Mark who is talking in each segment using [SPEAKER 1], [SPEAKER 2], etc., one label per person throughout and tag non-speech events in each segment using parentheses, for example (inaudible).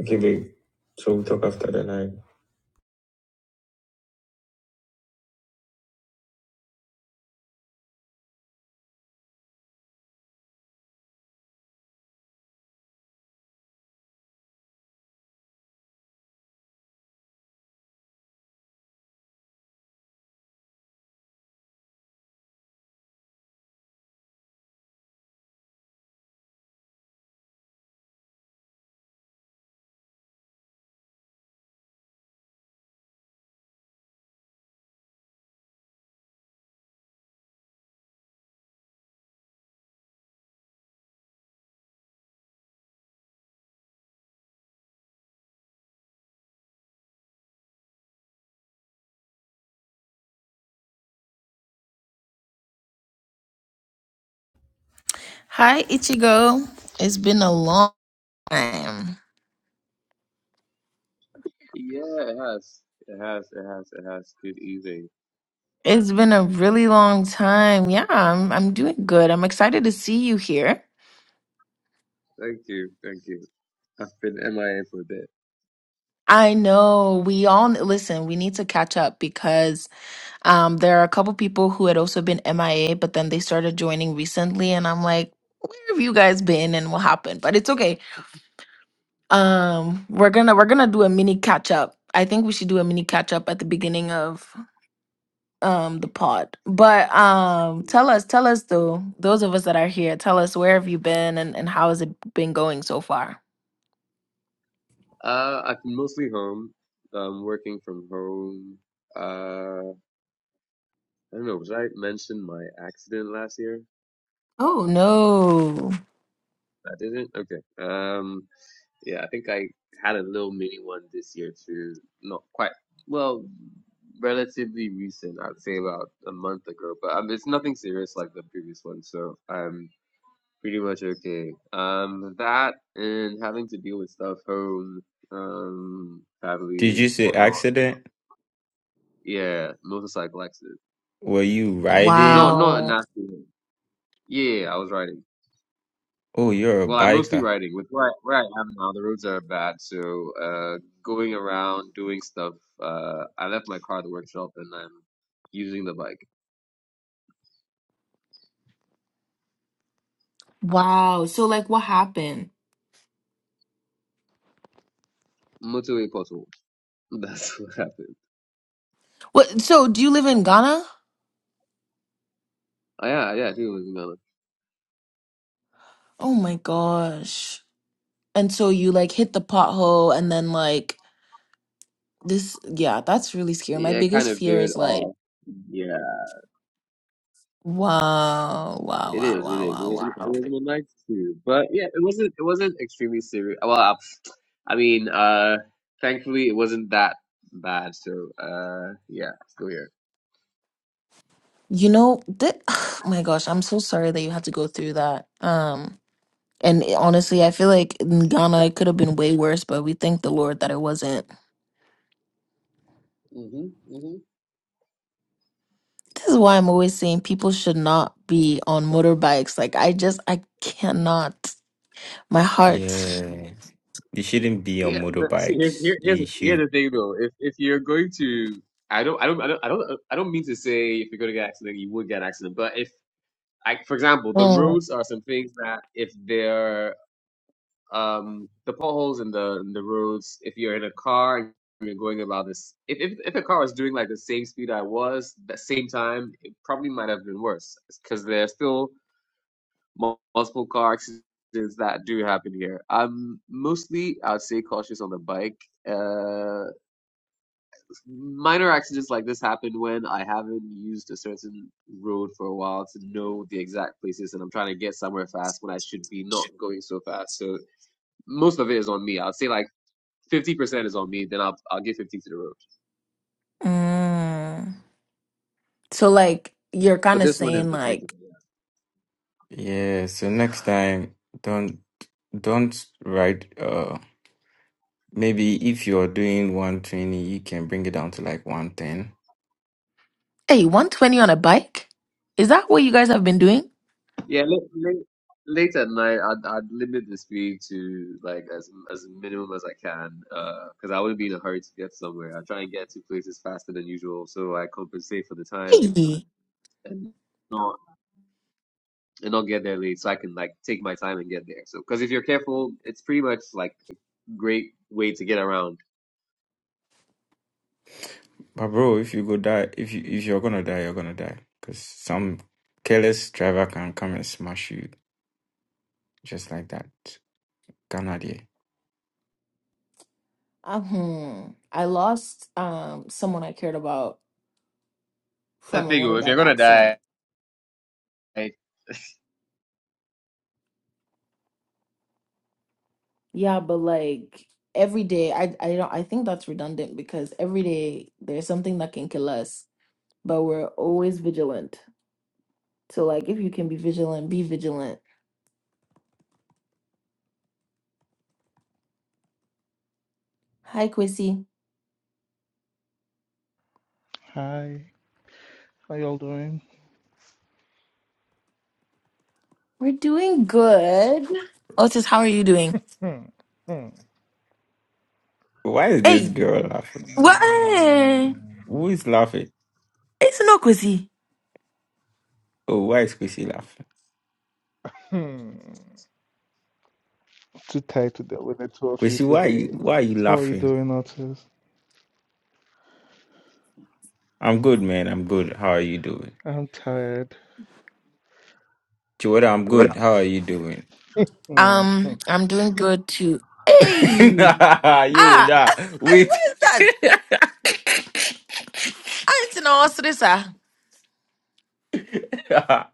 [SPEAKER 1] Okay, babe. So we'll talk after the night. Hi, Ichigo. It's been a long time.
[SPEAKER 2] Yeah, it has. It has. It has. It has. Good evening.
[SPEAKER 1] It's been a really long time. Yeah, I'm, I'm doing good. I'm excited to see you here.
[SPEAKER 2] Thank you. Thank you. I've been MIA for a bit.
[SPEAKER 1] I know we all listen, we need to catch up because um, there are a couple people who had also been MIA, but then they started joining recently. And I'm like, where have you guys been and what happened? But it's okay. Um, we're gonna we're gonna do a mini catch up. I think we should do a mini catch up at the beginning of um the pod but um tell us tell us though those of us that are here tell us where have you been and, and how has it been going so far
[SPEAKER 2] Uh, I've been mostly home. Um, working from home. Uh, I don't know. Was I mentioned my accident last year?
[SPEAKER 1] oh no
[SPEAKER 2] I didn't. Okay. Um, yeah, I think I had a little mini one this year too. Not quite. Well, relatively recent. I'd say about a month ago. But um, it's nothing serious like the previous one. So um. Pretty much okay. Um, that and having to deal with stuff home, um,
[SPEAKER 3] Did
[SPEAKER 2] family,
[SPEAKER 3] you say
[SPEAKER 2] whatnot.
[SPEAKER 3] accident?
[SPEAKER 2] Yeah, motorcycle accident.
[SPEAKER 3] Were you
[SPEAKER 2] No,
[SPEAKER 3] riding?
[SPEAKER 2] not a
[SPEAKER 1] wow
[SPEAKER 2] nasty one. Yeah, I was riding.
[SPEAKER 3] Oh, you're a
[SPEAKER 2] Well, I'm mostly
[SPEAKER 3] biker.
[SPEAKER 2] riding. With where I, where I am now, the roads are bad, so uh, going around doing stuff. Uh, I left my car at the workshop, and I'm using the bike.
[SPEAKER 1] wow so like what happened
[SPEAKER 2] Motorway pothole. (laughs) That's what happened.
[SPEAKER 1] what so do you live in ghana
[SPEAKER 2] Oh, yeah, yeah, I think it was another.
[SPEAKER 1] oh my gosh and so you like hit the pothole and then like this yeah that's really scary my
[SPEAKER 2] Yeah, it kind
[SPEAKER 1] biggest
[SPEAKER 2] of
[SPEAKER 1] fear
[SPEAKER 2] veered
[SPEAKER 1] is like
[SPEAKER 2] off. Yeah.
[SPEAKER 1] wow wow
[SPEAKER 2] It
[SPEAKER 1] wow
[SPEAKER 2] is. It
[SPEAKER 1] wow
[SPEAKER 2] is. It
[SPEAKER 1] wow wow
[SPEAKER 2] wasn't. It wasn't a nice too, but yeah, it wasn't. It wasn't extremely serious. Well, I I mean, uh, thankfully it wasn't that bad. So, uh, yeah, still here.
[SPEAKER 1] You know, that, (sighs) my gosh, I'm so sorry that you had to go through that. Um, and it- honestly, I feel like in Ghana it could have been way worse, but we thank the Lord that it wasn't.
[SPEAKER 2] hmm hmm
[SPEAKER 1] This is why I'm always saying people should not be on motorbikes. Like I just I cannot. My heart.
[SPEAKER 3] Yeah. You shouldn't be on
[SPEAKER 2] Yeah, but see, here's
[SPEAKER 3] motorbikes.
[SPEAKER 2] here, here's
[SPEAKER 3] You
[SPEAKER 2] here's
[SPEAKER 3] should.
[SPEAKER 2] the thing though. If if you're going to, I don't, I don't, I don't, I don't, I don't mean to say if you're going to get an accident, you would get an accident. But if, like, for example, the
[SPEAKER 1] Mm.
[SPEAKER 2] roads are some things that if they're um, the potholes in the in the roads. If you're in a car and you're going about this, if if if a car was doing like the same speed I was, the same time, it probably might have been worse because there's still mul- multiple car accidents that do happen here. I'm mostly, I'd say, cautious on the bike. Uh, minor accidents like this happen when I haven't used a certain road for a while to know the exact places, and I'm trying to get somewhere fast when I should be not going so fast. So most of it is on me. I'd say like fifty percent is on me. Then I'll I'll give fifty to the road
[SPEAKER 1] Mm. So like you're kind
[SPEAKER 2] But
[SPEAKER 1] of
[SPEAKER 2] this one in
[SPEAKER 1] saying
[SPEAKER 2] particular,
[SPEAKER 1] like,
[SPEAKER 3] Yeah. So next time, don't don't ride. Uh, maybe if you're doing 120, you can bring it down to like 110.
[SPEAKER 1] hey, 120 on a bike? Is that what you guys have been doing?
[SPEAKER 2] yeah, yeah. Late, late, late at night, I'd I'd limit the speed to like as as minimum as I can, because I wouldn't be in a hurry to get somewhere. I try and get to places faster than usual, so I compensate for the time
[SPEAKER 1] Hey.
[SPEAKER 2] and not and not get there late, so I can like take my time and get there. So because if you're careful, it's pretty much like great way to get around.
[SPEAKER 3] But bro, if you go die, if you if you're gonna die, you're gonna die. Cause some careless driver can come and smash you just like that. Canada.
[SPEAKER 1] Uh, hmm. I lost um someone I cared about
[SPEAKER 2] I
[SPEAKER 1] from a
[SPEAKER 2] figure if you're
[SPEAKER 1] motorbike accident.
[SPEAKER 2] gonna die.
[SPEAKER 1] Yeah, but like every day, I I don't I think that's redundant because every day there's something that can kill us, but we're always vigilant. So like if you can be vigilant, be vigilant. Hi, Quissy.
[SPEAKER 4] Hi, how y'all doing?
[SPEAKER 1] We're doing good. Otis, how are you doing?
[SPEAKER 4] Hmm. Hmm.
[SPEAKER 3] Why is this
[SPEAKER 1] Hey,
[SPEAKER 3] girl laughing?
[SPEAKER 4] Hmm.
[SPEAKER 1] what?
[SPEAKER 3] Who is laughing?
[SPEAKER 1] It's no Quissy.
[SPEAKER 3] Oh, why is Kwesi laughing?
[SPEAKER 4] hmm. Too tired to deal with the two of you
[SPEAKER 3] Kwesi, why you
[SPEAKER 4] today.
[SPEAKER 3] why are you
[SPEAKER 4] How are you
[SPEAKER 3] laughing?
[SPEAKER 4] doing, Otis?
[SPEAKER 3] I'm good, man. I'm good. How are you doing?
[SPEAKER 4] I'm tired.
[SPEAKER 3] Chiwada, I'm good. How are you doing?
[SPEAKER 4] Hmm. hmm,
[SPEAKER 1] Um, I'm doing good too.
[SPEAKER 4] hmm.
[SPEAKER 3] (laughs)
[SPEAKER 1] Hey,
[SPEAKER 3] Nah, you
[SPEAKER 1] ah, (laughs)
[SPEAKER 3] nah.
[SPEAKER 1] what
[SPEAKER 3] Wait.
[SPEAKER 1] is that? I didn't know what's this, ah.
[SPEAKER 3] (laughs) nah.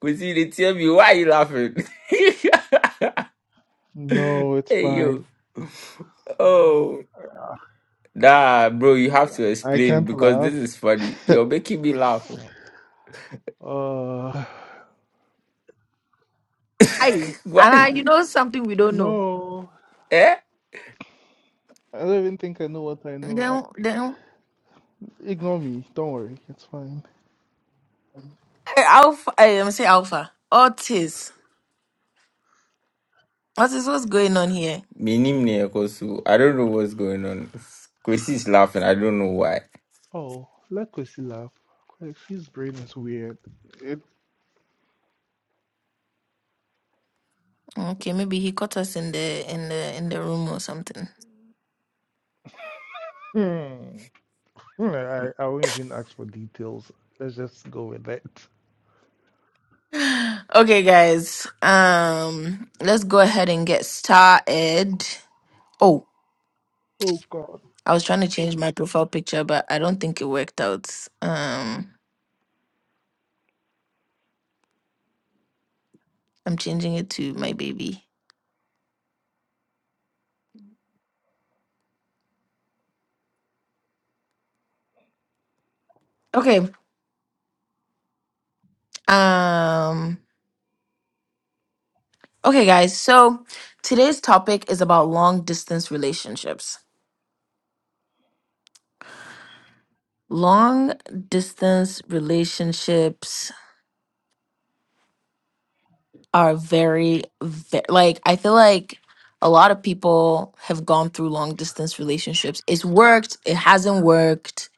[SPEAKER 3] Kwesi, they tell me why you laughing?
[SPEAKER 4] No,
[SPEAKER 3] (laughs)
[SPEAKER 4] it's
[SPEAKER 3] hey
[SPEAKER 4] fine.
[SPEAKER 3] yo. Oh. Nah, bro, you have to
[SPEAKER 4] I
[SPEAKER 3] explain
[SPEAKER 4] can't
[SPEAKER 3] because this
[SPEAKER 4] laugh.
[SPEAKER 3] is funny.
[SPEAKER 4] (laughs)
[SPEAKER 3] You're making me laugh.
[SPEAKER 4] uh,
[SPEAKER 1] Aye. And
[SPEAKER 3] (laughs) What
[SPEAKER 1] I,
[SPEAKER 3] is
[SPEAKER 1] you
[SPEAKER 3] it?
[SPEAKER 1] know something we don't know.
[SPEAKER 4] no.
[SPEAKER 3] Eh?
[SPEAKER 4] I don't even think I know what I know. Uh,
[SPEAKER 1] Then, then
[SPEAKER 4] Ignore me. Don't worry. It's fine.
[SPEAKER 1] hey, Alpha. Hey, I'm say Alpha. Otis. Otis, what's going on here?
[SPEAKER 3] Minimne Kosu. I don't know what's going on. Kwesi is laughing. I don't know why.
[SPEAKER 4] Oh, let Kwesi laugh. Kwesi's brain is weird. It.
[SPEAKER 1] Okay, maybe he caught us in the in the in the room or something.
[SPEAKER 4] Hmm. Hmm, I, I won't even ask for details. Let's just go with that.
[SPEAKER 1] (sighs) Okay, guys. Um, let's go ahead and get started. Oh,
[SPEAKER 4] Oh God.
[SPEAKER 1] I was trying to change my profile picture, but I don't think it worked out. Um, I'm changing it to my baby. Okay. Um. Okay, guys. So today's topic is about long distance relationships. long distance relationships are very, ve- like i feel like a lot of people have gone through long distance relationships it's worked it hasn't worked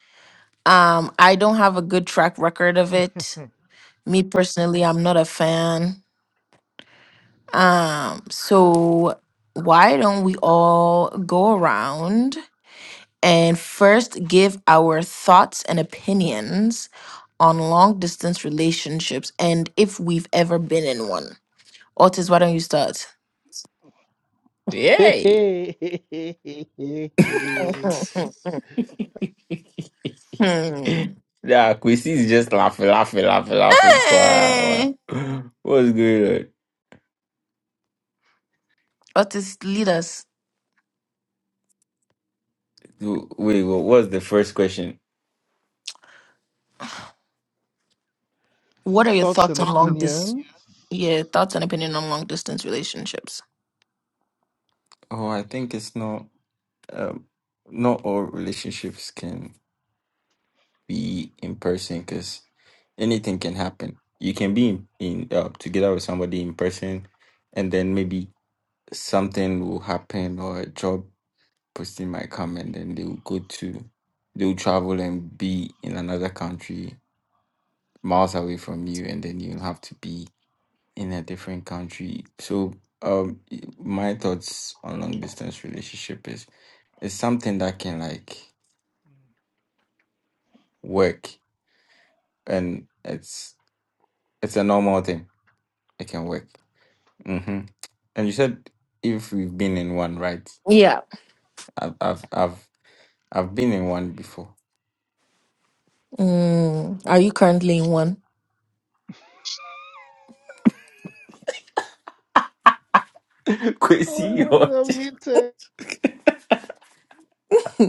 [SPEAKER 1] um i don't have a good track record of
[SPEAKER 4] (laughs)
[SPEAKER 1] it me personally i'm not a fan um so why don't we all go around and first give our thoughts and opinions on long distance relationships and if we've ever been in one. Otis, why don't you start?
[SPEAKER 3] Yay!
[SPEAKER 1] (laughs)
[SPEAKER 4] (laughs)
[SPEAKER 1] Hmm.
[SPEAKER 3] (laughs) Nah, Kwesi is just laughing, laughing, laughing, laughing. Wow.
[SPEAKER 1] Hey!
[SPEAKER 3] What's going on?
[SPEAKER 1] Otis, lead us.
[SPEAKER 3] Wait, what was the first question?
[SPEAKER 1] What are your
[SPEAKER 4] Thoughts
[SPEAKER 1] thoughts
[SPEAKER 4] and
[SPEAKER 1] on long distance? (laughs)
[SPEAKER 4] opinions.
[SPEAKER 1] Yeah, thoughts and opinion on long distance relationships.
[SPEAKER 3] Oh, I think it's not. Um, not all relationships can be in person because anything can happen. You can be in, in uh, together with somebody in person, and then maybe something will happen or a job posting my comment, then they will go to, they will travel and be in another country miles away from you, and then you'll have to be in a different country. So, um, y- my thoughts on long distance relationship is it's something that can like work, and it's it's a normal thing. It can work. hmm And you said if we've been in one, right?
[SPEAKER 1] Yeah.
[SPEAKER 3] I've I've I've, I've been in one before.
[SPEAKER 1] Mm, are you currently in one?
[SPEAKER 3] (laughs) Kwesi,
[SPEAKER 4] Oh, wait, wait, I'm muted.
[SPEAKER 1] (laughs)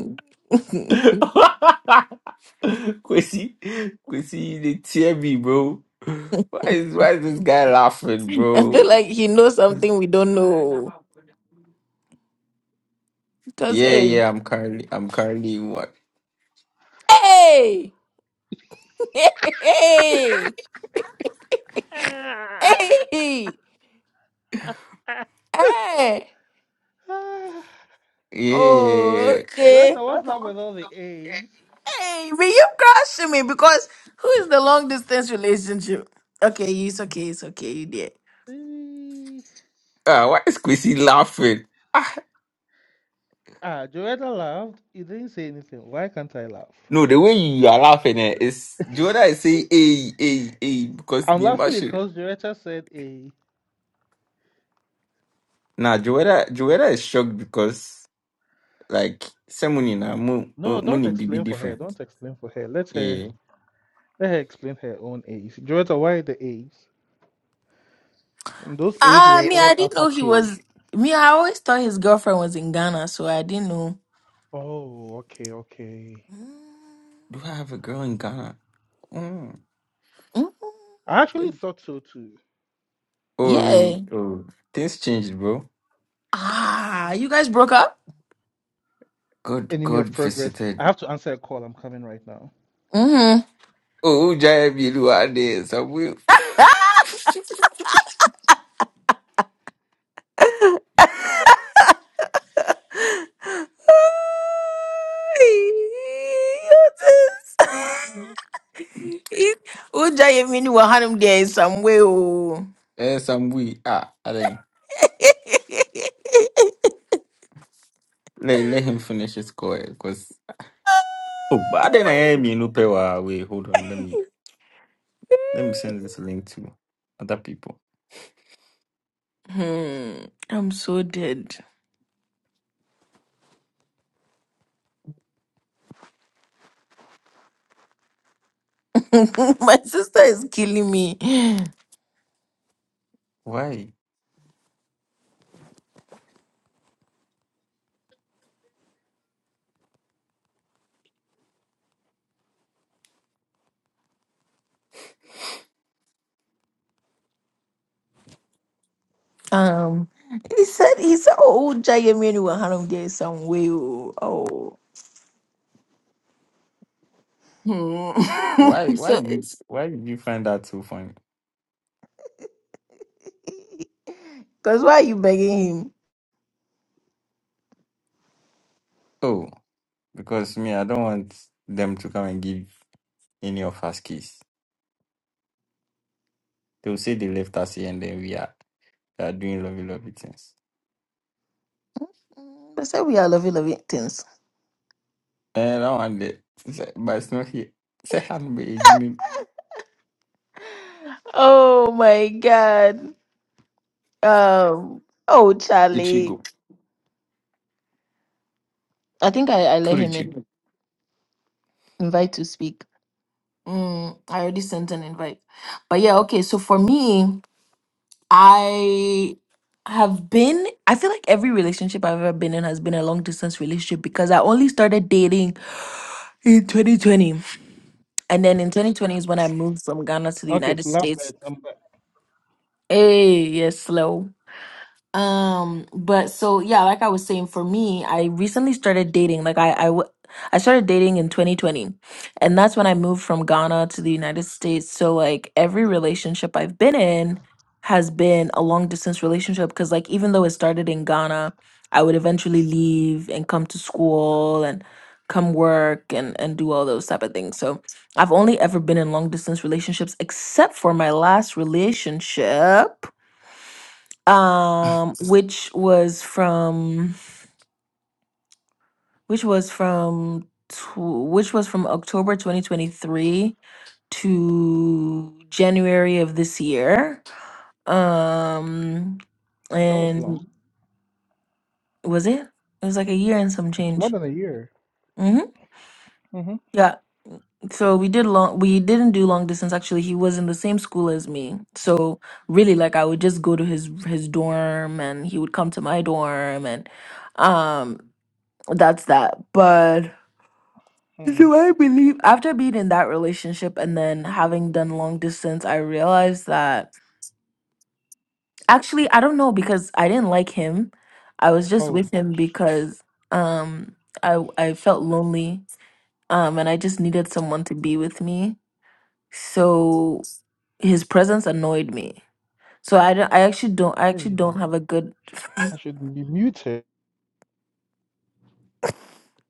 [SPEAKER 1] I
[SPEAKER 3] (laughs) Quincy, Quincy, you didn't tear me, bro. Why is why is this guy laughing,
[SPEAKER 1] feel
[SPEAKER 3] bro?
[SPEAKER 1] like he knows something we don't know. Because,
[SPEAKER 3] Yeah,
[SPEAKER 1] hey,
[SPEAKER 3] yeah, I'm currently, I'm currently what?
[SPEAKER 1] hey, (laughs) hey. hey.
[SPEAKER 4] Ah.
[SPEAKER 1] Hey,
[SPEAKER 4] Ah.
[SPEAKER 1] hey.
[SPEAKER 4] (laughs)
[SPEAKER 1] Oh,
[SPEAKER 3] Yeah.
[SPEAKER 4] Joetta,
[SPEAKER 1] okay.
[SPEAKER 4] what's up with all the A's?
[SPEAKER 1] Hey, but you crushing me because who is the long distance relationship? Okay, it's okay, it's okay, you did.
[SPEAKER 4] Eh.
[SPEAKER 3] Ah, why is Quincy laughing? Ah,
[SPEAKER 4] Ah, Joetta laughed. You didn't say anything. Why can't I laugh?
[SPEAKER 3] no, the way you are laughing eh, is
[SPEAKER 4] (laughs)
[SPEAKER 3] Joanna is saying, hey, hey, hey, because
[SPEAKER 4] I'm
[SPEAKER 3] Nima
[SPEAKER 4] laughing
[SPEAKER 3] should.
[SPEAKER 4] because Joetta said A.
[SPEAKER 3] Nah, Joanna, Joanna is shocked because, like, ceremony now, moon,
[SPEAKER 4] No, don't
[SPEAKER 3] moon, be
[SPEAKER 4] explain for her.
[SPEAKER 3] different.
[SPEAKER 4] Don't explain for her. Let her
[SPEAKER 3] Yeah.
[SPEAKER 4] let her explain her own A's. Joetta, why the A's? And those A's
[SPEAKER 1] Ah,
[SPEAKER 4] were
[SPEAKER 1] me, I
[SPEAKER 4] all
[SPEAKER 1] didn't know
[SPEAKER 4] uppercase.
[SPEAKER 1] he was. Me, I always thought his girlfriend was in Ghana, so I didn't know.
[SPEAKER 4] Oh, okay, okay.
[SPEAKER 3] Do I have a girl in Ghana? Hmm.
[SPEAKER 1] Mm,
[SPEAKER 4] I actually
[SPEAKER 1] mm,
[SPEAKER 4] thought so too.
[SPEAKER 3] Oh,
[SPEAKER 1] Yeah.
[SPEAKER 3] really? Oh, things changed, bro.
[SPEAKER 1] Ah, you guys broke up?
[SPEAKER 3] God,
[SPEAKER 4] Enemy
[SPEAKER 3] God
[SPEAKER 4] of progress.
[SPEAKER 3] visited.
[SPEAKER 4] I have to answer a call. I'm coming right now.
[SPEAKER 1] Mm-hmm.
[SPEAKER 3] Oh, Jaibi Luade, Samwi.
[SPEAKER 1] (gasps) (laughs) Hey, what is- (laughs) If Uja Yemini will hand him there in some way. oh.
[SPEAKER 3] Eh, Samwi. Ah, I think. Let, let him finish his call, because... Oh, but then I am in Upewa. Wait, hold on. Let me, let me send this link to other people.
[SPEAKER 1] Hmm. I'm so dead. (laughs) My sister is killing me.
[SPEAKER 3] Why?
[SPEAKER 1] Um, he said, he said, oh, Uja Yemini will hand there in some way. Oh, oh.
[SPEAKER 3] Why,
[SPEAKER 1] Hmm. (laughs)
[SPEAKER 3] why
[SPEAKER 1] so
[SPEAKER 3] you,
[SPEAKER 1] it's
[SPEAKER 3] why did you find that so funny?
[SPEAKER 1] because why are you begging him?
[SPEAKER 3] Oh, because me, I don't want them to come and give any of us keys. They will say they left us here and then we are, they are doing lovely, lovely things.
[SPEAKER 1] They said we are loving, loving things.
[SPEAKER 3] Eh, that one there. It's- But it's not here. Second, hand me you mean
[SPEAKER 1] Oh my God. Um. Oh, Charlie.
[SPEAKER 3] Ichigo.
[SPEAKER 1] I think I, I let
[SPEAKER 3] Put
[SPEAKER 1] him
[SPEAKER 3] Ichigo.
[SPEAKER 1] in, invite to speak. Mm, I already sent an invite. But yeah, okay. So for me, I have been, I feel like every relationship I've ever been in has been a long distance relationship because I only started dating in 2020. And then in 2020 is when I moved from Ghana to the
[SPEAKER 4] Okay,
[SPEAKER 1] United States.
[SPEAKER 4] lovebirds. I'm back.
[SPEAKER 1] Hey, yes, slow. Um, but so yeah, like I was saying, for me, I recently started dating. Like I, I, w- I started dating in 2020, and that's when I moved from Ghana to the United States. So like every relationship I've been in has been a long distance relationship because like even though it started in Ghana, I would eventually leave and come to school and come work and and do all those type of things. So I've only ever been in long distance relationships except for my last relationship um which was from which was from tw- which was from October 2023 to January of this year. Um
[SPEAKER 4] That was
[SPEAKER 1] and
[SPEAKER 4] long.
[SPEAKER 1] was it? It was like a year and some
[SPEAKER 4] It's more
[SPEAKER 1] change.
[SPEAKER 4] than a year.
[SPEAKER 1] Mhm. Yeah. So we did long we didn't do long distance actually. He was in the same school as me. So really like I would just go to his his dorm and he would come to my dorm and um that's that. But (laughs)
[SPEAKER 4] Mm-hmm.
[SPEAKER 1] Do I believe after being in that relationship and then having done long distance, I realized that actually I don't know because I didn't like him. I was just
[SPEAKER 4] Oh,
[SPEAKER 1] with him because um I I felt lonely um and I just needed someone to be with me. So his presence annoyed me. So I don't, I actually don't I actually
[SPEAKER 4] hey,
[SPEAKER 1] don't have a good
[SPEAKER 4] I should be muted.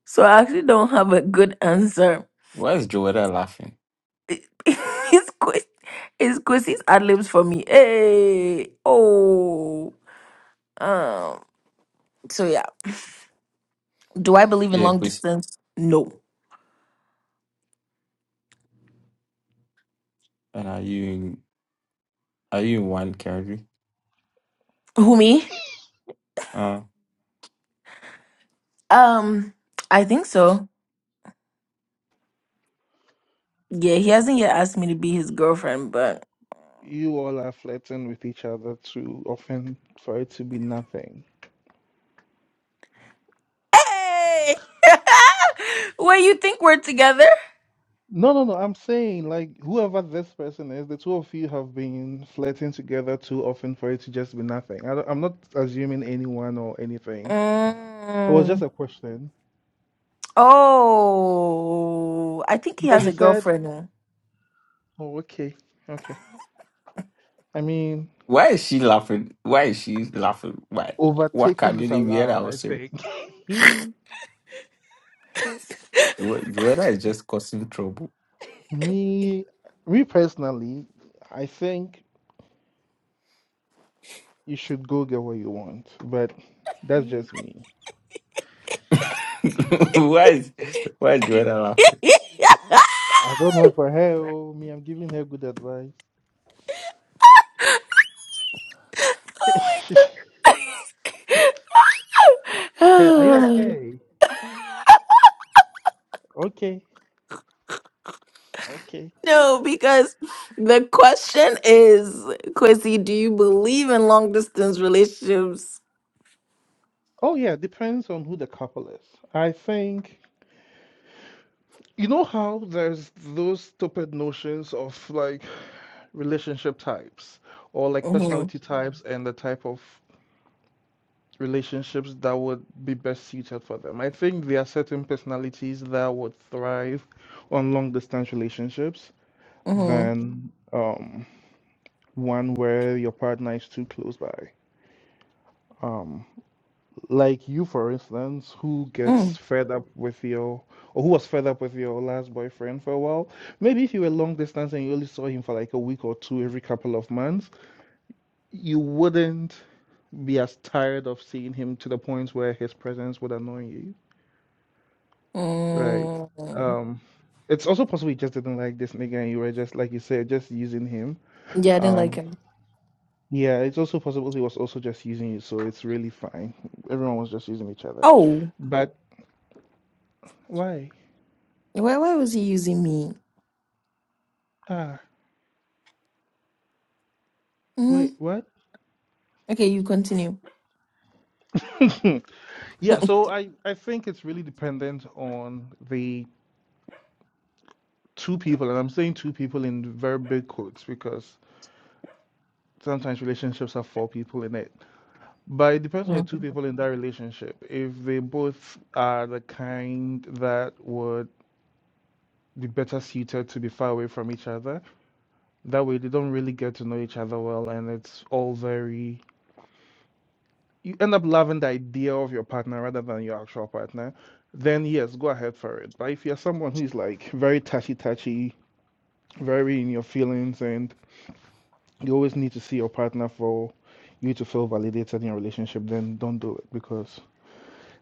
[SPEAKER 1] so I actually don't have a good answer.
[SPEAKER 3] Why is Joella laughing?
[SPEAKER 1] (laughs) It's quiz it's quizzes ad libs for me. Hey oh Um. So yeah, do I believe in
[SPEAKER 3] Yeah,
[SPEAKER 1] long
[SPEAKER 3] please.
[SPEAKER 1] distance? No.
[SPEAKER 3] And are you in are you in one carry?
[SPEAKER 1] Who me?
[SPEAKER 3] Uh
[SPEAKER 1] Um. I think so. Yeah, he hasn't yet asked me to be his girlfriend, but
[SPEAKER 4] You all are flirting with each other too often for it to be nothing.
[SPEAKER 1] hey, (laughs) what you think we're together?
[SPEAKER 4] No, no, no. I'm saying, like, whoever this person is, the two of you have been flirting together too often for it to just be nothing. I don't, I'm not assuming anyone or anything. It was just
[SPEAKER 1] Mm.
[SPEAKER 4] a question
[SPEAKER 1] Oh, I think he
[SPEAKER 4] because
[SPEAKER 1] has
[SPEAKER 4] you
[SPEAKER 1] a
[SPEAKER 4] said,
[SPEAKER 1] girlfriend now.
[SPEAKER 4] "Oh, okay, okay." I mean,
[SPEAKER 3] why is she laughing? Why is she laughing? Why what can
[SPEAKER 4] overtaking
[SPEAKER 3] not
[SPEAKER 4] is
[SPEAKER 3] we hear that
[SPEAKER 4] allowed, I
[SPEAKER 3] was her?
[SPEAKER 4] think. (laughs) he,
[SPEAKER 3] Jo- Joella is just causing trouble.
[SPEAKER 4] me, me personally, I think you should go get what you want, but that's just me.
[SPEAKER 3] (laughs) why is why is Joella laughing?
[SPEAKER 1] (laughs)
[SPEAKER 4] I don't know for her. oh, Me, I'm giving her good advice. (laughs) Hey, are you
[SPEAKER 1] Oh. my- (sighs)
[SPEAKER 4] okay? Okay, okay.
[SPEAKER 1] no, because the question is, Quincy, do you believe in long distance relationships?
[SPEAKER 4] Oh yeah, depends on who the couple is. I think you know how there's those stupid notions of like relationship types or like
[SPEAKER 1] Mm-hmm.
[SPEAKER 4] personality types and the type of relationships that would be best suited for them. I think there are certain personalities that would thrive on long distance relationships
[SPEAKER 1] Mm-hmm.
[SPEAKER 4] than um one where your partner is too close by. Um Like you, for instance, who
[SPEAKER 1] Mm.
[SPEAKER 4] gets fed up with your, or who was fed up with your last boyfriend for a while. Maybe if you were long distance and you only saw him for like a week or two every couple of months, you wouldn't be as tired of seeing him to the point where his presence would annoy you, right?
[SPEAKER 1] Mm.
[SPEAKER 4] Um, it's also possible you just didn't like this nigga and you were just, like you said, just using him.
[SPEAKER 1] Yeah, I didn't like
[SPEAKER 4] Um,
[SPEAKER 1] him.
[SPEAKER 4] yeah, it's also possible he was also just using you, so it's really fine. Everyone was just using each other.
[SPEAKER 1] Oh,
[SPEAKER 4] But why?
[SPEAKER 1] why, why was he using me?
[SPEAKER 4] Ah.
[SPEAKER 1] hmm
[SPEAKER 4] Wait, what?
[SPEAKER 1] Okay, you continue.
[SPEAKER 4] (laughs) Yeah, so I I think it's really dependent on the two people, and I'm saying two people in very big quotes because sometimes relationships have four people in it. But it depends on
[SPEAKER 1] Yeah.
[SPEAKER 4] the two people in that relationship. If they both are the kind that would be better suited to be far away from each other, that way they don't really get to know each other well, and it's all very you end up loving the idea of your partner rather than your actual partner, then yes, go ahead for it. But if you're someone who's like very touchy touchy, very in your feelings, and you always need to see your partner for you to feel validated in your relationship, then don't do it because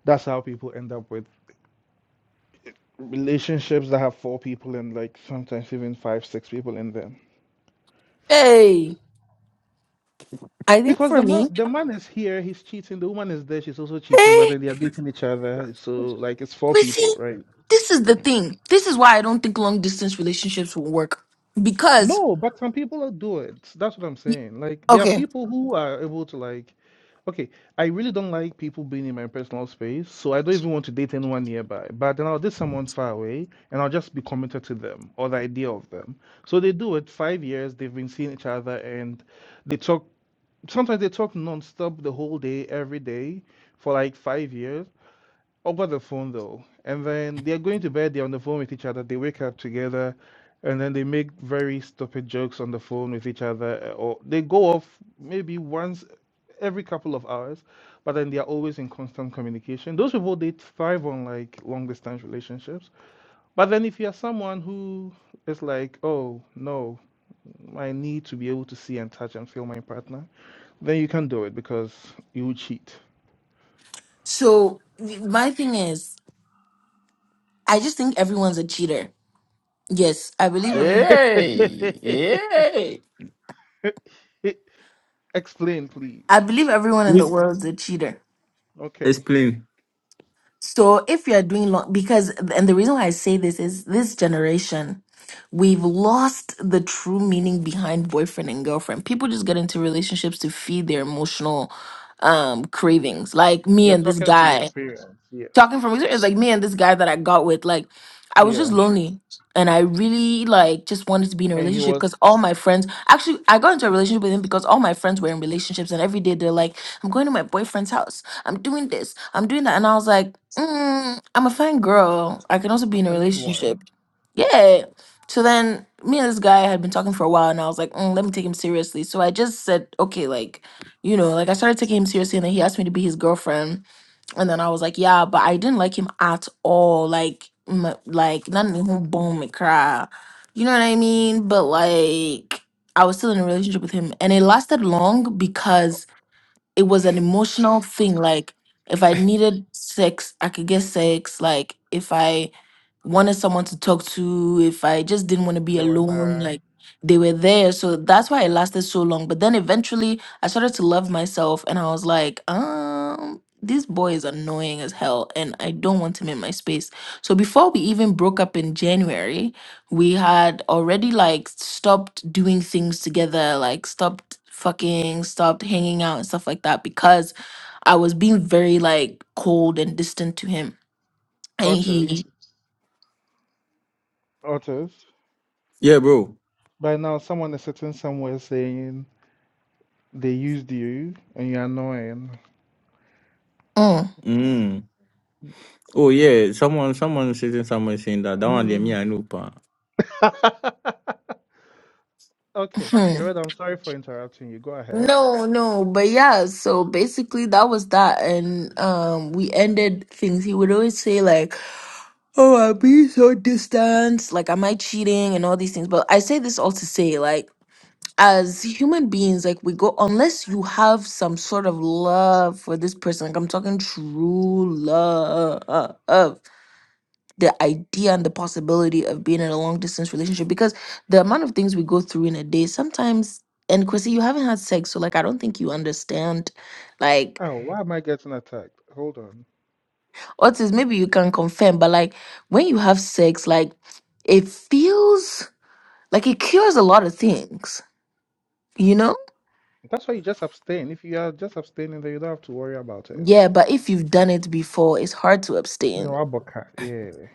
[SPEAKER 4] that's how people end up with relationships that have four people and like sometimes even five, six people in them.
[SPEAKER 1] Hey, I think
[SPEAKER 4] Because
[SPEAKER 1] for
[SPEAKER 4] the man,
[SPEAKER 1] me,
[SPEAKER 4] the man is here, he's cheating. The woman is there, she's also cheating. But
[SPEAKER 1] hey,
[SPEAKER 4] then they are dating each other, so like it's four
[SPEAKER 1] Quincy,
[SPEAKER 4] people, right?
[SPEAKER 1] this is the thing. This is why I don't think long distance relationships will work because,
[SPEAKER 4] No, but some people do it. That's what I'm
[SPEAKER 1] y-
[SPEAKER 4] saying. Like there are
[SPEAKER 1] okay,
[SPEAKER 4] people who are able to like, okay, I really don't like people being in my personal space, so I don't even want to date anyone nearby. But then I'll date someone far away, and I'll just be committed to them or the idea of them. So they do it. Five years they've been seeing each other, and they talk. Sometimes they talk nonstop the whole day, every day, for like five years over the phone though, and then they're going to bed, they're on the phone with each other, they wake up together, and then they make very stupid jokes on the phone with each other, uh, or they go off maybe once every couple of hours, but then they're always in constant communication. Those people they thrive on like long distance relationships. But then if you're someone who is like, oh no, I need to be able to see and touch and feel my partner, then you can't do it because you will cheat.
[SPEAKER 1] so y- my thing is, I just think everyone's a cheater. Yes, I believe every-
[SPEAKER 3] Hey, hey.
[SPEAKER 4] (laughs) Explain, please.
[SPEAKER 1] I believe everyone in the
[SPEAKER 3] Please
[SPEAKER 1] world is a cheater.
[SPEAKER 4] Okay.
[SPEAKER 3] explain.
[SPEAKER 1] So if you're doing long, because, and the reason why I say this is this generation, we've lost the true meaning behind boyfriend and girlfriend. People just get into relationships to feed their emotional um cravings. Like me
[SPEAKER 4] You're
[SPEAKER 1] and this
[SPEAKER 4] talking from
[SPEAKER 1] guy
[SPEAKER 4] experience, yes.
[SPEAKER 1] talking from experience, like me and this guy that I got with, like I was just
[SPEAKER 4] Yeah.
[SPEAKER 1] lonely and I really like just wanted to be in a
[SPEAKER 4] And he
[SPEAKER 1] relationship
[SPEAKER 4] was
[SPEAKER 1] because all my friends actually I got into a relationship with him because all my friends were in relationships and every day they're like, I'm going to my boyfriend's house, I'm doing this, I'm doing that. And I was like, mm, I'm a fine girl. I can also be in a
[SPEAKER 4] a need one.
[SPEAKER 1] relationship. Yeah. So then me and this guy had been talking for a while and I was like, "Mm, let me take him seriously. So I just said, okay, like, you know, like I started taking him seriously and then he asked me to be his girlfriend and then I was like, yeah, but I didn't like him at all. Like, m- like not even boom, me cry. You know what I mean? But like, I was still in a relationship with him, and it lasted long because it was an emotional thing. Like if I needed sex, I could get sex. Like if I wanted someone to talk to, if I just didn't want to be
[SPEAKER 4] There were
[SPEAKER 1] alone, like
[SPEAKER 4] the
[SPEAKER 1] they were there. So that's why it lasted so long. But then eventually I started to love myself and I was like, um, this boy is annoying as hell and I don't want him in my space. So before we even broke up in January, we had already like stopped doing things together, like stopped fucking, stopped hanging out and stuff like that because I was being very like cold and distant to him. And
[SPEAKER 4] otters.
[SPEAKER 1] he
[SPEAKER 4] Otters.
[SPEAKER 3] Yeah, bro.
[SPEAKER 4] By now, someone is sitting somewhere saying they used you and you're annoying.
[SPEAKER 1] Mm,
[SPEAKER 3] Mm. Oh yeah, someone someone sitting somewhere saying that that one they me
[SPEAKER 4] Mm.
[SPEAKER 3] I know pa.
[SPEAKER 4] (laughs) okay.
[SPEAKER 1] mhm.
[SPEAKER 4] Jared, I'm sorry for interrupting you. Go ahead.
[SPEAKER 1] No, no, but yeah, so basically that was that and um we ended things. He would always say like, "Oh, I'm being so distant, like am I cheating and all these things." But I say this all to say like as human beings, like we go, unless you have some sort of love for this person, like I'm talking true love, the idea and the possibility of being in a long distance relationship, because the amount of things we go through in a day sometimes. And Chrissy, you haven't had sex, so like I don't think you understand. Like,
[SPEAKER 4] Oh, why am I getting attacked? Hold on.
[SPEAKER 1] Otis, maybe you can confirm, but like when you have sex, like it feels like it cures a lot of things, you know?
[SPEAKER 4] That's why you just abstain. If you are just abstaining, then you don't have to worry about it.
[SPEAKER 1] Yeah, but if you've done it before, it's hard to abstain
[SPEAKER 4] No, Aboka. Yeah.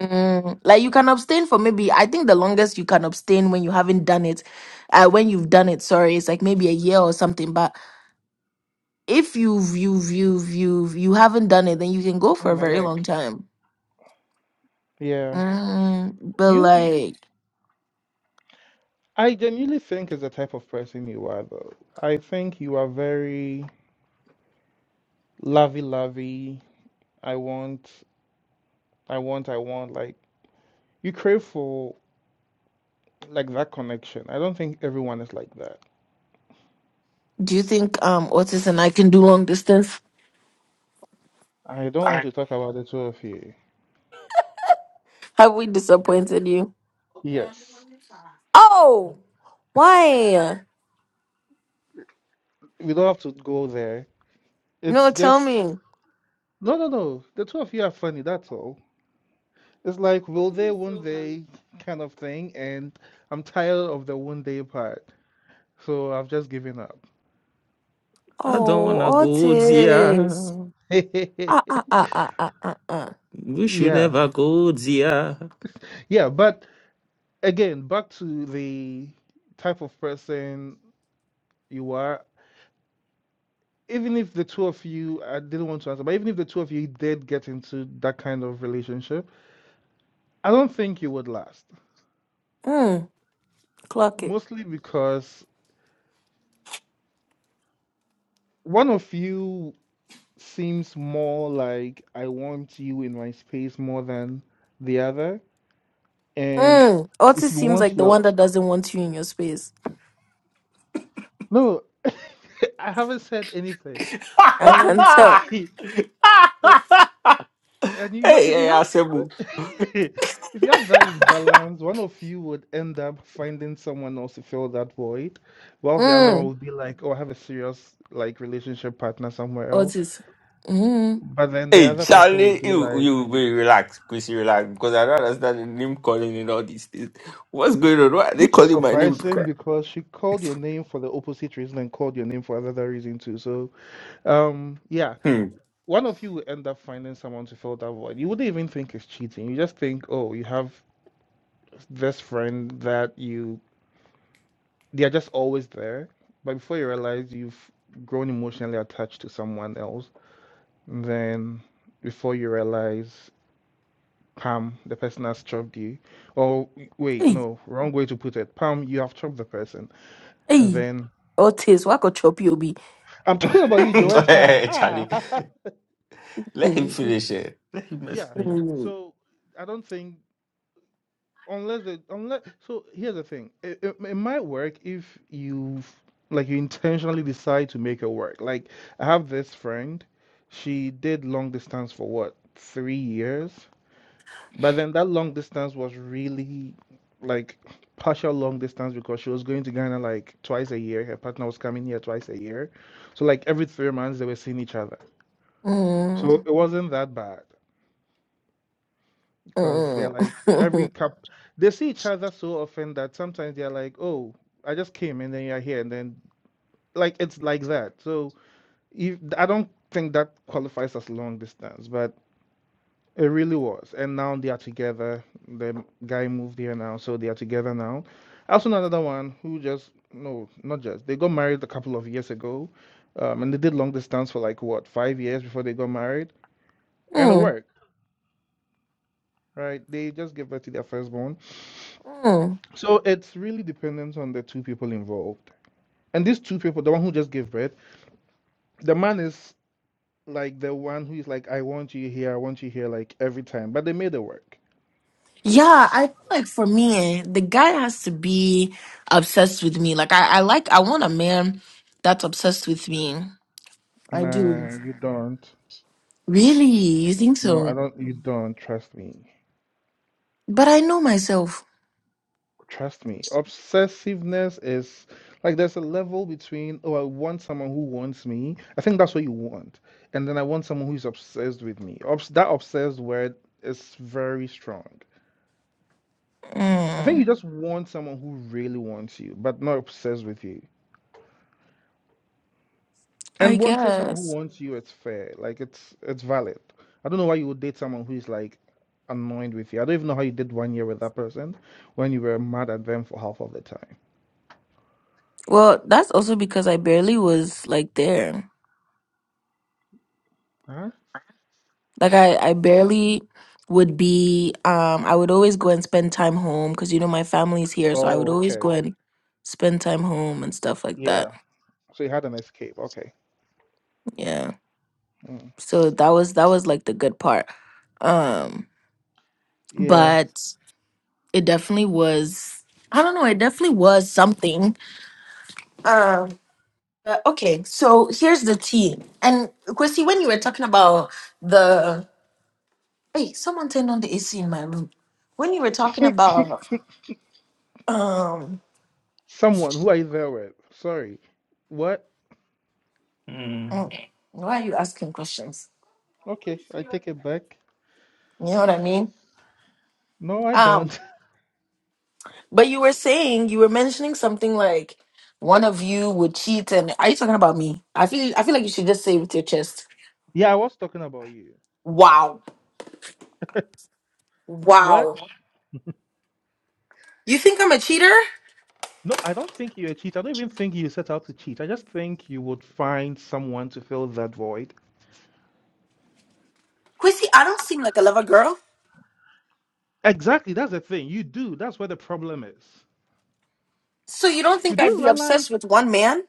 [SPEAKER 1] Mm, like you can abstain for maybe I think the longest you can abstain when you haven't done it, uh, when you've done it, sorry, it's like maybe a year or something. But if you've you've you've you've you haven't done it, then you can go for
[SPEAKER 4] Oh,
[SPEAKER 1] a
[SPEAKER 4] my
[SPEAKER 1] very long
[SPEAKER 4] neck.
[SPEAKER 1] time.
[SPEAKER 4] Yeah.
[SPEAKER 1] Mm, but
[SPEAKER 4] You, you,
[SPEAKER 1] like,
[SPEAKER 4] I genuinely think it's the type of person you are, though. I think you are very lovey-lovey. I want, I want, I want. Like you crave for like that connection. I don't think everyone is like that.
[SPEAKER 1] do you think um Otis and I can do long distance?
[SPEAKER 4] I don't want
[SPEAKER 1] Alright.
[SPEAKER 4] to talk about the two of you.
[SPEAKER 1] Have we disappointed you?
[SPEAKER 4] Yes,
[SPEAKER 1] Oh, why?
[SPEAKER 4] we don't have to go there.
[SPEAKER 1] No,
[SPEAKER 4] It's
[SPEAKER 1] tell
[SPEAKER 4] just
[SPEAKER 1] me.
[SPEAKER 4] no, no, no. The two of you are funny. That's all. It's like will they, won't they, kind of thing. And I'm tired of the won't they part, so I've just given up.
[SPEAKER 3] I don't
[SPEAKER 1] Oh,
[SPEAKER 3] wanna go
[SPEAKER 1] Otis.
[SPEAKER 3] there.
[SPEAKER 1] Ah
[SPEAKER 4] (laughs)
[SPEAKER 1] ah ah ah ah ah. ah.
[SPEAKER 3] We should
[SPEAKER 4] Yeah,
[SPEAKER 3] never go there.
[SPEAKER 4] yeah, but again, back to the type of person you are. Even if the two of you, I didn't want to answer, but even if the two of you did get into that kind of relationship, I don't think you would last.
[SPEAKER 1] Mm, clock it.
[SPEAKER 4] Mostly because one of you seems more like I want you in my space more than the other. And
[SPEAKER 1] Mm.
[SPEAKER 4] if
[SPEAKER 1] Otis
[SPEAKER 4] you
[SPEAKER 1] seems like
[SPEAKER 4] want
[SPEAKER 1] the
[SPEAKER 4] your,
[SPEAKER 1] one that doesn't want you in your space.
[SPEAKER 4] no, (laughs) I haven't said anything.
[SPEAKER 3] (laughs)
[SPEAKER 1] I
[SPEAKER 4] And
[SPEAKER 1] can
[SPEAKER 4] when
[SPEAKER 1] tell.
[SPEAKER 4] (laughs) And you, ha-
[SPEAKER 3] hey,
[SPEAKER 4] if you
[SPEAKER 3] hey, Asebu.
[SPEAKER 4] have, (laughs) if you have that imbalance, one of you would end up finding someone else to fill that void, whilst the other one
[SPEAKER 1] Mm.
[SPEAKER 4] would be like, "Oh, I have a serious like relationship partner somewhere else."
[SPEAKER 1] Otis. Mm.
[SPEAKER 4] But then the
[SPEAKER 3] Hey,
[SPEAKER 4] other person would
[SPEAKER 3] Charlie,
[SPEAKER 4] be
[SPEAKER 3] you,
[SPEAKER 4] like,
[SPEAKER 3] you be relaxed. Please relax because I don't understand the name calling and all these things. What's going on? Why are they
[SPEAKER 4] which is
[SPEAKER 3] calling my name?
[SPEAKER 4] surprising
[SPEAKER 3] Because...
[SPEAKER 4] because she called your name for the opposite reason and called your name for another reason too. So, um, yeah,
[SPEAKER 3] Hmm.
[SPEAKER 4] one of you will end up finding someone to fill that void. You wouldn't even think it's cheating. You just think, "Oh, you have this friend that you." They are just always there. But before you realize you've grown emotionally attached to someone else, then before you realize, Pam, the person has chopped you. Or wait,
[SPEAKER 1] Hey,
[SPEAKER 4] no, wrong way to put it. Pam, you have chopped the person. And
[SPEAKER 1] hey.
[SPEAKER 4] then
[SPEAKER 1] Otis, why could chop you be?
[SPEAKER 4] I'm
[SPEAKER 3] (laughs)
[SPEAKER 4] talking about you, Joetta.
[SPEAKER 3] hey, Charlie,
[SPEAKER 4] Ah,
[SPEAKER 3] let him
[SPEAKER 1] Mm.
[SPEAKER 3] finish it. Let him
[SPEAKER 4] (laughs) yeah.
[SPEAKER 3] explain.
[SPEAKER 1] Mm.
[SPEAKER 4] So I don't think. Unless the unless so here's the thing. It, it, it might work if you like you intentionally decide to make it work. Like I have this friend, she did long distance for what, three years? But then that long distance was really like partial long distance because she was going to Ghana like twice a year. Her partner was coming here twice a year. So like every three months they were seeing each other. So
[SPEAKER 1] Mm.
[SPEAKER 4] it wasn't that bad. because they're
[SPEAKER 1] Mm.
[SPEAKER 4] like every
[SPEAKER 1] (laughs)
[SPEAKER 4] cup they see each other so often that sometimes they're like oh i just came and then you're here and then like it's like that so if, i don't think that qualifies as long distance but it really was and now they are together the guy moved here now so they are together now i also know another one who just no not just they got married a couple of years ago um, and they did long distance for like what five years before they got married and it
[SPEAKER 1] mm.
[SPEAKER 4] worked right they just gave birth to their firstborn
[SPEAKER 1] Mm.
[SPEAKER 4] So it's really dependent on the two people involved. And these two people, the one who just gave birth, the man is like the one who is like, I want you here, I want you here, like every time. But they made it work.
[SPEAKER 1] Yeah, I feel like for me, eh, the guy has to be obsessed with me. Like I, I like I want a man that's obsessed with me. I do.
[SPEAKER 4] Nah, you don't.
[SPEAKER 1] Really? You think
[SPEAKER 4] No, I
[SPEAKER 1] so?
[SPEAKER 4] don't. You don't. Trust me.
[SPEAKER 1] But I know myself.
[SPEAKER 4] Trust me. Obsessiveness is like there's a level between, oh, I want someone who wants me. I think that's what you want. And then I want someone who's obsessed with me. Obs- that obsessed word is very strong. I think you
[SPEAKER 1] Mm.
[SPEAKER 4] just want someone who really wants you, but not obsessed with you.
[SPEAKER 1] I
[SPEAKER 4] And wanting someone who
[SPEAKER 1] guess.
[SPEAKER 4] wants you, it's fair. Like it's it's valid. I don't know why you would date someone who is like annoyed with you. I don't even know how you did one year with that person when you were mad at them for half of the time.
[SPEAKER 1] Well, that's also because I barely was like there.
[SPEAKER 4] Huh?
[SPEAKER 1] Like I, I barely would be um I would always go and spend time home because you know my family's here, so I would
[SPEAKER 4] Oh,
[SPEAKER 1] always go
[SPEAKER 4] okay.
[SPEAKER 1] and spend time home and stuff like that.
[SPEAKER 4] Yeah. So you had an escape. Okay.
[SPEAKER 1] Yeah.
[SPEAKER 4] Mm.
[SPEAKER 1] So that was that was like the good part. Um
[SPEAKER 4] Yeah.
[SPEAKER 1] but it definitely was I don't know, it definitely was something. Um but okay, so here's the tea. And Chrissy, when you were talking about the Hey, someone turned on the AC in my room. When you were talking about um
[SPEAKER 4] (laughs) Someone who i you there with? Sorry. What?
[SPEAKER 3] Hmm.
[SPEAKER 1] mm, why are you asking questions?
[SPEAKER 4] Okay, I take it back.
[SPEAKER 1] You know what I mean?
[SPEAKER 4] No, I
[SPEAKER 1] Um,
[SPEAKER 4] don't.
[SPEAKER 1] but you were saying you were mentioning something like one of you would cheat and are you talking about me? I feel I feel like you should just say it with your chest.
[SPEAKER 4] (laughs) Yeah, I was talking about you.
[SPEAKER 1] Wow.
[SPEAKER 4] What?
[SPEAKER 1] Wow. You think I'm a cheater?
[SPEAKER 4] No, I don't think you're a cheat. I don't even think you set out to cheat. I just think you would find someone to fill that void.
[SPEAKER 1] Quissy, I don't seem like a lover girl.
[SPEAKER 4] Exactly, that's the thing. You do. That's where the problem is.
[SPEAKER 1] So you don't
[SPEAKER 4] You
[SPEAKER 1] think I'd
[SPEAKER 4] do
[SPEAKER 1] be
[SPEAKER 4] realize
[SPEAKER 1] obsessed with one man?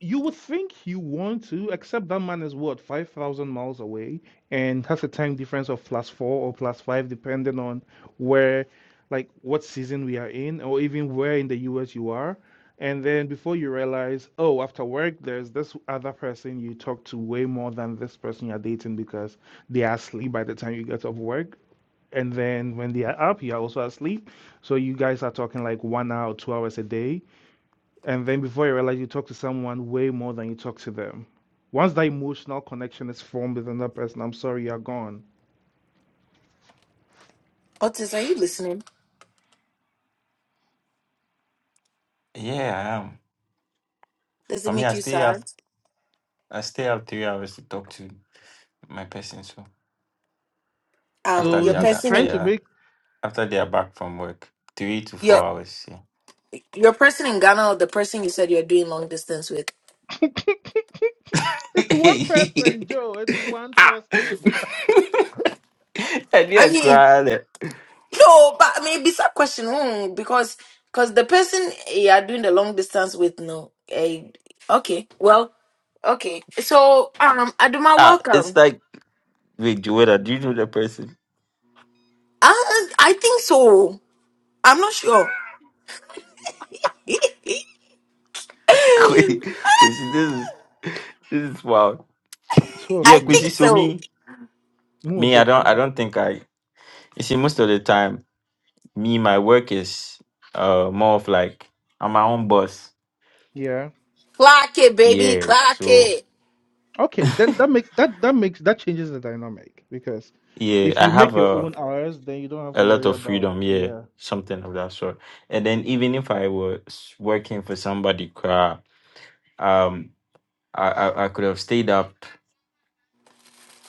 [SPEAKER 4] You would think you want to, except that man is what, 5,000 miles away and has a time difference of plus four or plus five, depending on where, like, what season we are in, or even where in the US you are. And then before you realize, oh, after work, there's this other person you talk to way more than this person you're dating because they are asleep by the time you get off work. And then when they are up, you're also asleep. So you guys are talking like one hour, two hours a day and then before you realize, you talk to someone way more than you talk to them. Once that emotional connection is formed with another person, I'm sorry, you're gone.
[SPEAKER 1] Otis, are you listening?
[SPEAKER 3] Yeah, I am.
[SPEAKER 1] Does
[SPEAKER 3] For
[SPEAKER 1] it
[SPEAKER 3] me, I
[SPEAKER 1] make you
[SPEAKER 3] stay up.
[SPEAKER 1] sad?
[SPEAKER 3] I stay up three hours to talk to my person. So
[SPEAKER 1] Um,
[SPEAKER 3] after
[SPEAKER 4] So
[SPEAKER 3] they
[SPEAKER 1] you're
[SPEAKER 3] are
[SPEAKER 4] he's
[SPEAKER 3] that
[SPEAKER 4] trying
[SPEAKER 3] they
[SPEAKER 4] to
[SPEAKER 1] personing.
[SPEAKER 3] are
[SPEAKER 4] make
[SPEAKER 3] after they are back from work, three to four
[SPEAKER 1] You're
[SPEAKER 3] hours. Yeah.
[SPEAKER 1] Your person in Ghana, or the person you said you're doing long distance with.
[SPEAKER 4] (laughs)
[SPEAKER 3] (laughs)
[SPEAKER 4] it's one person, Joe. It's one
[SPEAKER 3] ah.
[SPEAKER 4] person.
[SPEAKER 3] (laughs) and
[SPEAKER 1] I
[SPEAKER 3] you're
[SPEAKER 1] mean,
[SPEAKER 3] crying.
[SPEAKER 1] no, but I mean, it's a question hmm, because because the person you are doing the long distance with, no, eh, okay, well, okay. So, um, Aduma,
[SPEAKER 3] Ah, it's
[SPEAKER 1] welcome.
[SPEAKER 3] like, wait, Joanna, do you know the person?
[SPEAKER 1] Uh, I think so. I'm not sure. (laughs)
[SPEAKER 3] (laughs) Quincy, Quincy, this is this is wild.
[SPEAKER 4] Two of
[SPEAKER 3] Yeah,
[SPEAKER 1] I
[SPEAKER 3] Quincy,
[SPEAKER 4] you.
[SPEAKER 1] think
[SPEAKER 3] so
[SPEAKER 1] so.
[SPEAKER 3] me,
[SPEAKER 4] More
[SPEAKER 3] me, I don't,
[SPEAKER 4] bedroom.
[SPEAKER 3] I don't think I. You see, most of the time, me, my work is uh more of like I'm my own boss.
[SPEAKER 4] Yeah.
[SPEAKER 1] Clark it, baby,
[SPEAKER 3] Yeah,
[SPEAKER 1] Clark
[SPEAKER 3] so.
[SPEAKER 1] it.
[SPEAKER 4] Okay. Then that makes that that makes that changes the dynamic because
[SPEAKER 3] Yeah,
[SPEAKER 4] if
[SPEAKER 3] I
[SPEAKER 4] you
[SPEAKER 3] have
[SPEAKER 4] make your
[SPEAKER 3] a
[SPEAKER 4] own hours, then you don't have
[SPEAKER 3] a
[SPEAKER 4] to
[SPEAKER 3] lot
[SPEAKER 4] worry
[SPEAKER 3] of
[SPEAKER 4] about
[SPEAKER 3] freedom. Yeah,
[SPEAKER 4] yeah
[SPEAKER 3] something of that sort. And then even if I was working for somebody, cra- um, I I, I could have stayed up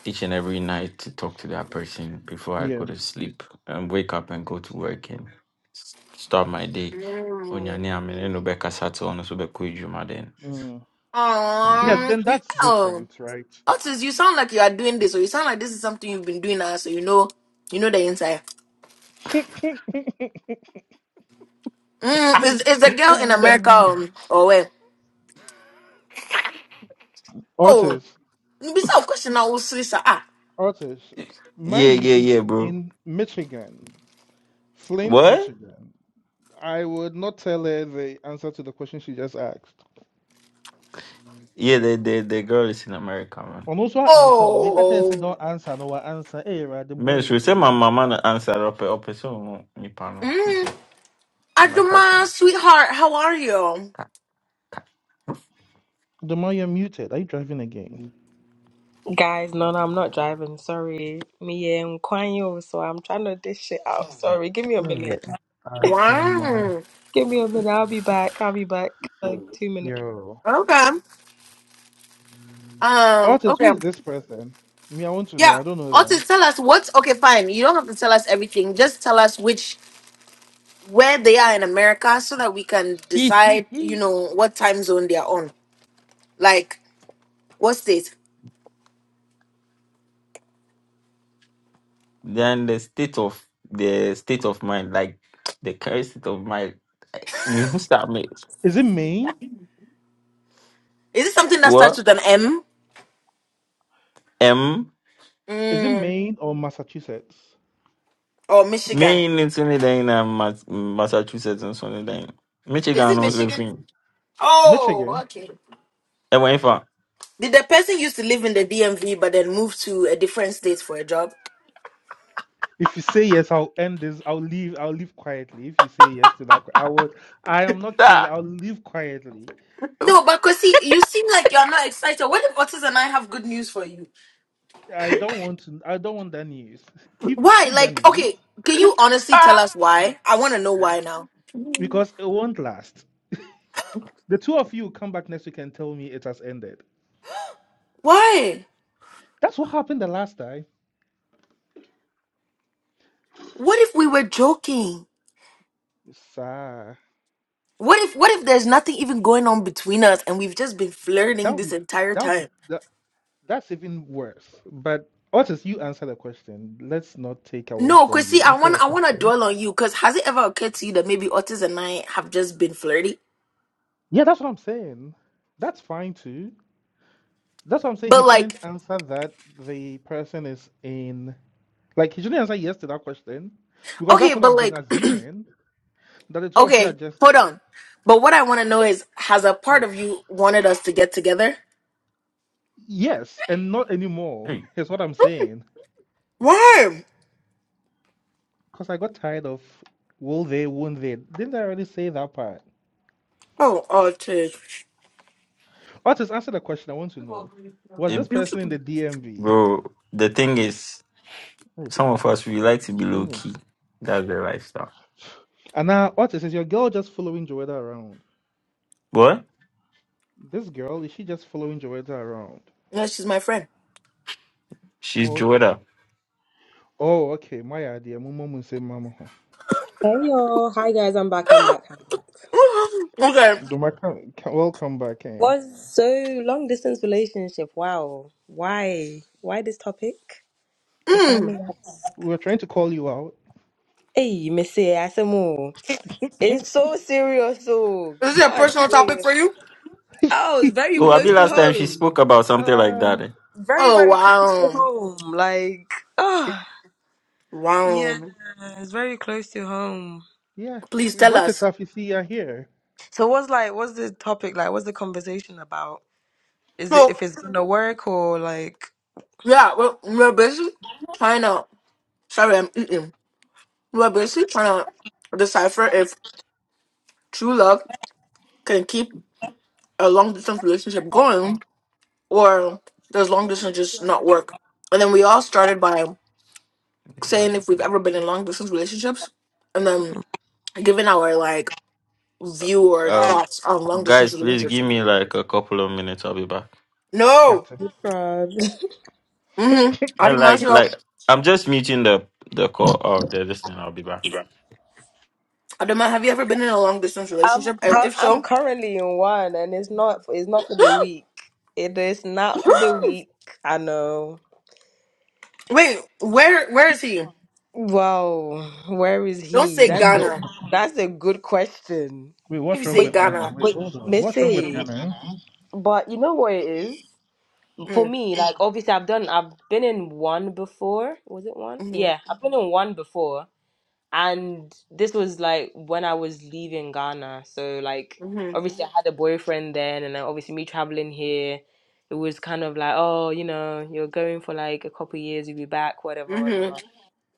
[SPEAKER 3] each and every night to talk to that person before I
[SPEAKER 4] yeah
[SPEAKER 3] go to sleep and wake up and go to work and s- start my day.
[SPEAKER 1] Mm.
[SPEAKER 3] Onyane amene no bɛkasa te ɔno so bɛkɔ edwuma then
[SPEAKER 4] mm.
[SPEAKER 3] I'm
[SPEAKER 4] yeah.
[SPEAKER 3] good.
[SPEAKER 1] Um,
[SPEAKER 4] Then
[SPEAKER 1] you.
[SPEAKER 4] that's
[SPEAKER 1] oh.
[SPEAKER 4] different, right?
[SPEAKER 1] Otis, you sound like you are doing this, or you sound like this is something you've been doing now, so you know, you know the inside. Mm, is is the girl in
[SPEAKER 3] (laughs)
[SPEAKER 1] America
[SPEAKER 4] Uh,
[SPEAKER 1] um, or where? Oh,
[SPEAKER 4] Otis.
[SPEAKER 1] besides question, I will ah, ah.
[SPEAKER 4] Otis,
[SPEAKER 3] yeah,
[SPEAKER 4] mind
[SPEAKER 3] yeah,
[SPEAKER 4] you,
[SPEAKER 3] yeah,
[SPEAKER 4] she's
[SPEAKER 3] bro.
[SPEAKER 4] in Michigan, Flint,
[SPEAKER 3] What?
[SPEAKER 4] Michigan. I would not tell her the answer to the question she just asked.
[SPEAKER 3] Yeah, the the the girl is in America,
[SPEAKER 4] And also her answer, oh, make a chance say
[SPEAKER 1] oh,
[SPEAKER 4] don't answer, no her answer. Hey, right, the boy
[SPEAKER 3] Bɛs say my
[SPEAKER 4] away.
[SPEAKER 3] mama no answer up. ɔpɛ sɛ ɔhu nipa no
[SPEAKER 1] mm,
[SPEAKER 3] nti mɛka kyerɛ
[SPEAKER 1] Adoma,
[SPEAKER 3] no.
[SPEAKER 1] sweetheart, how are you?
[SPEAKER 3] Ka-
[SPEAKER 4] Adoma, you're muted. Are you driving again?
[SPEAKER 5] Guys, no, no, I'm not driving. Sorry. Me and Kwan Yo, so I'm trying to dish it out. Sorry. Give me a
[SPEAKER 4] Yeah,
[SPEAKER 5] minute.
[SPEAKER 4] Adoma.
[SPEAKER 1] Wow.
[SPEAKER 5] Give me a minute. I'll be back. I'll be back. Like two minutes.
[SPEAKER 4] Yo.
[SPEAKER 1] Okay. Um.
[SPEAKER 4] Otis, who
[SPEAKER 1] Okay.
[SPEAKER 4] is this person? Me, I want to know.
[SPEAKER 1] Yeah.
[SPEAKER 4] I don't know them.
[SPEAKER 1] Otis, tell us what's okay. Fine. You don't have to tell us everything. Just tell us which where they are in America, so that we can decide. You
[SPEAKER 4] (laughs)
[SPEAKER 1] know what time zone they are on. Like what state?
[SPEAKER 3] Then the state of the state of mind like (tsk) the current state of mind mehu sa me
[SPEAKER 4] is it Maine?
[SPEAKER 1] Is it something that starts
[SPEAKER 3] What
[SPEAKER 1] with an M?
[SPEAKER 3] ɛm
[SPEAKER 4] Is it
[SPEAKER 1] Mm.
[SPEAKER 4] Maine or Massachusetts?
[SPEAKER 1] Or Michigan?
[SPEAKER 3] Me ne nso ne dɛn na Mas- massachusetts nso ne dɛn
[SPEAKER 1] Is
[SPEAKER 3] michigan
[SPEAKER 1] it
[SPEAKER 3] no
[SPEAKER 4] Uh,
[SPEAKER 3] nso
[SPEAKER 1] Michigan?
[SPEAKER 3] E
[SPEAKER 1] Oh,
[SPEAKER 4] Michigan?
[SPEAKER 1] okay.
[SPEAKER 3] ɛwɔ nifa
[SPEAKER 1] Did the person used to live in the DMV but then move to a different state for a job?
[SPEAKER 4] If you say yes, I'll end this. I'll leave. I'll leave quietly. If you say yes to that, I will. I am not kidding.
[SPEAKER 3] da
[SPEAKER 4] I'll leave quietly.
[SPEAKER 1] No, but Kosi, you seem like you're not excited. What if Otis and I have good news for you?
[SPEAKER 4] I don't want to. I don't want that news. Keep
[SPEAKER 1] Why?
[SPEAKER 4] keep that
[SPEAKER 1] Like, okay,
[SPEAKER 4] news
[SPEAKER 1] can you honestly tell us why? I want to know why now.
[SPEAKER 4] because it won't last. The two of you come back next week and tell me it has ended.
[SPEAKER 1] Why?
[SPEAKER 4] That's what happened the last time.
[SPEAKER 1] What if we were joking?
[SPEAKER 4] Sir,
[SPEAKER 1] What if what if there's nothing even going on between us and we've just been
[SPEAKER 4] that
[SPEAKER 1] flirting
[SPEAKER 4] would
[SPEAKER 1] this
[SPEAKER 4] be
[SPEAKER 1] entire
[SPEAKER 4] that would
[SPEAKER 1] time?
[SPEAKER 4] be that, that's even worse. But Otis, you answer the question. Let's not take away
[SPEAKER 1] No,
[SPEAKER 4] from
[SPEAKER 1] Chrissy,
[SPEAKER 4] you.
[SPEAKER 1] I
[SPEAKER 4] Answer
[SPEAKER 1] want
[SPEAKER 4] your
[SPEAKER 1] I want to
[SPEAKER 4] question.
[SPEAKER 1] dwell on you because has it ever occurred to you that maybe Otis and I have just been flirty?
[SPEAKER 4] Yeah, that's what I'm saying. That's fine too. That's what I'm saying. He
[SPEAKER 1] But like,
[SPEAKER 4] shouldn't answer that the person is in. Like, he shouldn't answer yes to that question because that's
[SPEAKER 1] okay,
[SPEAKER 4] what
[SPEAKER 1] but
[SPEAKER 4] I've been
[SPEAKER 1] like,
[SPEAKER 4] assuming that the
[SPEAKER 1] (clears throat)
[SPEAKER 4] two of you are
[SPEAKER 1] okay,
[SPEAKER 4] just
[SPEAKER 1] hold on. But what I want to know is, has a part
[SPEAKER 4] ouch.
[SPEAKER 1] of you wanted us to get together?
[SPEAKER 4] Yes, and not anymore
[SPEAKER 3] Hey,
[SPEAKER 4] (laughs) is what I'm saying.
[SPEAKER 1] Why?
[SPEAKER 4] Because I got tired of will they, won't they? Didn't I already say that part?
[SPEAKER 1] Oh, Otis,
[SPEAKER 4] Otis, answer the question. I want to know. Was
[SPEAKER 3] eh,
[SPEAKER 4] this
[SPEAKER 1] you.
[SPEAKER 4] person in the DMV?
[SPEAKER 3] bro the thing is
[SPEAKER 4] Hey,
[SPEAKER 3] some of us we like to be
[SPEAKER 4] it's
[SPEAKER 3] low
[SPEAKER 4] raining.
[SPEAKER 3] key that's the lifestyle
[SPEAKER 4] And now, Otis, is your girl just following Joetta around?
[SPEAKER 3] what
[SPEAKER 4] This girl, is she just following Joetta around?
[SPEAKER 1] No, she's my friend.
[SPEAKER 3] she's Joeda
[SPEAKER 4] Oh, okay. My idea. Mumu say Mama. ho.
[SPEAKER 5] Hey, yo. Hi, guys. I'm
[SPEAKER 1] (gasps)
[SPEAKER 5] back. I'm
[SPEAKER 1] (laughs)
[SPEAKER 5] back. I'm back.
[SPEAKER 1] okay.
[SPEAKER 4] Doma, come- come- welcome back. Eh?
[SPEAKER 5] What's so long distance relationship? Wow. Why? Why this topic? If I
[SPEAKER 1] Mm.
[SPEAKER 5] may
[SPEAKER 4] We
[SPEAKER 5] ask.
[SPEAKER 4] were trying to call you out.
[SPEAKER 5] Hey, Missy, I said more.
[SPEAKER 4] (laughs)
[SPEAKER 5] It's so serious, oh
[SPEAKER 1] Is it a
[SPEAKER 5] God
[SPEAKER 1] personal topic
[SPEAKER 5] damn.
[SPEAKER 1] for you?
[SPEAKER 5] Oh, it's very
[SPEAKER 3] Oh, I
[SPEAKER 5] close
[SPEAKER 3] be
[SPEAKER 5] to
[SPEAKER 3] last time she
[SPEAKER 5] home.
[SPEAKER 3] spoke about something like that.
[SPEAKER 4] uh,
[SPEAKER 3] eh?
[SPEAKER 5] Very,
[SPEAKER 1] Oh
[SPEAKER 5] very close to
[SPEAKER 1] wow,
[SPEAKER 5] home. Like, ah.
[SPEAKER 1] wow.
[SPEAKER 5] Yeah, it's very close to home.
[SPEAKER 4] yeah,
[SPEAKER 1] Please
[SPEAKER 4] we
[SPEAKER 1] tell
[SPEAKER 4] brought it
[SPEAKER 1] us.
[SPEAKER 4] up. You see, you're here.
[SPEAKER 5] So what's like what's the topic like? What's the conversation about? Is it if
[SPEAKER 1] So
[SPEAKER 5] it's gonna work or like
[SPEAKER 1] yeah, we're, we're basically trying to. Sorry, I'm eating. We're basically trying to decipher if true love can keep a long distance relationship going or does long distance just not work. And then we all started by saying if we've ever been in long distance relationships and then giving our like view or
[SPEAKER 3] Um,
[SPEAKER 1] thoughts on long distance
[SPEAKER 3] guys, please
[SPEAKER 1] relationships.
[SPEAKER 3] give me like a couple of minutes. I'll be back.
[SPEAKER 1] No.
[SPEAKER 4] Yata.
[SPEAKER 5] God. (laughs)
[SPEAKER 1] Mm-hmm.
[SPEAKER 3] No,
[SPEAKER 1] Adama,
[SPEAKER 3] Like,
[SPEAKER 4] (laughs)
[SPEAKER 1] so,
[SPEAKER 3] like I'm just meeting the the call or the listening. I'll be back.
[SPEAKER 1] Adama, have you ever been in a long distance
[SPEAKER 5] I'm
[SPEAKER 1] relationship? And
[SPEAKER 5] cur-
[SPEAKER 1] if
[SPEAKER 5] I'm
[SPEAKER 1] so,
[SPEAKER 5] currently in one, and it's not it's not for
[SPEAKER 1] (gasps)
[SPEAKER 5] the weak. It is not for the weak. I know.
[SPEAKER 1] wait, where where is he?
[SPEAKER 5] Wow, where is
[SPEAKER 1] Don't
[SPEAKER 5] he?
[SPEAKER 1] say
[SPEAKER 4] Hmm.
[SPEAKER 5] That's a
[SPEAKER 1] Ghana.
[SPEAKER 5] that's a good question.
[SPEAKER 4] Wait,
[SPEAKER 1] If
[SPEAKER 4] what's
[SPEAKER 1] you
[SPEAKER 4] wrong
[SPEAKER 1] say
[SPEAKER 5] But
[SPEAKER 4] with Ghana?
[SPEAKER 1] Ghana,
[SPEAKER 4] Wait,
[SPEAKER 5] but
[SPEAKER 4] hold on. What's wrong with
[SPEAKER 5] Missy,
[SPEAKER 4] Ghana?
[SPEAKER 5] but you know what it is? for
[SPEAKER 1] mm,
[SPEAKER 5] me, like obviously I've done I've been in one before. Was it one?
[SPEAKER 1] hmm
[SPEAKER 5] Yeah, I've been in one before. And this was like when I was leaving Ghana. So like obviously I had a boyfriend then and then obviously me traveling here, it was kind of like, oh, you know, you're going for like a couple years, you'll be back, whatever,
[SPEAKER 1] Mhm.
[SPEAKER 5] whatever.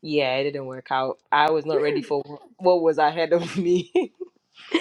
[SPEAKER 5] Yeah, it didn't work out. I was not ready for wh- what was ahead of me. (laughs)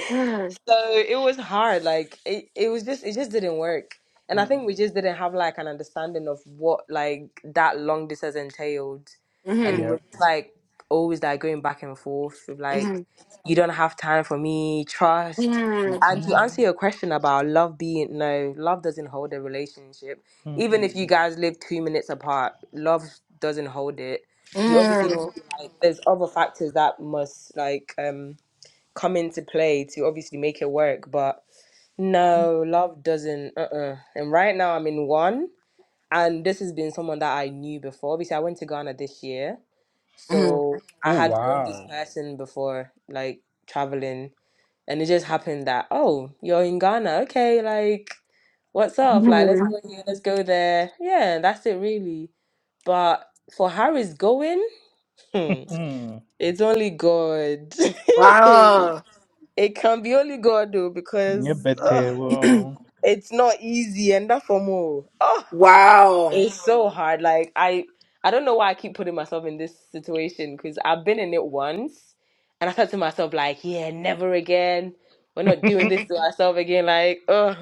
[SPEAKER 1] hmm
[SPEAKER 5] So it was hard. Like it, it was just it just didn't work.
[SPEAKER 4] eh?
[SPEAKER 5] And I
[SPEAKER 4] Hmm.
[SPEAKER 5] think we just didn't have like an understanding of what like that long distance entailed.
[SPEAKER 1] Mm-hmm.
[SPEAKER 5] And we
[SPEAKER 4] Yeah.
[SPEAKER 5] were just, like always like going back and forth with, like you don't have time for me, trust.
[SPEAKER 1] Mm-hmm.
[SPEAKER 5] And
[SPEAKER 4] Mm-hmm.
[SPEAKER 5] to answer your question about love being no, love doesn't hold a relationship. Even
[SPEAKER 4] Mm-hmm.
[SPEAKER 5] if you guys live two minutes apart, love doesn't hold it. You obviously need to, like there's other factors that must like um come into play to obviously make it work. But no, love doesn't. Uh uh And right now I'm in one, and this has been someone that I knew before. Obviously, I went to Ghana this year,
[SPEAKER 1] hmm
[SPEAKER 5] so I
[SPEAKER 4] Oh,
[SPEAKER 5] had known this
[SPEAKER 4] wow.
[SPEAKER 5] person before, like traveling, and it just happened that oh, you're in Ghana, okay, like what's up? Like let's
[SPEAKER 1] hmm
[SPEAKER 5] go here, let's go there. Yeah, that's it really. But for Harry's going, hmm,
[SPEAKER 4] (laughs) Hmm.
[SPEAKER 5] it's only God. (laughs)
[SPEAKER 1] Wow.
[SPEAKER 5] It can be only God though,
[SPEAKER 4] Yeah,
[SPEAKER 5] because uh,
[SPEAKER 4] better.
[SPEAKER 1] (clears throat)
[SPEAKER 4] Wow.
[SPEAKER 5] it's not easy, and that for more. Oh,
[SPEAKER 1] wow.
[SPEAKER 5] it's so hard. Like I, I don't know why I keep putting myself in this situation because I've been in it once, and I said to myself like, yeah, never again. We're
[SPEAKER 4] (laughs)
[SPEAKER 5] not doing this to (laughs) ourselves again. Like, oh.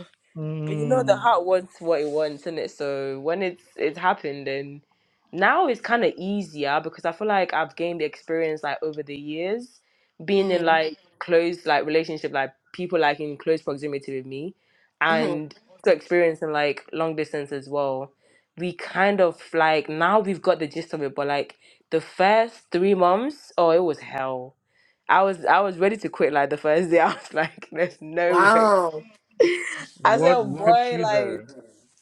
[SPEAKER 5] But you know, the
[SPEAKER 4] Hmm.
[SPEAKER 5] heart wants what it wants, and it so when it's it's happened, and now it's kind of easier because I feel like I've gained the experience like over the years, being in
[SPEAKER 1] hmm
[SPEAKER 5] like close like relationship, like people like in close proximity with me,
[SPEAKER 1] hmm
[SPEAKER 5] and also experiencing like long distance as well. We kind of like now we've got the gist of it, but like the first three months, oh, it was hell. I was I was ready to quit like the first day. (laughs) I was like, there's no way.
[SPEAKER 1] Wow.
[SPEAKER 5] I said,
[SPEAKER 4] What
[SPEAKER 5] oh, Yeah.
[SPEAKER 4] kept you
[SPEAKER 5] boy, like.
[SPEAKER 4] there?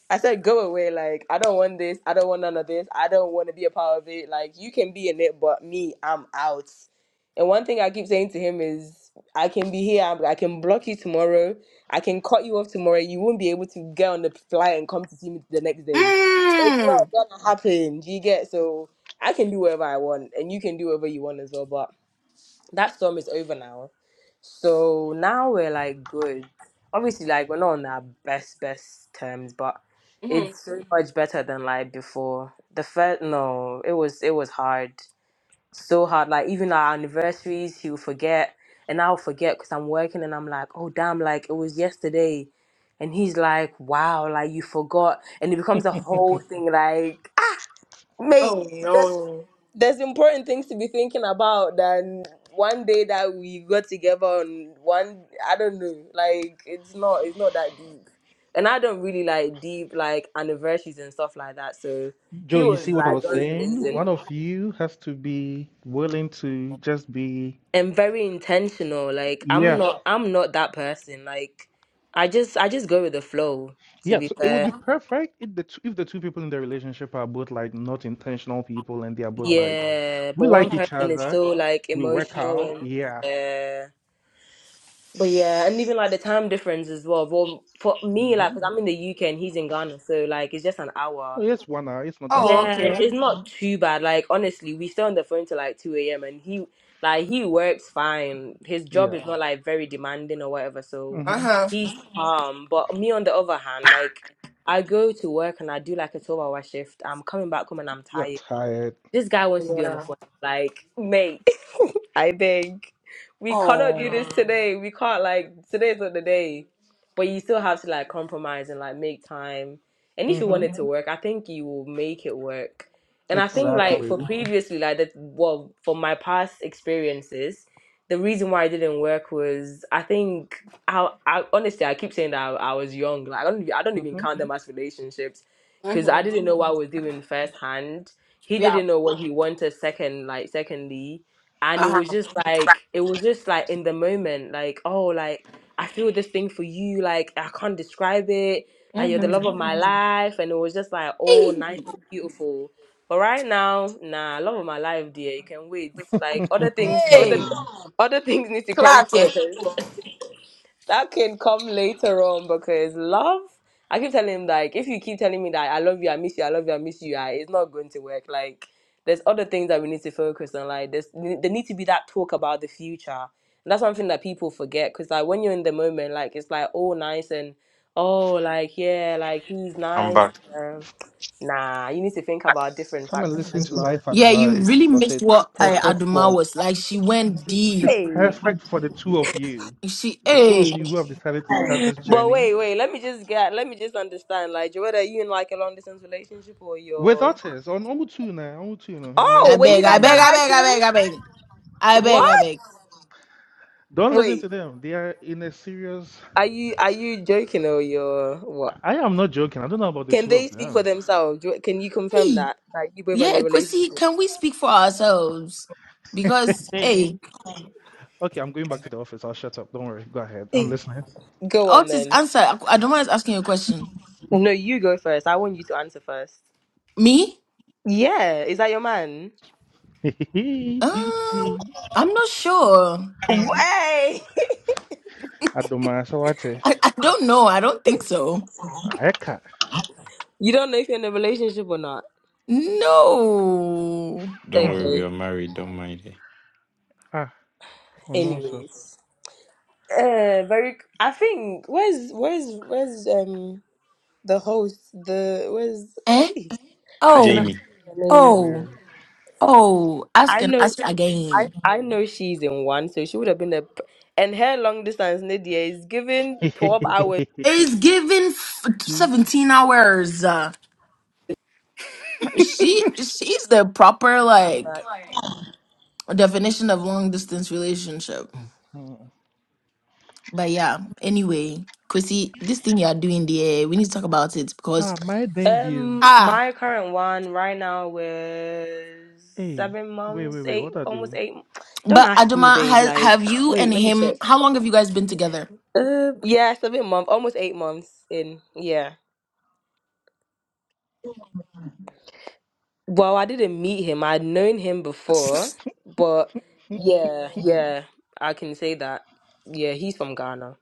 [SPEAKER 5] I said, go away. Like, I don't want this. I don't want none of this. I don't want to be a part of it. Like, you can be in it, but me, I'm out. And one thing I keep saying to him is, I can be here. I I can block you tomorrow. I can cut you off tomorrow. You won't be able to get on the flight and come to see me the next day. It's not
[SPEAKER 1] Mm.
[SPEAKER 5] gonna happen. Do you get? So I can do whatever I want, and you can do whatever you want as well. But that storm is over now. So now we're like good. Obviously, like we're not on our best best terms, but
[SPEAKER 1] hmm
[SPEAKER 5] it's so much better than like before. The first no, it was it was hard, so hard. Like even our anniversaries, he will forget, and I'll forget because I'm working, and I'm like, oh damn, like it was yesterday, and he's like, wow, like you forgot, and it becomes a whole thing, like. May
[SPEAKER 1] Oh
[SPEAKER 5] there's,
[SPEAKER 1] no.
[SPEAKER 5] there's important things to be thinking about than one day that we got together on one I don't know. Like it's not it's not that deep. And I don't really like deep like anniversaries and stuff like that. So
[SPEAKER 4] Joe,
[SPEAKER 5] he
[SPEAKER 4] you
[SPEAKER 5] was
[SPEAKER 4] see what I
[SPEAKER 5] like
[SPEAKER 4] was
[SPEAKER 5] guns
[SPEAKER 4] saying? One
[SPEAKER 5] blazing
[SPEAKER 4] of you has to be willing to just be,
[SPEAKER 5] and very intentional. Like I'm
[SPEAKER 4] yeah,
[SPEAKER 5] not I'm not that person. Like I just I just go with the flow, to
[SPEAKER 4] yeah.
[SPEAKER 5] be
[SPEAKER 4] So it would be
[SPEAKER 5] fair.
[SPEAKER 4] perfect if the two, if the two people in the relationship are both like not intentional people and they are both like,
[SPEAKER 5] Yeah. But
[SPEAKER 4] we
[SPEAKER 5] one
[SPEAKER 4] like each
[SPEAKER 5] person is
[SPEAKER 4] other,
[SPEAKER 5] still like
[SPEAKER 4] we work
[SPEAKER 5] emotional
[SPEAKER 4] out,
[SPEAKER 5] and
[SPEAKER 4] yeah.
[SPEAKER 5] yeah. But yeah, and even like the time difference as well. Well, for me, like,
[SPEAKER 4] Mm-hmm.
[SPEAKER 5] because I'm in the UK and he's in Ghana, so like it's just an
[SPEAKER 4] Oh,
[SPEAKER 5] hour.
[SPEAKER 4] yes, one hour. It's not that
[SPEAKER 1] Oh
[SPEAKER 4] bad.
[SPEAKER 5] Yeah,
[SPEAKER 4] Yeah,
[SPEAKER 1] okay.
[SPEAKER 5] it's not too bad. Like honestly, we stay on the phone till like two a.m. and he like he works fine. His job
[SPEAKER 4] yeah.
[SPEAKER 5] is not like very demanding or whatever, so
[SPEAKER 4] Mm-hmm.
[SPEAKER 1] Uh-huh.
[SPEAKER 5] he's calm. But me on the other hand, like I go to work and I do like a twelve-hour shift. I'm coming back home and I'm
[SPEAKER 4] You're
[SPEAKER 5] tired.
[SPEAKER 4] tired.
[SPEAKER 5] This guy wants to be on the
[SPEAKER 1] Yeah.
[SPEAKER 5] phone, like mate. I think we cannot do this
[SPEAKER 1] Oh.
[SPEAKER 5] Oh. today. We can't like today's not the day. But you still have to like compromise and like make time. And if you
[SPEAKER 4] Mm-hmm.
[SPEAKER 5] want it to Mhm. work, I think you will make it work. And I think Okay. like
[SPEAKER 4] Exactly.
[SPEAKER 5] for previously, like that well, for my past experiences, the reason why it didn't work was I think I, I honestly I keep saying that I, I was young. Like I don't I don't even
[SPEAKER 4] Mm-hmm.
[SPEAKER 5] count them as relationships because I
[SPEAKER 1] hmm
[SPEAKER 5] didn't know what I was doing firsthand. He
[SPEAKER 1] Yeah.
[SPEAKER 5] didn't know what he wanted second, like secondly and it was
[SPEAKER 1] Uh-huh.
[SPEAKER 5] just like it was just like in the moment like oh like i feel this thing for you like i can't describe it like you're the love
[SPEAKER 1] hmm
[SPEAKER 5] of my life and it was just like oh nice and beautiful but right now nah love of my life dear you can wait like other
[SPEAKER 4] (laughs)
[SPEAKER 5] things other
[SPEAKER 1] Hey,
[SPEAKER 4] Come
[SPEAKER 5] other things need to come
[SPEAKER 1] clock
[SPEAKER 5] (laughs)
[SPEAKER 1] it.
[SPEAKER 5] first that can come later on because love. I keep telling him like, if you keep telling me that I love you, I miss you, I love you, I miss you, I, it's not going to work. Like, there's other things that we need to focus on. Like, there's there need to be that talk about the future. And that's one thing that people forget because like when you're in the moment, like it's like all nice and oh like yeah, like he's
[SPEAKER 3] I'm
[SPEAKER 5] nice.
[SPEAKER 3] back.
[SPEAKER 5] Um, nah, you need to think about different
[SPEAKER 4] and
[SPEAKER 5] factors
[SPEAKER 4] listen
[SPEAKER 5] as
[SPEAKER 4] to
[SPEAKER 5] well.
[SPEAKER 4] life
[SPEAKER 1] Yeah, you
[SPEAKER 4] advice
[SPEAKER 1] really
[SPEAKER 4] because
[SPEAKER 1] missed
[SPEAKER 4] it's
[SPEAKER 1] what uh,
[SPEAKER 4] perfect
[SPEAKER 1] Aduma
[SPEAKER 4] for
[SPEAKER 1] was like. She went
[SPEAKER 4] It's
[SPEAKER 1] deep.
[SPEAKER 5] Hey.
[SPEAKER 4] perfect for the two of you,
[SPEAKER 1] She,
[SPEAKER 4] the two of
[SPEAKER 1] hey.
[SPEAKER 4] you who have decided to start this
[SPEAKER 5] But
[SPEAKER 4] journey
[SPEAKER 5] wait, wait. Let me just get. Let me just understand. Like, Joetta, are you in like a long distance relationship or
[SPEAKER 4] with
[SPEAKER 5] you're?
[SPEAKER 4] others on Omutu now. Omutu now,
[SPEAKER 1] I
[SPEAKER 5] Oh,
[SPEAKER 4] Amen,
[SPEAKER 5] wait,
[SPEAKER 1] beg,
[SPEAKER 5] you
[SPEAKER 1] I
[SPEAKER 5] guys on
[SPEAKER 1] beg,
[SPEAKER 4] performing.
[SPEAKER 1] I beg, I
[SPEAKER 5] iTunes?
[SPEAKER 1] beg, I beg, I beg, I
[SPEAKER 5] What?
[SPEAKER 1] beg.
[SPEAKER 4] Don't listen
[SPEAKER 5] Wait,
[SPEAKER 4] to them. They are in a serious.
[SPEAKER 5] are you are you joking or you're what?
[SPEAKER 4] I am not joking. I don't know about the
[SPEAKER 5] Can
[SPEAKER 4] two of
[SPEAKER 5] they speak for
[SPEAKER 4] them.
[SPEAKER 5] themselves? Do- Can you confirm
[SPEAKER 1] Hey,
[SPEAKER 5] that that you both are in
[SPEAKER 1] yeah,
[SPEAKER 5] a
[SPEAKER 1] Kwesi,
[SPEAKER 5] relationship?
[SPEAKER 1] can we speak for ourselves? Because
[SPEAKER 4] Hey.
[SPEAKER 1] hey,
[SPEAKER 4] Okay, I'm going back to the office. I'll shut up. Don't worry. Go ahead. I'm
[SPEAKER 5] Eh,
[SPEAKER 4] listening.
[SPEAKER 5] Go on
[SPEAKER 1] Otis,
[SPEAKER 5] then.
[SPEAKER 1] answer. I I don't mind asking you a question.
[SPEAKER 5] No, you go first. I want you to answer first.
[SPEAKER 1] Me?
[SPEAKER 5] Yeah, is that your man?
[SPEAKER 4] (laughs) Adoma
[SPEAKER 1] Um, I'm not sure.
[SPEAKER 5] Way. (laughs)
[SPEAKER 4] Sawate.
[SPEAKER 1] I, I don't know. I don't think so.
[SPEAKER 4] Eka.
[SPEAKER 5] You don't know if you're in a relationship or not.
[SPEAKER 1] No.
[SPEAKER 3] Don't
[SPEAKER 4] Hmm.
[SPEAKER 3] worry, we
[SPEAKER 5] Okay.
[SPEAKER 3] are married. Don't mind it.
[SPEAKER 4] Ah, oh no, so
[SPEAKER 5] Anyways, uh, very. I think where's where's where's um the host the where's
[SPEAKER 1] Eh?
[SPEAKER 5] how can I
[SPEAKER 1] Oh,
[SPEAKER 5] forget
[SPEAKER 3] Jamie.
[SPEAKER 5] her name?
[SPEAKER 1] oh,
[SPEAKER 4] weird.
[SPEAKER 1] oh. Ask
[SPEAKER 5] I
[SPEAKER 1] and
[SPEAKER 5] know
[SPEAKER 1] ask
[SPEAKER 5] I,
[SPEAKER 1] again.
[SPEAKER 5] I know she's in one, so she would have been a. p- And her long distance, Nadia, is given
[SPEAKER 4] (laughs)
[SPEAKER 5] 12 (laughs) hours.
[SPEAKER 1] It's given f-
[SPEAKER 4] Hmm.
[SPEAKER 1] 17 hours. Uh, She she's the proper
[SPEAKER 5] I'm
[SPEAKER 1] like.
[SPEAKER 5] back.
[SPEAKER 1] A definition of long distance relationship. But yeah, anyway, Chrissy, this thing you are doing there, we need to talk about it because
[SPEAKER 4] Ah, my name be.
[SPEAKER 5] Um,
[SPEAKER 1] ah,
[SPEAKER 5] my current one right now was
[SPEAKER 4] Hey,
[SPEAKER 5] seven
[SPEAKER 4] wait,
[SPEAKER 5] months,
[SPEAKER 4] wait, wait.
[SPEAKER 5] eight,
[SPEAKER 4] What I
[SPEAKER 5] almost
[SPEAKER 4] do?
[SPEAKER 5] eight. m- Don't
[SPEAKER 1] but
[SPEAKER 5] ask me,
[SPEAKER 1] Adama,
[SPEAKER 5] babe.
[SPEAKER 1] has,
[SPEAKER 5] Like,
[SPEAKER 1] have
[SPEAKER 5] (sighs)
[SPEAKER 1] you
[SPEAKER 5] wait,
[SPEAKER 1] and
[SPEAKER 5] let me
[SPEAKER 1] him?
[SPEAKER 5] check.
[SPEAKER 1] How long have you guys been together?
[SPEAKER 5] Uh, yeah, seven month, almost eight months in. Yeah. Well, I didn't meet him. I'd known him before, but
[SPEAKER 4] Mm,
[SPEAKER 5] yeah, yeah, I can say that. Yeah, he's from Ghana.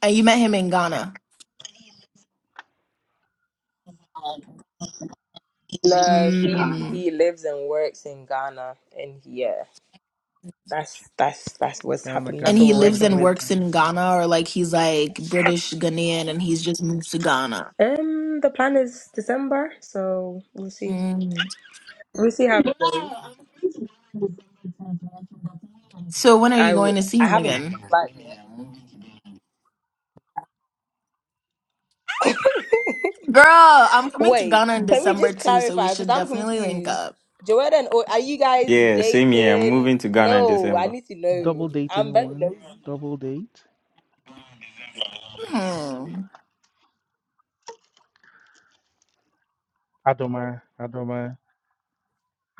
[SPEAKER 1] And you met him in Ghana.
[SPEAKER 5] No, he Ghana?
[SPEAKER 1] Mm.
[SPEAKER 5] he lives and works in Ghana, and yeah, that's that's that's what's
[SPEAKER 4] Ghana,
[SPEAKER 5] happened.
[SPEAKER 1] And
[SPEAKER 5] That's
[SPEAKER 4] Ghana,
[SPEAKER 5] what
[SPEAKER 1] he
[SPEAKER 5] we're
[SPEAKER 4] Ghana,
[SPEAKER 1] lives
[SPEAKER 5] working
[SPEAKER 1] and
[SPEAKER 4] Ghana,
[SPEAKER 5] with.
[SPEAKER 1] works
[SPEAKER 4] Ghana.
[SPEAKER 1] in Ghana, or like he's like British Ghanaian, and he's just moved to Ghana.
[SPEAKER 5] Um, the plan is December, so we'll see.
[SPEAKER 1] Mm.
[SPEAKER 5] We'll see how it goes.
[SPEAKER 1] So when are
[SPEAKER 5] I
[SPEAKER 1] you
[SPEAKER 5] w-
[SPEAKER 1] going to see
[SPEAKER 5] I
[SPEAKER 1] him
[SPEAKER 5] haven't
[SPEAKER 1] again,
[SPEAKER 5] booked back yet.
[SPEAKER 1] girl? I'm coming to
[SPEAKER 5] Wait,
[SPEAKER 1] Ghana in
[SPEAKER 5] can we
[SPEAKER 1] December
[SPEAKER 5] just
[SPEAKER 1] too, so we
[SPEAKER 5] clarify? Because
[SPEAKER 1] should
[SPEAKER 5] I'm
[SPEAKER 1] definitely link
[SPEAKER 5] confused.
[SPEAKER 1] up.
[SPEAKER 5] Joetta and O, are you guys
[SPEAKER 3] Yeah, same here. I'm
[SPEAKER 5] dating?
[SPEAKER 3] moving to Ghana in
[SPEAKER 5] No, I
[SPEAKER 3] December.
[SPEAKER 5] need to
[SPEAKER 4] Double
[SPEAKER 5] know.
[SPEAKER 4] date
[SPEAKER 5] I'm very
[SPEAKER 4] anyone?
[SPEAKER 5] nosy.
[SPEAKER 4] Double date?
[SPEAKER 1] Hmm.
[SPEAKER 4] Adoma, Adoma,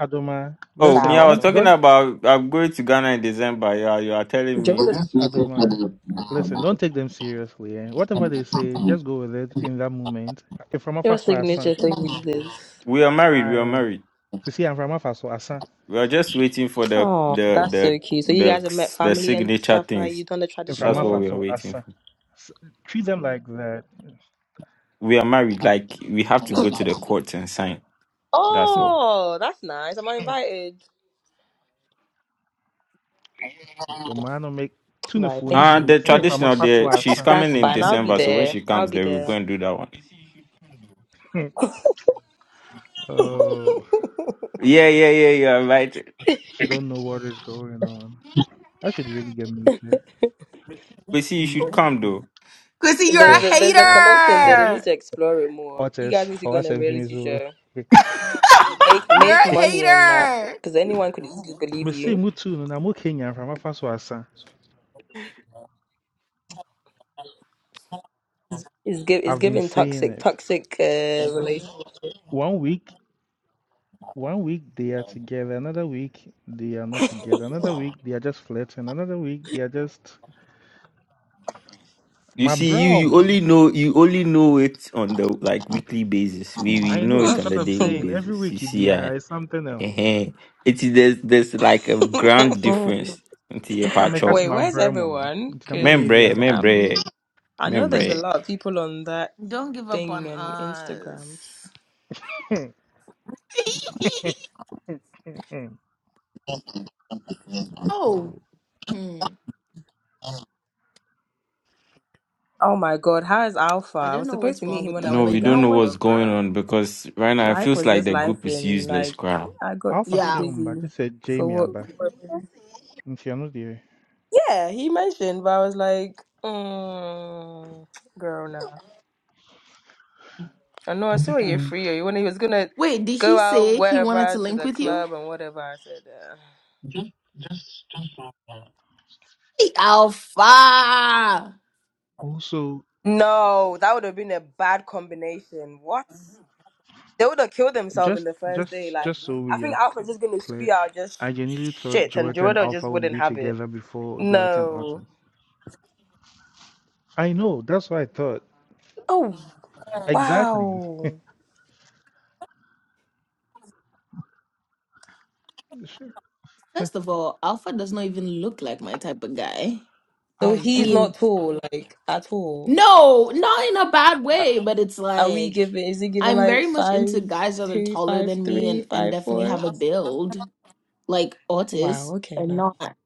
[SPEAKER 4] Adoma.
[SPEAKER 3] Oh, me,
[SPEAKER 4] Listen,
[SPEAKER 3] I was
[SPEAKER 4] don't,
[SPEAKER 5] Sour.
[SPEAKER 3] talking
[SPEAKER 4] don't,
[SPEAKER 3] about I'm going to Ghana in December. Yeah, you are telling me
[SPEAKER 5] Joetta's-
[SPEAKER 4] Adoma. Listen, don't take them seriously. Eh? Whatever they say, just go with it in that moment. If from am after
[SPEAKER 5] Your
[SPEAKER 4] so asa,
[SPEAKER 5] signature thing is this.
[SPEAKER 3] we are married. We are
[SPEAKER 4] to
[SPEAKER 3] married.
[SPEAKER 4] see I'm from after so asa,
[SPEAKER 3] We are just waiting for the
[SPEAKER 5] Oh,
[SPEAKER 3] the
[SPEAKER 5] that's so
[SPEAKER 3] the
[SPEAKER 5] cute. So you guys have met
[SPEAKER 3] the the
[SPEAKER 5] family and
[SPEAKER 3] signature
[SPEAKER 5] stuff like
[SPEAKER 3] things.
[SPEAKER 5] you done the
[SPEAKER 4] if I'm
[SPEAKER 3] That's what
[SPEAKER 4] after
[SPEAKER 5] traditional.
[SPEAKER 3] we are
[SPEAKER 4] so
[SPEAKER 3] waiting for.
[SPEAKER 4] asa. S- Treat them like that.
[SPEAKER 3] we are married. Like we have to go to the court and sign. That's all.
[SPEAKER 5] Oh, that's nice. Am I invited?
[SPEAKER 4] The man will make
[SPEAKER 5] Right, thank
[SPEAKER 3] Uh
[SPEAKER 4] tunifunti.
[SPEAKER 5] you.
[SPEAKER 3] the
[SPEAKER 4] We say if
[SPEAKER 5] darling.
[SPEAKER 4] I'm
[SPEAKER 3] traditional
[SPEAKER 4] after so
[SPEAKER 3] there. She's
[SPEAKER 4] asa,
[SPEAKER 3] coming
[SPEAKER 5] That's
[SPEAKER 3] in
[SPEAKER 5] fine. I'll
[SPEAKER 4] funti.
[SPEAKER 5] be
[SPEAKER 3] December, so when
[SPEAKER 5] there.
[SPEAKER 3] she
[SPEAKER 5] I'll
[SPEAKER 3] comes,
[SPEAKER 5] be
[SPEAKER 3] there we'll go
[SPEAKER 5] there.
[SPEAKER 3] and do that one.
[SPEAKER 4] (laughs)
[SPEAKER 5] (laughs)
[SPEAKER 4] Oh,
[SPEAKER 3] Yeah, yeah, yeah, yeah. Right.
[SPEAKER 4] she don't know what is going on. I should really get muted.
[SPEAKER 3] We see you should come though.
[SPEAKER 1] Chrissy, you're a
[SPEAKER 5] There's
[SPEAKER 4] Hey,
[SPEAKER 5] a there's a
[SPEAKER 4] hey,
[SPEAKER 5] connection there.
[SPEAKER 4] hey.
[SPEAKER 5] They need
[SPEAKER 1] hater.
[SPEAKER 5] to explore it more. You
[SPEAKER 4] Otis,
[SPEAKER 5] guys need to
[SPEAKER 4] for
[SPEAKER 5] go on
[SPEAKER 4] us
[SPEAKER 5] a
[SPEAKER 4] and famous.
[SPEAKER 5] reality show.
[SPEAKER 1] (laughs)
[SPEAKER 5] Make
[SPEAKER 1] You're
[SPEAKER 5] make
[SPEAKER 1] a
[SPEAKER 4] (laughs)
[SPEAKER 5] money on that
[SPEAKER 1] hater.
[SPEAKER 5] because anyone could easily believe
[SPEAKER 4] Me say
[SPEAKER 5] you.
[SPEAKER 4] mutu no na mo Kenyan from afa so asa.
[SPEAKER 5] It's give it's
[SPEAKER 4] I've been
[SPEAKER 5] giving
[SPEAKER 4] saying
[SPEAKER 5] toxic
[SPEAKER 4] it.
[SPEAKER 5] toxic uh, relation.
[SPEAKER 4] One week, one week they are together. Another week they are not together. Another week they are just flirting. Another week they are just
[SPEAKER 3] You
[SPEAKER 4] my
[SPEAKER 3] see, you
[SPEAKER 4] bro.
[SPEAKER 3] you
[SPEAKER 4] mo.
[SPEAKER 3] only know you only know it on the like weekly basis. We we
[SPEAKER 4] I
[SPEAKER 3] know
[SPEAKER 4] know
[SPEAKER 3] it
[SPEAKER 4] that's
[SPEAKER 3] on
[SPEAKER 4] what
[SPEAKER 3] the
[SPEAKER 4] I'm
[SPEAKER 3] daily
[SPEAKER 4] saying.
[SPEAKER 5] (laughs)
[SPEAKER 4] Every
[SPEAKER 3] basis. You
[SPEAKER 4] week it
[SPEAKER 3] see,
[SPEAKER 4] be
[SPEAKER 3] I
[SPEAKER 4] uh,
[SPEAKER 3] uh
[SPEAKER 4] it's something else.
[SPEAKER 3] it is there's there's like a grand difference into your
[SPEAKER 4] Into
[SPEAKER 3] patch
[SPEAKER 4] make us
[SPEAKER 3] up.
[SPEAKER 5] Wait,
[SPEAKER 4] my
[SPEAKER 5] where's
[SPEAKER 4] bro mo no.
[SPEAKER 5] everyone?
[SPEAKER 4] Into mo
[SPEAKER 5] Because
[SPEAKER 4] baby
[SPEAKER 3] Membre,
[SPEAKER 4] I'm
[SPEAKER 3] membre,
[SPEAKER 5] I know there's a
[SPEAKER 3] membre.
[SPEAKER 5] lot of people on that
[SPEAKER 1] (laughs) Don't give up on
[SPEAKER 5] thing on Instagram.
[SPEAKER 1] us.
[SPEAKER 4] (laughs)
[SPEAKER 1] (laughs) oh,
[SPEAKER 4] Yo,
[SPEAKER 1] hmm.
[SPEAKER 5] Oh my God, how is Alpha?
[SPEAKER 1] I
[SPEAKER 5] I
[SPEAKER 1] don't
[SPEAKER 5] was
[SPEAKER 1] know
[SPEAKER 5] supposed
[SPEAKER 1] what's
[SPEAKER 5] to meet
[SPEAKER 1] wrong
[SPEAKER 5] him
[SPEAKER 1] with
[SPEAKER 5] when I
[SPEAKER 1] them,
[SPEAKER 3] No,
[SPEAKER 5] went to
[SPEAKER 3] we
[SPEAKER 1] but you
[SPEAKER 3] don't
[SPEAKER 1] know
[SPEAKER 5] Ghana,
[SPEAKER 3] know
[SPEAKER 1] what?
[SPEAKER 3] what's
[SPEAKER 5] but
[SPEAKER 3] going
[SPEAKER 5] bro,
[SPEAKER 3] on because right now it
[SPEAKER 5] life
[SPEAKER 3] feels
[SPEAKER 5] was
[SPEAKER 3] like
[SPEAKER 5] just
[SPEAKER 3] the
[SPEAKER 5] life,
[SPEAKER 3] group is
[SPEAKER 5] and
[SPEAKER 3] useless,
[SPEAKER 5] like
[SPEAKER 3] crowd.
[SPEAKER 5] I got
[SPEAKER 4] Alpha
[SPEAKER 5] too
[SPEAKER 1] Yeah.
[SPEAKER 4] Siomba
[SPEAKER 5] busy
[SPEAKER 4] just said
[SPEAKER 5] for
[SPEAKER 4] Jamie
[SPEAKER 5] what.
[SPEAKER 4] Abba.
[SPEAKER 5] what-
[SPEAKER 4] Okay, I'm not there.
[SPEAKER 5] Yeah, he mentioned, but I was like, mm, girl, no. I know I saw you free, or you when he was gonna
[SPEAKER 1] Wait, did he
[SPEAKER 5] go out
[SPEAKER 1] say he wanted
[SPEAKER 5] wherever
[SPEAKER 1] to
[SPEAKER 5] to
[SPEAKER 1] link
[SPEAKER 5] the
[SPEAKER 1] with you?
[SPEAKER 5] club and whatever. I said, uh,
[SPEAKER 1] Hey, Alpha.
[SPEAKER 4] Also,
[SPEAKER 5] no, that would have been a bad combination. What? They would have killed themselves in
[SPEAKER 4] just
[SPEAKER 5] the first day.
[SPEAKER 4] just
[SPEAKER 5] Like
[SPEAKER 4] just so
[SPEAKER 5] I
[SPEAKER 4] we
[SPEAKER 5] think
[SPEAKER 4] are
[SPEAKER 5] Alfred's just gonna
[SPEAKER 4] clear,
[SPEAKER 5] spew out just
[SPEAKER 4] I genuinely
[SPEAKER 5] sh-
[SPEAKER 4] thought
[SPEAKER 5] shit, and
[SPEAKER 4] Joetta and
[SPEAKER 5] Gerudo
[SPEAKER 4] Alpha
[SPEAKER 5] just
[SPEAKER 4] would
[SPEAKER 5] wouldn't
[SPEAKER 4] be
[SPEAKER 5] have it.
[SPEAKER 4] together before Joetta and
[SPEAKER 5] No.
[SPEAKER 4] Autumn. I know, that's what I thought.
[SPEAKER 5] Oh
[SPEAKER 4] Exactly.
[SPEAKER 5] wow.
[SPEAKER 4] Sure.
[SPEAKER 1] First of all, Alpha does not even look like my type of guy.
[SPEAKER 5] So
[SPEAKER 1] I
[SPEAKER 5] he's
[SPEAKER 4] Ouchie.
[SPEAKER 1] mean.
[SPEAKER 5] not tall, like at all.
[SPEAKER 1] No, not in a bad
[SPEAKER 5] Are
[SPEAKER 1] way, but it's
[SPEAKER 5] are we
[SPEAKER 1] like
[SPEAKER 5] giving? Is he giving
[SPEAKER 1] I'm
[SPEAKER 5] like
[SPEAKER 1] very much into
[SPEAKER 5] five
[SPEAKER 1] guys that are
[SPEAKER 5] two,
[SPEAKER 1] taller
[SPEAKER 5] five
[SPEAKER 1] than me
[SPEAKER 5] three,
[SPEAKER 1] and and
[SPEAKER 5] five
[SPEAKER 1] definitely
[SPEAKER 5] four?
[SPEAKER 1] have a build like
[SPEAKER 5] Wow.
[SPEAKER 1] Otis
[SPEAKER 5] Okay.
[SPEAKER 1] and
[SPEAKER 5] Now.
[SPEAKER 1] not.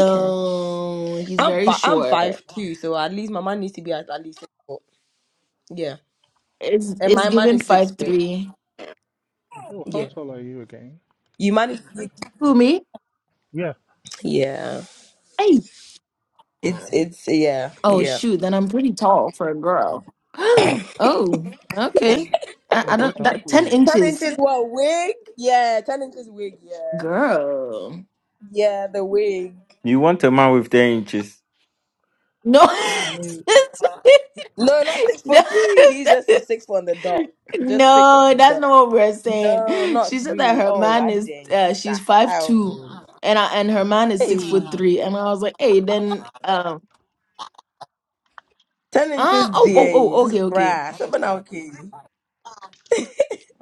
[SPEAKER 5] Okay.
[SPEAKER 1] he's
[SPEAKER 5] I'm
[SPEAKER 1] very
[SPEAKER 5] fi- I'm
[SPEAKER 1] short.
[SPEAKER 5] five two, so at least my man needs to be at, at least six foot. Yeah.
[SPEAKER 1] It's
[SPEAKER 5] And
[SPEAKER 1] it's
[SPEAKER 5] my man
[SPEAKER 1] given
[SPEAKER 5] is six
[SPEAKER 1] five
[SPEAKER 5] foot.
[SPEAKER 1] three.
[SPEAKER 4] Joe, how
[SPEAKER 5] Yeah.
[SPEAKER 4] tall are you again?
[SPEAKER 5] You man is
[SPEAKER 1] Who me?
[SPEAKER 4] Yeah.
[SPEAKER 5] yeah.
[SPEAKER 1] Hey.
[SPEAKER 5] It's it's yeah
[SPEAKER 1] Oh
[SPEAKER 5] yeah.
[SPEAKER 1] shoot, then I'm pretty tall for a girl. (gasps) Oh, okay. I, I
[SPEAKER 4] Well, Joetta,
[SPEAKER 1] don't
[SPEAKER 4] how
[SPEAKER 1] that
[SPEAKER 4] tall
[SPEAKER 1] ten
[SPEAKER 4] are you?
[SPEAKER 5] Ten
[SPEAKER 1] inches,
[SPEAKER 5] inches what wig? Yeah, ten inches wig. Yeah,
[SPEAKER 1] girl.
[SPEAKER 5] yeah, the wig.
[SPEAKER 3] You want a man with 10 inches.
[SPEAKER 1] No,
[SPEAKER 4] Charlie.
[SPEAKER 5] No, not six
[SPEAKER 1] (laughs) no,
[SPEAKER 5] foot three. He's just a six foot on the dot. Just six on
[SPEAKER 1] No,
[SPEAKER 5] the
[SPEAKER 1] that's
[SPEAKER 5] dot.
[SPEAKER 1] not what we're saying.
[SPEAKER 5] No,
[SPEAKER 1] She
[SPEAKER 5] not
[SPEAKER 1] said that
[SPEAKER 5] three.
[SPEAKER 1] her
[SPEAKER 5] Oh,
[SPEAKER 1] man
[SPEAKER 5] I
[SPEAKER 1] is
[SPEAKER 5] dang
[SPEAKER 1] uh,
[SPEAKER 5] sister.
[SPEAKER 1] she's five two,
[SPEAKER 5] Ow.
[SPEAKER 1] and I, and her man is six
[SPEAKER 5] Hey,
[SPEAKER 1] foot three, and I was like, hey, then um,
[SPEAKER 5] ten
[SPEAKER 1] uh,
[SPEAKER 5] inches,
[SPEAKER 1] oh, oh,
[SPEAKER 5] dang,
[SPEAKER 1] oh,
[SPEAKER 5] sis-
[SPEAKER 1] okay, okay.
[SPEAKER 5] bruh. Something okay.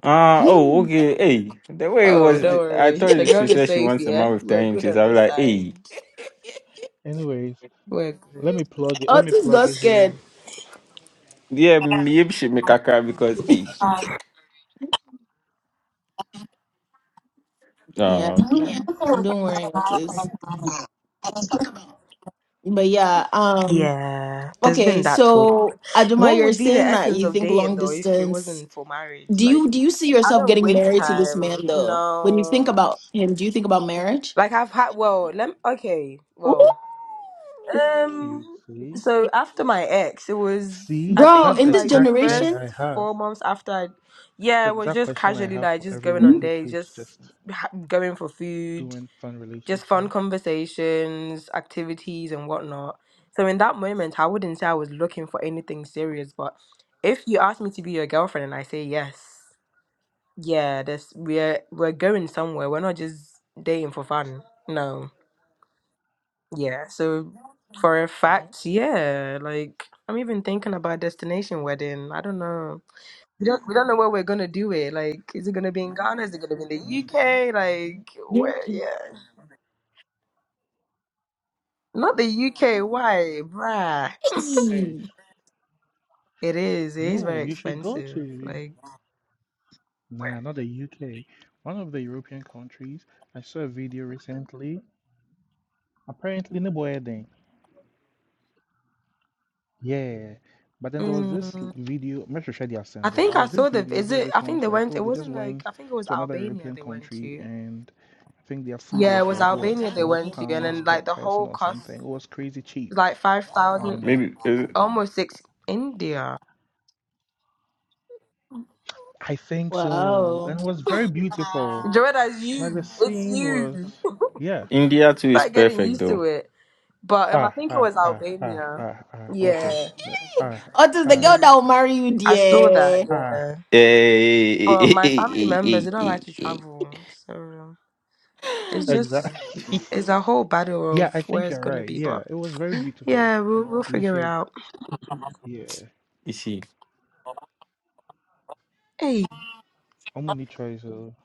[SPEAKER 3] Ah, oh,
[SPEAKER 1] Hmm.
[SPEAKER 3] okay. Hey, the way it
[SPEAKER 5] Oh,
[SPEAKER 3] was,
[SPEAKER 5] don't
[SPEAKER 3] I
[SPEAKER 5] worry. The
[SPEAKER 3] thought she
[SPEAKER 5] girl
[SPEAKER 1] (laughs)
[SPEAKER 5] is
[SPEAKER 3] said she
[SPEAKER 5] safe.
[SPEAKER 3] wants a
[SPEAKER 5] Yeah,
[SPEAKER 3] man with 10
[SPEAKER 5] we're good
[SPEAKER 3] inches.
[SPEAKER 5] on
[SPEAKER 3] I was
[SPEAKER 5] this
[SPEAKER 3] like,
[SPEAKER 5] side.
[SPEAKER 3] hey,
[SPEAKER 4] Anyways,
[SPEAKER 5] We're good.
[SPEAKER 4] let me plug it. Let me
[SPEAKER 1] Otis
[SPEAKER 4] plug
[SPEAKER 1] got
[SPEAKER 4] it
[SPEAKER 1] scared.
[SPEAKER 4] here.
[SPEAKER 3] yeah, maybe she make a cry because,
[SPEAKER 1] (laughs)
[SPEAKER 3] hey.
[SPEAKER 1] Yeah,
[SPEAKER 3] Oh, okay. Yeah.
[SPEAKER 1] don't worry, Otis. But yeah, um,
[SPEAKER 5] Yeah, there's
[SPEAKER 1] okay,
[SPEAKER 5] been that talk.
[SPEAKER 1] so Aduma,
[SPEAKER 5] What
[SPEAKER 1] you're
[SPEAKER 5] would be the
[SPEAKER 1] saying that
[SPEAKER 5] essence
[SPEAKER 1] you
[SPEAKER 5] of
[SPEAKER 1] think
[SPEAKER 5] dating
[SPEAKER 1] long
[SPEAKER 5] though if it
[SPEAKER 1] distance.
[SPEAKER 5] wasn't for marriage?
[SPEAKER 1] Do
[SPEAKER 5] Like.
[SPEAKER 1] you do you see
[SPEAKER 5] I
[SPEAKER 1] yourself
[SPEAKER 5] don't
[SPEAKER 1] getting
[SPEAKER 5] waste
[SPEAKER 1] married to this
[SPEAKER 5] time.
[SPEAKER 1] man though? When you think
[SPEAKER 5] No.
[SPEAKER 1] about him, do you think about marriage?
[SPEAKER 5] Like I've had well, let okay,
[SPEAKER 1] Ooh.
[SPEAKER 5] well. Um
[SPEAKER 4] Cutesy.
[SPEAKER 5] so after my ex, it was
[SPEAKER 4] See,
[SPEAKER 5] I
[SPEAKER 1] Bro,
[SPEAKER 4] that's the
[SPEAKER 5] think
[SPEAKER 1] in this
[SPEAKER 5] like the
[SPEAKER 4] exact thing
[SPEAKER 5] first
[SPEAKER 1] generation?
[SPEAKER 4] I have.
[SPEAKER 5] 4 months after I
[SPEAKER 4] That's
[SPEAKER 5] yeah,
[SPEAKER 4] the
[SPEAKER 5] it was
[SPEAKER 4] exact
[SPEAKER 5] just
[SPEAKER 4] question I
[SPEAKER 5] casually
[SPEAKER 4] have
[SPEAKER 5] like
[SPEAKER 4] for
[SPEAKER 5] just going
[SPEAKER 4] everyone
[SPEAKER 5] on
[SPEAKER 1] Hmm?
[SPEAKER 4] who
[SPEAKER 5] dates,
[SPEAKER 4] keeps
[SPEAKER 5] just
[SPEAKER 4] just
[SPEAKER 5] ha- going for food,
[SPEAKER 4] doing fun
[SPEAKER 5] just fun
[SPEAKER 4] relationships.
[SPEAKER 5] conversations, activities and whatnot. So in that moment, I wouldn't say I was looking for anything serious, but if you ask me to be your girlfriend and I say yes, Yeah, this we're we're going somewhere. We're not just dating for fun. No. Yeah. So for a
[SPEAKER 4] Mhm.
[SPEAKER 5] fact, yeah, like I'm even thinking about destination wedding. I don't know. We don't we don't know where we're gonna do it. Like, is it gonna be in Ghana? Is it gonna be in the
[SPEAKER 4] hmm
[SPEAKER 5] UK?
[SPEAKER 4] hmm
[SPEAKER 5] Like
[SPEAKER 1] Yeah.
[SPEAKER 5] where yeah. Not the UK, why? Bruh.
[SPEAKER 4] Hey,
[SPEAKER 1] Hey.
[SPEAKER 5] It is. It is
[SPEAKER 4] yo,
[SPEAKER 5] very
[SPEAKER 4] you should go
[SPEAKER 5] expensive.
[SPEAKER 4] to,
[SPEAKER 5] Like
[SPEAKER 4] nah, not the UK, one of the European countries. I saw a video recently. Apparently, no boy Yeah. But then there was this
[SPEAKER 5] Mm,
[SPEAKER 4] l- video, I'm not sure if they are
[SPEAKER 5] I
[SPEAKER 4] sent though.
[SPEAKER 5] think
[SPEAKER 4] There
[SPEAKER 5] I
[SPEAKER 4] was this
[SPEAKER 5] saw the.
[SPEAKER 4] video
[SPEAKER 5] Is
[SPEAKER 4] where
[SPEAKER 5] it?
[SPEAKER 4] this
[SPEAKER 5] I
[SPEAKER 4] one
[SPEAKER 5] think
[SPEAKER 4] was
[SPEAKER 5] they
[SPEAKER 4] like,
[SPEAKER 5] went.
[SPEAKER 4] oh,
[SPEAKER 5] It
[SPEAKER 4] they just
[SPEAKER 5] wasn't like.
[SPEAKER 4] went
[SPEAKER 5] I think it was
[SPEAKER 4] to another
[SPEAKER 5] Albania
[SPEAKER 4] European
[SPEAKER 5] they went
[SPEAKER 4] country
[SPEAKER 5] to.
[SPEAKER 4] and I think their food
[SPEAKER 5] Yeah, it
[SPEAKER 4] was
[SPEAKER 5] was
[SPEAKER 4] like, what,
[SPEAKER 5] Albania they
[SPEAKER 4] 12
[SPEAKER 5] went to, and
[SPEAKER 4] pounds
[SPEAKER 5] then
[SPEAKER 4] per
[SPEAKER 5] like the
[SPEAKER 4] person
[SPEAKER 5] whole
[SPEAKER 4] or something. It
[SPEAKER 5] cost
[SPEAKER 4] was crazy cheap.
[SPEAKER 5] was like five thousand,
[SPEAKER 4] Um,
[SPEAKER 3] Maybe
[SPEAKER 5] (laughs)
[SPEAKER 3] uh,
[SPEAKER 5] almost six. India,
[SPEAKER 4] I think so.
[SPEAKER 1] Wow.
[SPEAKER 4] And it was very beautiful.
[SPEAKER 5] Joanna, it's
[SPEAKER 4] Like the
[SPEAKER 5] you. It's
[SPEAKER 4] scene was.
[SPEAKER 5] you. (laughs)
[SPEAKER 4] Yeah,
[SPEAKER 3] India too is
[SPEAKER 5] started getting
[SPEAKER 3] perfect
[SPEAKER 5] used
[SPEAKER 3] though.
[SPEAKER 5] to it. But um, I
[SPEAKER 4] Ah,
[SPEAKER 5] think it
[SPEAKER 4] ah,
[SPEAKER 5] was
[SPEAKER 4] ah, ah,
[SPEAKER 5] Albania.
[SPEAKER 4] ah, ah. What is?
[SPEAKER 5] Yeah,
[SPEAKER 4] Ah,
[SPEAKER 1] Until the
[SPEAKER 4] ah,
[SPEAKER 1] girl that
[SPEAKER 5] yeah.
[SPEAKER 1] will marry you,
[SPEAKER 5] I saw that.
[SPEAKER 1] dear.
[SPEAKER 4] ah.
[SPEAKER 5] Yeah,
[SPEAKER 3] Hey, hey,
[SPEAKER 5] but
[SPEAKER 3] hey,
[SPEAKER 5] my family
[SPEAKER 3] hey, hey,
[SPEAKER 5] members
[SPEAKER 3] hey,
[SPEAKER 5] they don't like
[SPEAKER 3] hey,
[SPEAKER 5] to
[SPEAKER 3] hey.
[SPEAKER 5] travel, so it's just
[SPEAKER 4] Exactly. (laughs)
[SPEAKER 5] it's a whole battle
[SPEAKER 4] yeah,
[SPEAKER 5] of
[SPEAKER 4] I
[SPEAKER 5] where
[SPEAKER 4] think
[SPEAKER 5] it's
[SPEAKER 4] you're
[SPEAKER 5] gonna
[SPEAKER 4] right.
[SPEAKER 5] be. But
[SPEAKER 4] Yeah, it was very beautiful.
[SPEAKER 5] yeah, we'll we'll
[SPEAKER 4] You
[SPEAKER 5] figure it
[SPEAKER 4] should,
[SPEAKER 5] out.
[SPEAKER 4] yeah,
[SPEAKER 3] You see?
[SPEAKER 5] Hey,
[SPEAKER 4] omni-choice. So,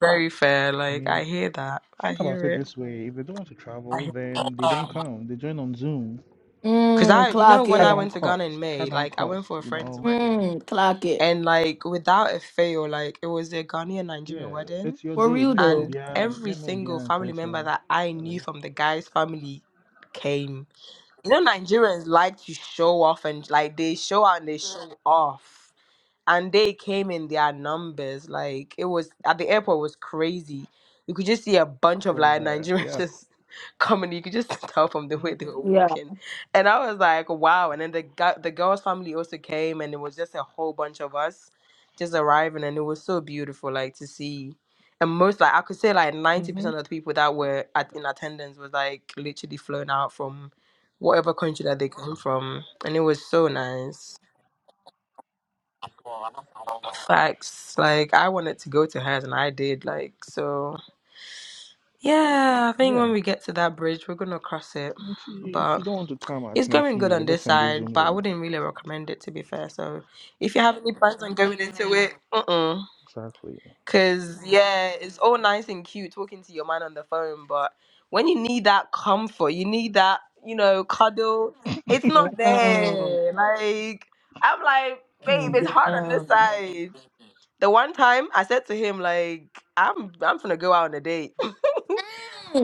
[SPEAKER 5] very fair.
[SPEAKER 4] I
[SPEAKER 5] Like
[SPEAKER 4] mean,
[SPEAKER 5] I hear that. I
[SPEAKER 4] think about
[SPEAKER 5] hear
[SPEAKER 4] it
[SPEAKER 5] it.
[SPEAKER 4] this way: if they don't want to
[SPEAKER 5] I
[SPEAKER 4] travel,
[SPEAKER 5] hear.
[SPEAKER 4] then they don't come. They join on Zoom.
[SPEAKER 5] Cause
[SPEAKER 1] Mm,
[SPEAKER 5] I, you know,
[SPEAKER 1] clock
[SPEAKER 5] when
[SPEAKER 4] Cut
[SPEAKER 5] I
[SPEAKER 1] it.
[SPEAKER 4] down
[SPEAKER 5] went to Ghana in
[SPEAKER 4] cost.
[SPEAKER 5] May,
[SPEAKER 4] Cut down
[SPEAKER 5] like I went
[SPEAKER 4] cost.
[SPEAKER 5] for a
[SPEAKER 4] You
[SPEAKER 5] friend's
[SPEAKER 4] know.
[SPEAKER 5] wedding,
[SPEAKER 1] Mm, clock it.
[SPEAKER 5] and like without a fail, like it was a Ghanaian Nigerian
[SPEAKER 4] Yeah,
[SPEAKER 5] wedding
[SPEAKER 4] it's your
[SPEAKER 1] For
[SPEAKER 4] day.
[SPEAKER 1] real
[SPEAKER 4] Memo
[SPEAKER 1] though.
[SPEAKER 5] and
[SPEAKER 4] beyond.
[SPEAKER 5] every
[SPEAKER 4] Memo
[SPEAKER 5] single
[SPEAKER 4] beyond.
[SPEAKER 5] family member
[SPEAKER 4] Total.
[SPEAKER 5] that I knew
[SPEAKER 4] Charlie
[SPEAKER 5] from the guy's family came. You know, Nigerians like to show off and like they show and they show off and they came in their numbers. Like it was at the airport was crazy. You could just see a bunch of
[SPEAKER 4] was
[SPEAKER 5] like
[SPEAKER 4] there.
[SPEAKER 5] Nigerians (laughs)
[SPEAKER 4] Yeah.
[SPEAKER 5] just coming. You could just (laughs) tell from the way they were
[SPEAKER 4] Mhm.
[SPEAKER 1] Yeah.
[SPEAKER 5] walking, and I was like, wow. And then the gu- the girl's family also came, and it was just a whole bunch of us just arriving, and it was so beautiful, like to see. And most like I could say like ninety
[SPEAKER 4] Mhm.
[SPEAKER 5] percent of the people that were at, in attendance was like literally flown out from whatever country that they come from, and it was so nice. Facts. Like I wanted to go to hers and I did like so yeah, I think
[SPEAKER 4] Yeah.
[SPEAKER 5] when we get to that bridge we're gonna cross it.
[SPEAKER 4] Nti, if
[SPEAKER 5] But
[SPEAKER 4] you don't want to come at
[SPEAKER 5] it's going good
[SPEAKER 4] Nefie, you
[SPEAKER 5] on
[SPEAKER 4] better
[SPEAKER 5] this
[SPEAKER 4] send a
[SPEAKER 5] side,
[SPEAKER 4] Zoom
[SPEAKER 5] but I wouldn't
[SPEAKER 4] link.
[SPEAKER 5] really recommend it to be fair. So if you have any plans on going into it, uh-uh.
[SPEAKER 4] Exactly.
[SPEAKER 5] Cause yeah, it's all nice and cute talking to your man on the phone, but when you need that comfort, you need that, you know, cuddle, it's not
[SPEAKER 1] Damn.
[SPEAKER 5] there. Like I'm like, babe,
[SPEAKER 4] Mm.
[SPEAKER 5] it's hard on this
[SPEAKER 1] Damn.
[SPEAKER 5] side. The one time I said to him, like, I'm I'm gonna go out on a date. (laughs)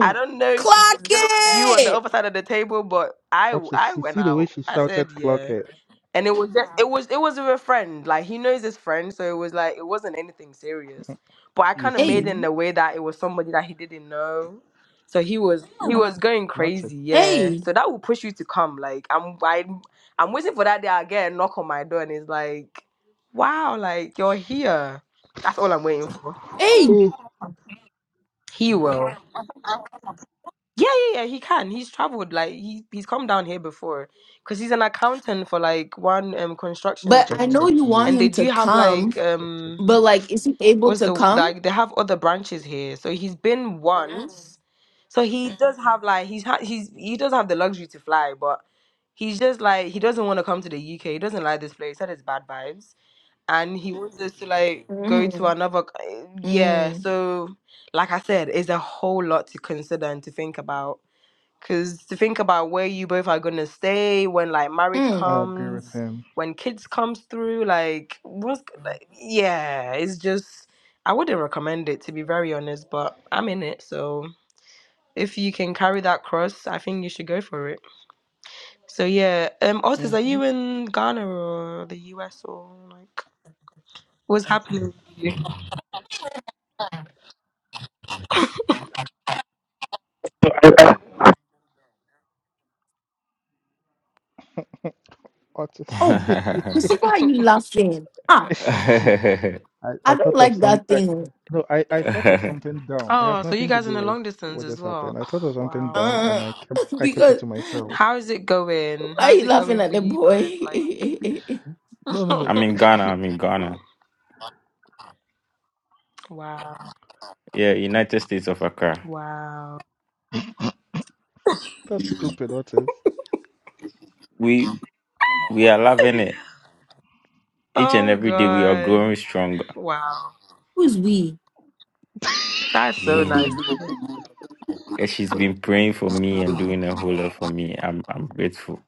[SPEAKER 5] I don't know if
[SPEAKER 1] clock
[SPEAKER 5] it's gonna be you on the
[SPEAKER 1] it.
[SPEAKER 5] other side of the table, but I
[SPEAKER 4] Okay,
[SPEAKER 5] I
[SPEAKER 4] see,
[SPEAKER 5] went
[SPEAKER 4] see the way
[SPEAKER 5] out.
[SPEAKER 4] she
[SPEAKER 5] I
[SPEAKER 4] shouted,
[SPEAKER 5] said,
[SPEAKER 4] clock
[SPEAKER 5] yeah
[SPEAKER 4] it.
[SPEAKER 5] and it was just it was it was with a friend like he knows his friend so it was like it wasn't anything serious but i
[SPEAKER 4] You
[SPEAKER 5] kind of
[SPEAKER 1] Hey,
[SPEAKER 5] made it
[SPEAKER 4] see?
[SPEAKER 5] in a way that it was somebody that he didn't know so he was he was going
[SPEAKER 4] Martin.
[SPEAKER 5] crazy yeah
[SPEAKER 1] hey,
[SPEAKER 5] so that will push you to come like i'm i'm, I'm waiting for that day i get a knock on my door and it's like wow like you're here that's all i'm waiting for
[SPEAKER 1] hey,
[SPEAKER 4] Oh.
[SPEAKER 5] he will Yeah, yeah, yeah. He can. He's traveled. Like he he's come down here before because he's an accountant for like one um construction
[SPEAKER 1] But I
[SPEAKER 5] thing,
[SPEAKER 1] know you
[SPEAKER 4] Jatadie,
[SPEAKER 1] want
[SPEAKER 5] and they
[SPEAKER 1] him to
[SPEAKER 5] do have
[SPEAKER 1] come,
[SPEAKER 5] like
[SPEAKER 4] Jatadie,
[SPEAKER 5] um
[SPEAKER 1] but
[SPEAKER 4] Jatadie.
[SPEAKER 1] like, is he able
[SPEAKER 5] what's
[SPEAKER 1] to
[SPEAKER 5] the
[SPEAKER 1] come?
[SPEAKER 5] like they have other branches here. So he's been once. So he does have like he's ha- he's he does have the luxury to fly, but he's just like he doesn't want to come to the UK. He doesn't like this place. That is bad vibes, and he wants us to like go to
[SPEAKER 1] Mm,
[SPEAKER 5] another. c- Yeah.
[SPEAKER 1] mm,
[SPEAKER 5] So like I said, it's a whole lot to consider and to think about Cause to think about where you both are gonna stay when like marriage
[SPEAKER 1] mm.
[SPEAKER 4] I agree with
[SPEAKER 5] comes,
[SPEAKER 4] him.
[SPEAKER 5] when kids comes through, like what's like yeah, it's just I wouldn't recommend it to be very honest, but I'm in it, so if you can carry that cross, I think you should go for it. So yeah, um, Otis, are
[SPEAKER 4] Mm-hmm.
[SPEAKER 5] you in Ghana or the US or like what's happening? with you?
[SPEAKER 3] (laughs)
[SPEAKER 4] Otis.
[SPEAKER 1] Oh, you
[SPEAKER 3] I'm
[SPEAKER 1] see why you laughing? Ah,
[SPEAKER 4] (laughs) I,
[SPEAKER 1] I
[SPEAKER 4] I
[SPEAKER 1] don't
[SPEAKER 4] thought of
[SPEAKER 1] like
[SPEAKER 4] some.
[SPEAKER 1] that
[SPEAKER 4] I,
[SPEAKER 1] thing.
[SPEAKER 4] no, I, I thought of something dumb. It has
[SPEAKER 5] Oh, so you
[SPEAKER 4] nothing to
[SPEAKER 5] guys in
[SPEAKER 4] do
[SPEAKER 5] the
[SPEAKER 4] with
[SPEAKER 5] long distance
[SPEAKER 4] what
[SPEAKER 5] as
[SPEAKER 4] just happened.
[SPEAKER 5] well?
[SPEAKER 4] I
[SPEAKER 5] (sighs)
[SPEAKER 4] thought of
[SPEAKER 5] Oh,
[SPEAKER 4] something
[SPEAKER 5] wow,
[SPEAKER 4] dumb and
[SPEAKER 1] oh. Uh,
[SPEAKER 4] I kept
[SPEAKER 1] (laughs)
[SPEAKER 4] I kept it
[SPEAKER 1] because
[SPEAKER 4] to myself.
[SPEAKER 5] how is it
[SPEAKER 1] why
[SPEAKER 5] going?
[SPEAKER 1] are
[SPEAKER 5] How's
[SPEAKER 1] you
[SPEAKER 5] it
[SPEAKER 1] laughing
[SPEAKER 5] going
[SPEAKER 1] at
[SPEAKER 5] for
[SPEAKER 1] the
[SPEAKER 5] you
[SPEAKER 1] boy?
[SPEAKER 5] both? Like.
[SPEAKER 1] (laughs)
[SPEAKER 4] No, no,
[SPEAKER 5] (laughs)
[SPEAKER 4] no.
[SPEAKER 3] in Ghana. I'm in Ghana.
[SPEAKER 5] Wow.
[SPEAKER 3] Yeah, United States of Accra.
[SPEAKER 5] Wow.
[SPEAKER 4] That's stupid, Otis.
[SPEAKER 3] we we are
[SPEAKER 5] (laughs)
[SPEAKER 3] loving it. Each and
[SPEAKER 5] Oh
[SPEAKER 3] every day we are
[SPEAKER 5] God.
[SPEAKER 3] growing stronger.
[SPEAKER 5] Wow.
[SPEAKER 1] Who's we?
[SPEAKER 5] That's so
[SPEAKER 3] Yeah.
[SPEAKER 5] nice.
[SPEAKER 3] And she's been praying for me and doing a whole lot for me. I'm I'm grateful.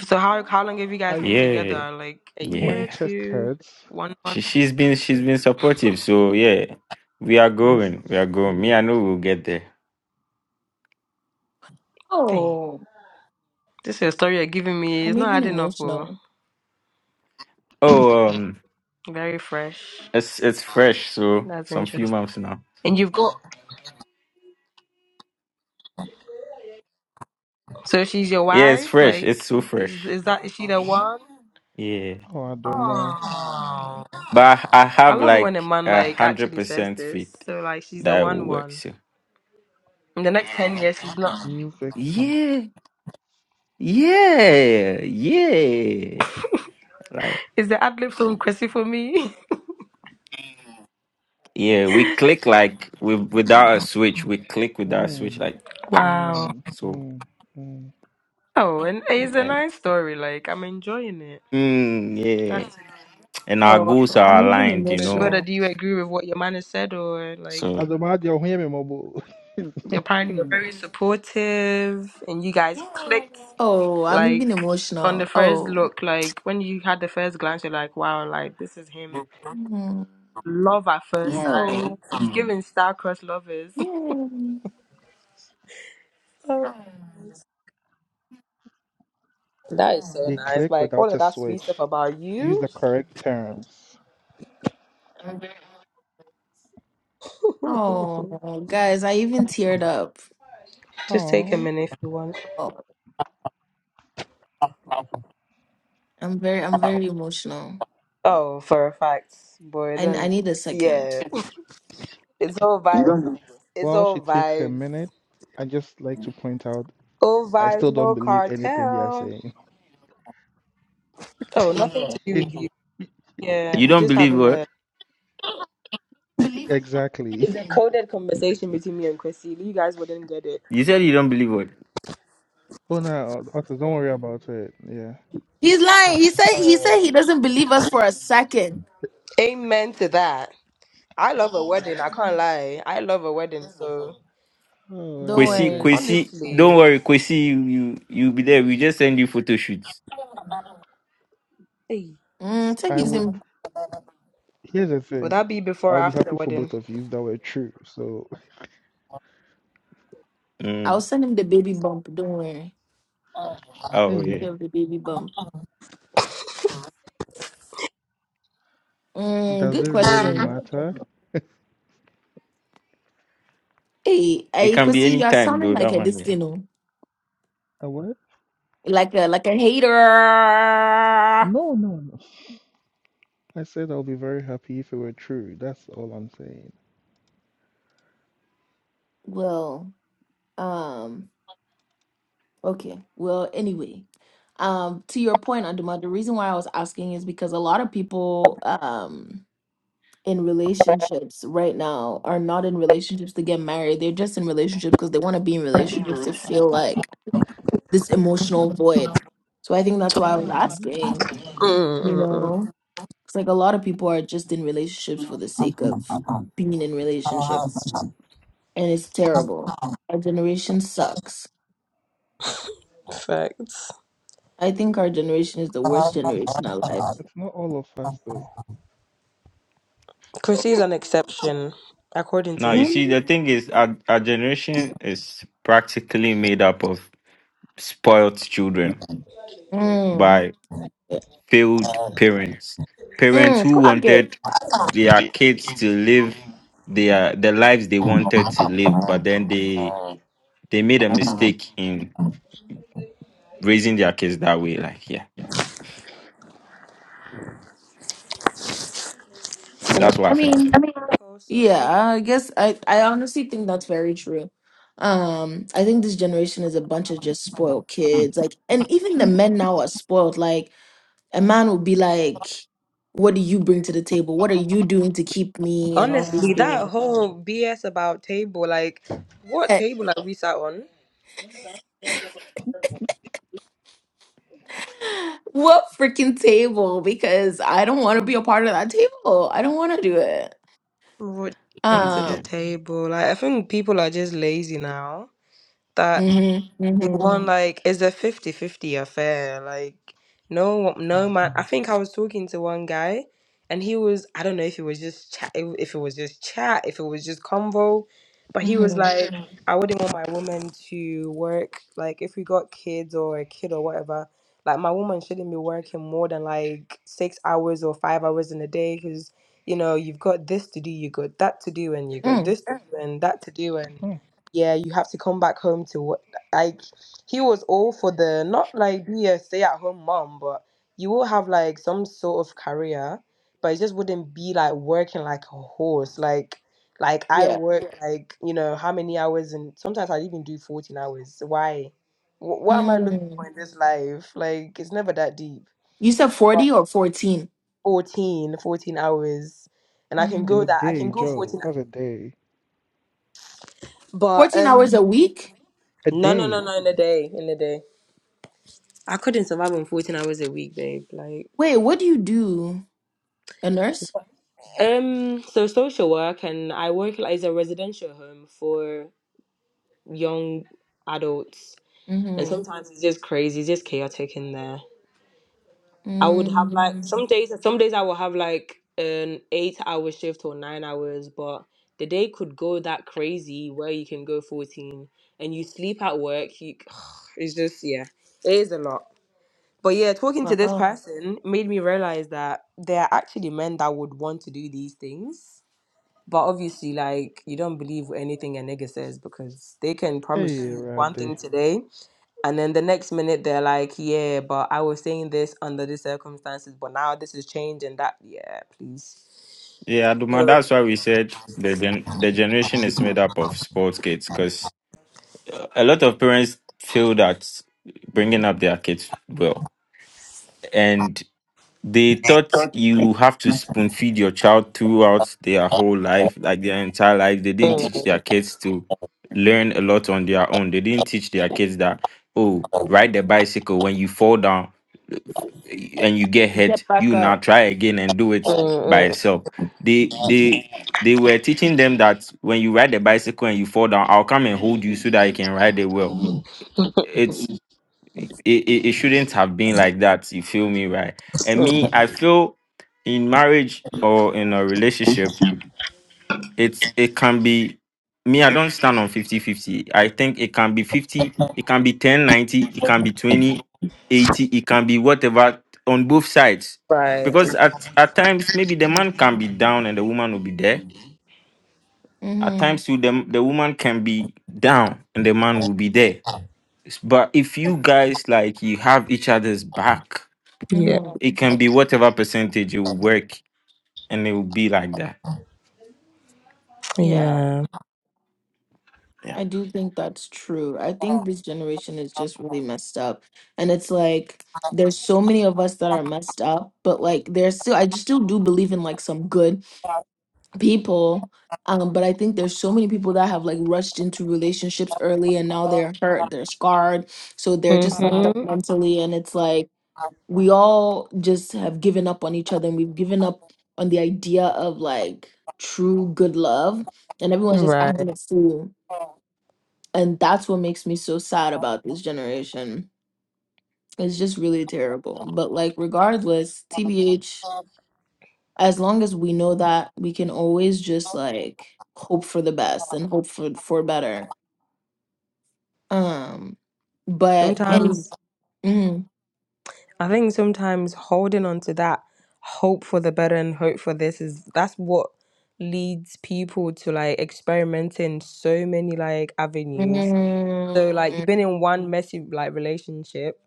[SPEAKER 5] So
[SPEAKER 4] Uh,
[SPEAKER 5] how how long have you guys
[SPEAKER 4] I
[SPEAKER 5] been
[SPEAKER 3] Yeah.
[SPEAKER 5] together? Like a
[SPEAKER 4] My
[SPEAKER 5] year,
[SPEAKER 3] Yeah.
[SPEAKER 4] chest
[SPEAKER 5] two,
[SPEAKER 4] hurts.
[SPEAKER 5] one
[SPEAKER 3] She
[SPEAKER 5] month?
[SPEAKER 3] she's been she's been supportive. So yeah. We are
[SPEAKER 4] Let's
[SPEAKER 3] going. We are going.
[SPEAKER 4] see.
[SPEAKER 3] Me, I know we'll get there.
[SPEAKER 5] Hey,
[SPEAKER 1] Oh,
[SPEAKER 5] this is your story you're giving me. It's
[SPEAKER 1] I'm
[SPEAKER 5] not
[SPEAKER 1] even
[SPEAKER 5] adding up. Oh,
[SPEAKER 1] emotional.
[SPEAKER 3] Oh, um
[SPEAKER 5] very fresh.
[SPEAKER 3] it's it's fresh, so
[SPEAKER 5] That's
[SPEAKER 3] some few
[SPEAKER 5] interesting.
[SPEAKER 3] months now.
[SPEAKER 5] And you've got so she's your
[SPEAKER 3] Yeah, it's
[SPEAKER 5] wife.
[SPEAKER 3] fresh. It's
[SPEAKER 5] Like,
[SPEAKER 3] so fresh.
[SPEAKER 5] is is that is she the one?
[SPEAKER 3] Yeah.
[SPEAKER 4] Oh, Adoma,
[SPEAKER 5] Oh,
[SPEAKER 3] But I I
[SPEAKER 5] I
[SPEAKER 3] have
[SPEAKER 5] love it when a
[SPEAKER 3] like
[SPEAKER 5] man
[SPEAKER 3] a
[SPEAKER 5] like
[SPEAKER 3] hundred
[SPEAKER 5] actually says
[SPEAKER 3] percent faith
[SPEAKER 5] this. So like, she's the
[SPEAKER 3] that it will
[SPEAKER 5] one
[SPEAKER 3] work.
[SPEAKER 5] one.
[SPEAKER 3] So
[SPEAKER 5] In the next ten years, she's not.
[SPEAKER 4] new victim.
[SPEAKER 3] yeah. Yeah, yeah. Like,
[SPEAKER 5] Is the ad lib so crazy for me? (laughs)
[SPEAKER 3] yeah, we click like with without a switch. We click without a switch,
[SPEAKER 4] Mm,
[SPEAKER 3] like pa.
[SPEAKER 5] Wow.
[SPEAKER 4] mm,
[SPEAKER 3] So
[SPEAKER 4] mm, mm.
[SPEAKER 5] Oh, and it's a
[SPEAKER 3] and
[SPEAKER 5] nice story. Like I'm enjoying it.
[SPEAKER 3] mm, yeah,
[SPEAKER 5] That's
[SPEAKER 3] and our
[SPEAKER 1] Oh,
[SPEAKER 3] goals
[SPEAKER 1] I'm
[SPEAKER 3] are
[SPEAKER 1] even
[SPEAKER 3] aligned, you
[SPEAKER 5] so.
[SPEAKER 3] know.
[SPEAKER 5] Joanna,
[SPEAKER 1] emotional.
[SPEAKER 5] do you agree with what your man has said, or like
[SPEAKER 3] So
[SPEAKER 4] Adoma, they'll hear me, Mobo.
[SPEAKER 5] apparently you're
[SPEAKER 4] (laughs)
[SPEAKER 5] very supportive and you guys clicked
[SPEAKER 1] Oh, I'm
[SPEAKER 5] like
[SPEAKER 1] even
[SPEAKER 5] on the
[SPEAKER 1] emotional.
[SPEAKER 5] first
[SPEAKER 1] Oh,
[SPEAKER 5] look? Like when you had the first glance, you're like, wow, like this is him.
[SPEAKER 1] mm.
[SPEAKER 5] Love at first
[SPEAKER 1] yeah,
[SPEAKER 5] sight.
[SPEAKER 1] oh,
[SPEAKER 5] He's giving star-crossed lovers.
[SPEAKER 1] yeah.
[SPEAKER 5] (laughs) That is so
[SPEAKER 4] They
[SPEAKER 5] nice.
[SPEAKER 4] click
[SPEAKER 5] Like
[SPEAKER 4] without
[SPEAKER 5] all
[SPEAKER 4] a
[SPEAKER 5] of that sweet
[SPEAKER 4] switch.
[SPEAKER 5] stuff about
[SPEAKER 4] Use
[SPEAKER 5] you.
[SPEAKER 4] the correct terms.
[SPEAKER 5] (laughs)
[SPEAKER 1] Oh, guys, I even teared up.
[SPEAKER 5] Just take a
[SPEAKER 4] Oh,
[SPEAKER 5] minute if you want.
[SPEAKER 1] Oh, I'm very, I'm very emotional.
[SPEAKER 5] Oh, for a fact, boy,
[SPEAKER 1] I, n- I
[SPEAKER 5] don't.
[SPEAKER 1] need a second.
[SPEAKER 5] Yeah, it's all vibes. It's
[SPEAKER 4] while she
[SPEAKER 5] all
[SPEAKER 4] takes a
[SPEAKER 5] vibes.
[SPEAKER 4] minute, I just like to point out
[SPEAKER 5] All
[SPEAKER 4] I
[SPEAKER 5] vibes,
[SPEAKER 4] still don't
[SPEAKER 5] no
[SPEAKER 4] believe anything they are
[SPEAKER 5] cartel.
[SPEAKER 4] saying.
[SPEAKER 5] Oh, nothing to do with
[SPEAKER 4] (laughs)
[SPEAKER 5] you. Yeah,
[SPEAKER 3] you
[SPEAKER 5] we're
[SPEAKER 3] don't
[SPEAKER 5] just
[SPEAKER 3] believe
[SPEAKER 5] having
[SPEAKER 3] what
[SPEAKER 5] a.
[SPEAKER 4] exactly.
[SPEAKER 5] It's a coded conversation between me and Chrissy. You guys wouldn't get it.
[SPEAKER 3] you said. You don't believe what
[SPEAKER 4] Oh no, Otis, don't worry about it. Yeah.
[SPEAKER 1] He's lying. He said, he said he doesn't believe us for a second.
[SPEAKER 5] Amen to that. I love a wedding. I can't lie. I love a wedding. So
[SPEAKER 4] Oh,
[SPEAKER 1] Don't
[SPEAKER 3] Kwesi
[SPEAKER 4] Erade.
[SPEAKER 1] worry.
[SPEAKER 3] Kwesi. Don't
[SPEAKER 5] honestly,
[SPEAKER 3] worry, Kwesi. You you you will be there. We just send you photo shoots.
[SPEAKER 5] hey,
[SPEAKER 1] Mm, take
[SPEAKER 4] I
[SPEAKER 1] his
[SPEAKER 4] would.
[SPEAKER 1] in.
[SPEAKER 4] Here's the
[SPEAKER 5] would
[SPEAKER 4] thing.
[SPEAKER 5] that be before or
[SPEAKER 4] I'll be
[SPEAKER 5] after the
[SPEAKER 4] happy for
[SPEAKER 5] wedding?
[SPEAKER 4] both of you if that were true. So,
[SPEAKER 1] I'll
[SPEAKER 3] Mm.
[SPEAKER 1] send him the baby bump. Don't worry.
[SPEAKER 3] Oh
[SPEAKER 4] hey,
[SPEAKER 1] Take
[SPEAKER 3] yeah,
[SPEAKER 1] care of the baby bump. Mm,
[SPEAKER 4] does
[SPEAKER 1] good
[SPEAKER 4] it really
[SPEAKER 1] question.
[SPEAKER 4] matter?
[SPEAKER 1] Hey,
[SPEAKER 3] it
[SPEAKER 1] hey,
[SPEAKER 3] can be
[SPEAKER 1] Chrissy,
[SPEAKER 3] any
[SPEAKER 1] you're
[SPEAKER 3] time
[SPEAKER 1] sounding
[SPEAKER 3] though.
[SPEAKER 1] like
[SPEAKER 3] That
[SPEAKER 1] a
[SPEAKER 3] one
[SPEAKER 1] this
[SPEAKER 3] yeah.
[SPEAKER 1] thing, oh,
[SPEAKER 4] Uh, what?
[SPEAKER 1] like a like a hater.
[SPEAKER 4] No, no, no. I said I'll be very happy if it were true. That's all I'm saying.
[SPEAKER 1] Well, um, okay. Well, anyway, um, to your point, Aduma, the reason why I was asking is because a lot of people, um, in relationships right now are not in relationships to get married. They're just in relationships because they want to be in relationships to feel like this emotional void. So I think that's why I was
[SPEAKER 4] Mhm.
[SPEAKER 1] asking, you
[SPEAKER 5] Mm, mm, mm.
[SPEAKER 1] know. It's like a lot of people are just in relationships for the sake of being in relationships, and it's terrible. Our generation sucks.
[SPEAKER 5] Facts.
[SPEAKER 1] I think our generation is the worst generation alive.
[SPEAKER 4] It's not all of us though.
[SPEAKER 5] Chrissy's an exception, according
[SPEAKER 3] Now
[SPEAKER 5] to
[SPEAKER 3] you
[SPEAKER 5] him.
[SPEAKER 3] see,
[SPEAKER 1] Mm,
[SPEAKER 3] the thing is, our, our generation is practically made up of spoiled children,
[SPEAKER 1] mm,
[SPEAKER 3] by failed parents, parents
[SPEAKER 1] mm,
[SPEAKER 3] who
[SPEAKER 1] clock it.
[SPEAKER 3] wanted their kids to live their the lives they wanted to live, but then they they made a mistake in raising their kids that way. Like, yeah,
[SPEAKER 5] And I
[SPEAKER 3] that's what
[SPEAKER 1] I
[SPEAKER 3] happened.
[SPEAKER 1] mean,
[SPEAKER 5] think Also, people.
[SPEAKER 1] yeah, I guess I, I honestly think that's very true. Um, I think this generation is a bunch of just spoiled kids. Like, and even the men now are spoiled. Like, A man would be like, What do you bring to the table? What are you doing to keep me? And all these
[SPEAKER 5] Honestly, that
[SPEAKER 1] things.
[SPEAKER 5] whole BS about table, like, what
[SPEAKER 1] (laughs)
[SPEAKER 5] table like we sat on?
[SPEAKER 1] what freaking table? Because I don't want to be a part of that table. I don't want to do it.
[SPEAKER 5] What do you bring to the
[SPEAKER 1] Um,
[SPEAKER 3] Yeah,
[SPEAKER 5] table? Like, I think people are just lazy now. That.
[SPEAKER 1] mm-hmm,
[SPEAKER 5] they
[SPEAKER 1] mm-hmm,
[SPEAKER 5] want like it's a fifty-fifty affair like no no man i think i was talking to one guy and he was i don't know if it was just chat if if it was just chat if it was just convo but he was
[SPEAKER 1] mm-hmm,
[SPEAKER 5] like Mhm. i wouldn't want my woman to work like if we got kids or a kid or whatever like my woman shouldn't be working more than like six hours or five hours in a day because you know you've got this to do you got that to do and you got
[SPEAKER 1] mm,
[SPEAKER 5] this to do and that to do and
[SPEAKER 4] Hmm.
[SPEAKER 5] yeah you have to come back home to what he was all for the not like be a stay at home mom, but you will have like some sort of career, but it just wouldn't be like working like a horse. Like like I
[SPEAKER 1] yeah.
[SPEAKER 5] work Yeah. like you know how many hours, and sometimes I even do fourteen hours. Why? Wh- What am I looking
[SPEAKER 1] Mm.
[SPEAKER 5] for in this life? Like it's never that deep.
[SPEAKER 1] You said
[SPEAKER 5] But
[SPEAKER 1] 40 or 14?
[SPEAKER 5] 14, fourteen hours, and I can
[SPEAKER 4] In
[SPEAKER 1] Mm.
[SPEAKER 5] go
[SPEAKER 4] a
[SPEAKER 5] that I
[SPEAKER 4] day,
[SPEAKER 5] can go
[SPEAKER 4] Joe.
[SPEAKER 5] fourteen.
[SPEAKER 4] That's a
[SPEAKER 5] hou-
[SPEAKER 4] day.
[SPEAKER 5] But
[SPEAKER 1] 14 hours a
[SPEAKER 5] um,
[SPEAKER 1] week?
[SPEAKER 4] A
[SPEAKER 5] no, no, no,
[SPEAKER 4] day.
[SPEAKER 5] no, in a day, in a day, I couldn't survive on fourteen hours a week, babe. Like.
[SPEAKER 1] Wait, what do you do? A nurse?
[SPEAKER 5] Um, so social work and I work like- as a residential home for young adults, and
[SPEAKER 1] Mm-hmm.
[SPEAKER 5] sometimes it's just crazy, it's just chaotic in there. I would have like
[SPEAKER 1] Mm.
[SPEAKER 5] some days, some days I will have like an eight-hour shift or nine hours, but the day could go that crazy where you can go 14 and you sleep at work. You, (sighs) it's just yeah, it is a lot. But yeah, talking to this
[SPEAKER 1] Wow.
[SPEAKER 5] person made me realize that there are actually men that would want to do these things But obviously, like you don't believe anything a nigga says because they can promise
[SPEAKER 4] Hey,
[SPEAKER 5] you one
[SPEAKER 4] Rade.
[SPEAKER 5] thing today, and then the next minute they're like, "Yeah, but I was saying this under these circumstances, but now this is changed and that." Yeah, please.
[SPEAKER 3] yeah, Aduma,
[SPEAKER 5] So,
[SPEAKER 3] that's why we said the gen- the generation is made up of sports kids because a lot of parents feel that bringing up their kids well. They thought you have to spoon feed your child throughout their whole life, like their entire life. They didn't
[SPEAKER 5] mm,
[SPEAKER 3] teach their kids to learn a lot on their own. They didn't teach their kids that, oh, ride the bicycle when you fall down eh, and you get hurt,
[SPEAKER 1] Get back
[SPEAKER 3] you now
[SPEAKER 1] up.
[SPEAKER 3] try again and do it by
[SPEAKER 5] mm, mm,
[SPEAKER 3] yourself. They they they were teaching them that when you ride the bicycle and you fall down, I'll come and hold you so that you can ride it well it, it, it shouldn't have been like that. You feel me, right? And me, I feel in marriage or in a relationship, it's it can be me, I don't stand on fifty-fifty. I think it can be 50, it can be 10 90. it can be 20 80. it can be whatever on both sides.
[SPEAKER 5] right.
[SPEAKER 3] Because at, at times maybe the man can be down and the woman will be there. At
[SPEAKER 1] Mm-hmm.
[SPEAKER 3] times too, the, the woman can be down and the man will be there. But if you guys like you have each other's back,
[SPEAKER 5] Yeah.
[SPEAKER 1] Mm-hmm.
[SPEAKER 3] it can be whatever percentage you work and it will be like that
[SPEAKER 1] Yeah.
[SPEAKER 5] Yeah.
[SPEAKER 3] Yeah.
[SPEAKER 1] I do think that's true. I think this generation is just really messed up. And it's like there's so many of us that are messed up, but like there's still I just still do believe in like some good people. Um, but I think there's so many people that have like rushed into relationships early and now they're hurt, they're scarred. So they're just like up
[SPEAKER 5] hmm
[SPEAKER 1] mentally and it's like we all just have given up on each other and we've given up on the idea of like true good love and everyone's just
[SPEAKER 5] Right.
[SPEAKER 1] acting a fool and that's what makes me so sad about this generation it's just really terrible but like regardless tbh as long as we know that we can always just like hope for the best and hope for for better um but any
[SPEAKER 5] Sometimes.
[SPEAKER 1] mhm,
[SPEAKER 5] I think sometimes holding on to that hope for the better and hope for this is that's what leads people to like experimenting so many like avenues
[SPEAKER 1] mhm,
[SPEAKER 5] so like you've been in one messy like relationship,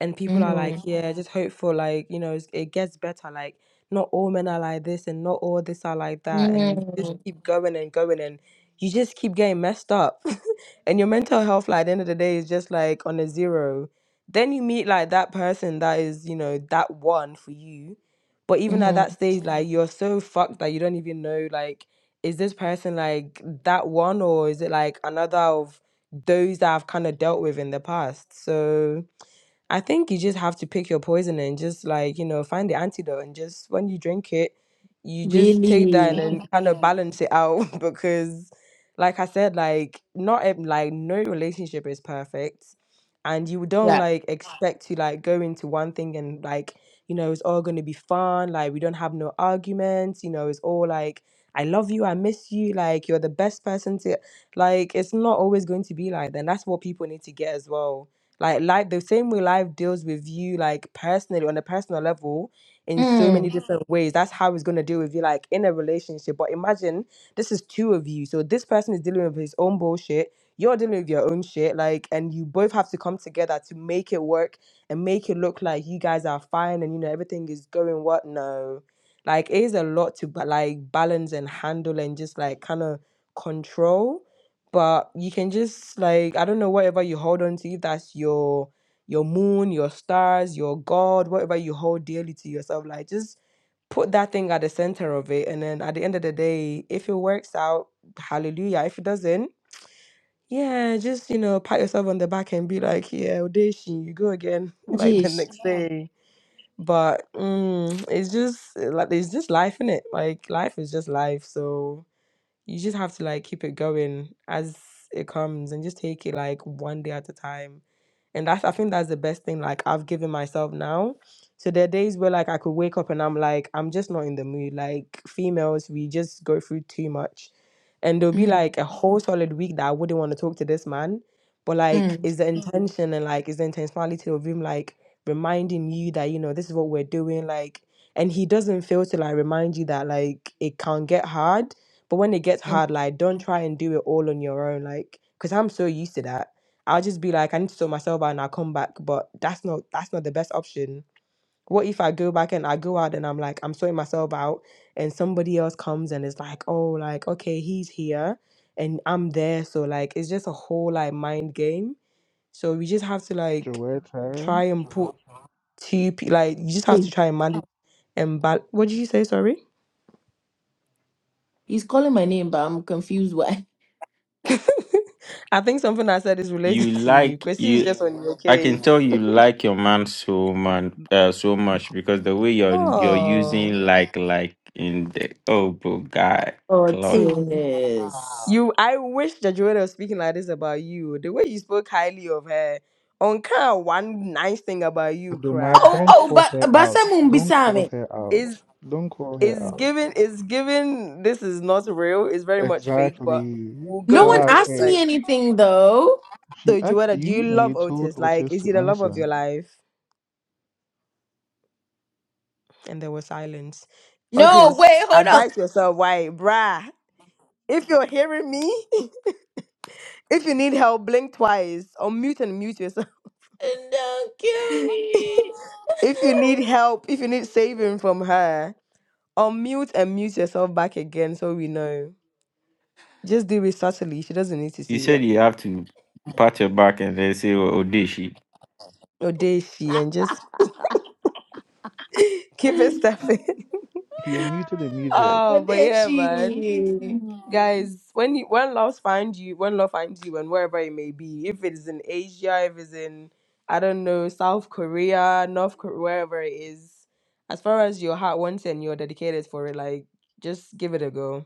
[SPEAKER 5] and people are like,
[SPEAKER 1] mhm,
[SPEAKER 5] yeah, just hope for like you know it's- it gets better. Like not all men are like this, and not all this are like that, and you just
[SPEAKER 1] mhm,
[SPEAKER 5] keep going and going, and you just keep getting messed up, (laughs) and your mental health like at the end of the day is just like on a zero. Then you meet like that person that is you know that one for you, but even at that
[SPEAKER 1] mhm.
[SPEAKER 5] stage, like you're so fucked that you don't even know like is this person like that one or is it like another of those that I've kind of dealt with in the past. So, I think you just have to pick your poison and just like, you know, find the antidote and just when you drink it, you just take that and
[SPEAKER 1] really
[SPEAKER 5] then kind of Mhm. balance it out (laughs) because like I said, like not ev- like no relationship is perfect and you don't
[SPEAKER 1] yeah
[SPEAKER 5] like expect to like go into one thing and like, you know, it's all gonna be fun, like we don't have no arguments, you know, it's all like I love you, I miss you, like you're the best person to like it's not always going to be like that. that's what people need to get as well like life, the same way life deals with you, like personally on a personal level, in so many
[SPEAKER 1] mm,
[SPEAKER 5] Mhm. different ways. That's how it's gonna deal with you, like in a relationship. But imagine this is two of you, so this person is dealing with his own bullshit. You're dealing with your own shit, like, and you both have to come together to make it work and make it look like you guys are fine and you know everything is going what no like it is a lot to ba- like balance and handle and just like kind of control but you can just like I don't know whatever you hold on to, if that's your your moon, your stars, your God, whatever you hold dearly to yourself, like just put that thing at the center of it, and then at the end of the day, if it works out, hallelujah. If it doesn't, yeah, just you know pat yourself on the back and be like, yeah, audition, you go again, (laughs)
[SPEAKER 1] oh,
[SPEAKER 5] like the
[SPEAKER 1] jeez
[SPEAKER 5] next Yeah. day. But mm, it's just uh, like it's just life in it. Like life is just life, so you just have to like keep it going as it comes and just take it like one day at a time and that's I think that's the best thing like I've given myself now. So there are days where like I could wake up and I'm like, I'm just not in the mood. Like females, we just go through too much. And there'll be
[SPEAKER 1] mhm,
[SPEAKER 5] like a whole solid week that I wouldn't want to talk to this man. But like
[SPEAKER 1] mm,
[SPEAKER 5] is the Mhm. intention and like is the intentionality of him like reminding you that, you know, this is what we're doing, like and he doesn't fail to like remind you that like it can get hard. But when it gets
[SPEAKER 1] mm.
[SPEAKER 5] hard, like don't try and do it all on your own. Like, cause I'm so used to that. I'll just be like, I need to sort myself out and I'll come back. But that's not that's not the best option. What if I go back and I go out and I'm like, I'm sorting myself out and somebody else comes and is like, oh, like, okay, he's here and I'm there. So like it's just a whole like mind game. So we just have to like
[SPEAKER 4] Joetta.
[SPEAKER 5] try and put two pe- like you just have
[SPEAKER 1] hey
[SPEAKER 5] to try and manage and bal- what did you say, sorry?
[SPEAKER 1] he's calling my name but i'm confused why
[SPEAKER 5] I think something I said is
[SPEAKER 3] you
[SPEAKER 5] related (laughs) to you.
[SPEAKER 3] like
[SPEAKER 5] Chrissy is
[SPEAKER 3] you
[SPEAKER 5] just on your
[SPEAKER 3] i can
[SPEAKER 5] case. (laughs)
[SPEAKER 3] tell you like your man so man uh, so much because the way you're you're
[SPEAKER 5] Oh.
[SPEAKER 3] using like like in the oh bro guy
[SPEAKER 1] Oh
[SPEAKER 3] clock
[SPEAKER 5] Amen.
[SPEAKER 1] Otis.
[SPEAKER 5] You, I wish that Joanna was speaking like this about you. The way you spoke highly of her, on kind of one nice thing about you,
[SPEAKER 4] Adoma,
[SPEAKER 1] Oh,
[SPEAKER 5] cry
[SPEAKER 4] don't
[SPEAKER 1] oh,
[SPEAKER 4] call
[SPEAKER 1] but
[SPEAKER 4] her
[SPEAKER 1] but
[SPEAKER 4] out.
[SPEAKER 1] someone
[SPEAKER 4] Don't
[SPEAKER 1] beside
[SPEAKER 4] call
[SPEAKER 1] me.
[SPEAKER 4] her out.
[SPEAKER 5] is
[SPEAKER 4] Don't call her
[SPEAKER 5] is
[SPEAKER 4] out.
[SPEAKER 5] given is given. This is not real. It's very much fake, but
[SPEAKER 4] Exactly.
[SPEAKER 5] we'll
[SPEAKER 1] No
[SPEAKER 5] go
[SPEAKER 1] one
[SPEAKER 5] with
[SPEAKER 4] Clark.
[SPEAKER 5] it.
[SPEAKER 1] asked
[SPEAKER 4] eh?
[SPEAKER 5] Like
[SPEAKER 1] me anything though.
[SPEAKER 4] She
[SPEAKER 5] so,
[SPEAKER 4] asked
[SPEAKER 5] Joanna, do you
[SPEAKER 4] you and you
[SPEAKER 5] love
[SPEAKER 4] told
[SPEAKER 5] Otis? Like,
[SPEAKER 4] Otis
[SPEAKER 5] is
[SPEAKER 4] to
[SPEAKER 5] he the love of
[SPEAKER 4] answer.
[SPEAKER 5] your life? And there was silence.
[SPEAKER 1] No,
[SPEAKER 5] Otis,
[SPEAKER 1] wait, hold on.
[SPEAKER 5] advise yourself. Why, bruh? If you're hearing me, (laughs) if you need help, blink twice or mute and mute yourself.
[SPEAKER 1] (laughs) Don't kill me.
[SPEAKER 5] If you need help, if you need saving from her, unmute and mute yourself back again so we know. Just do it subtly. She doesn't need to
[SPEAKER 3] you
[SPEAKER 5] see
[SPEAKER 3] said
[SPEAKER 5] it.
[SPEAKER 3] you have to pat your back and then say oh oh, did she
[SPEAKER 5] Or dare she and just (laughs) keep it
[SPEAKER 1] (laughs)
[SPEAKER 5] stepping.
[SPEAKER 4] He unmuted and
[SPEAKER 5] (laughs)
[SPEAKER 1] Ah,
[SPEAKER 4] muted.
[SPEAKER 5] oh,
[SPEAKER 1] what
[SPEAKER 5] but
[SPEAKER 1] did
[SPEAKER 5] yeah, man.
[SPEAKER 1] she?
[SPEAKER 5] Guys, when you, when love finds you, when love finds you, and wherever it may be, if it is in Asia, if it's in I don't know South Korea, North Korea, wherever it is, as far as your heart wants and you're dedicated for it, like just give it a go.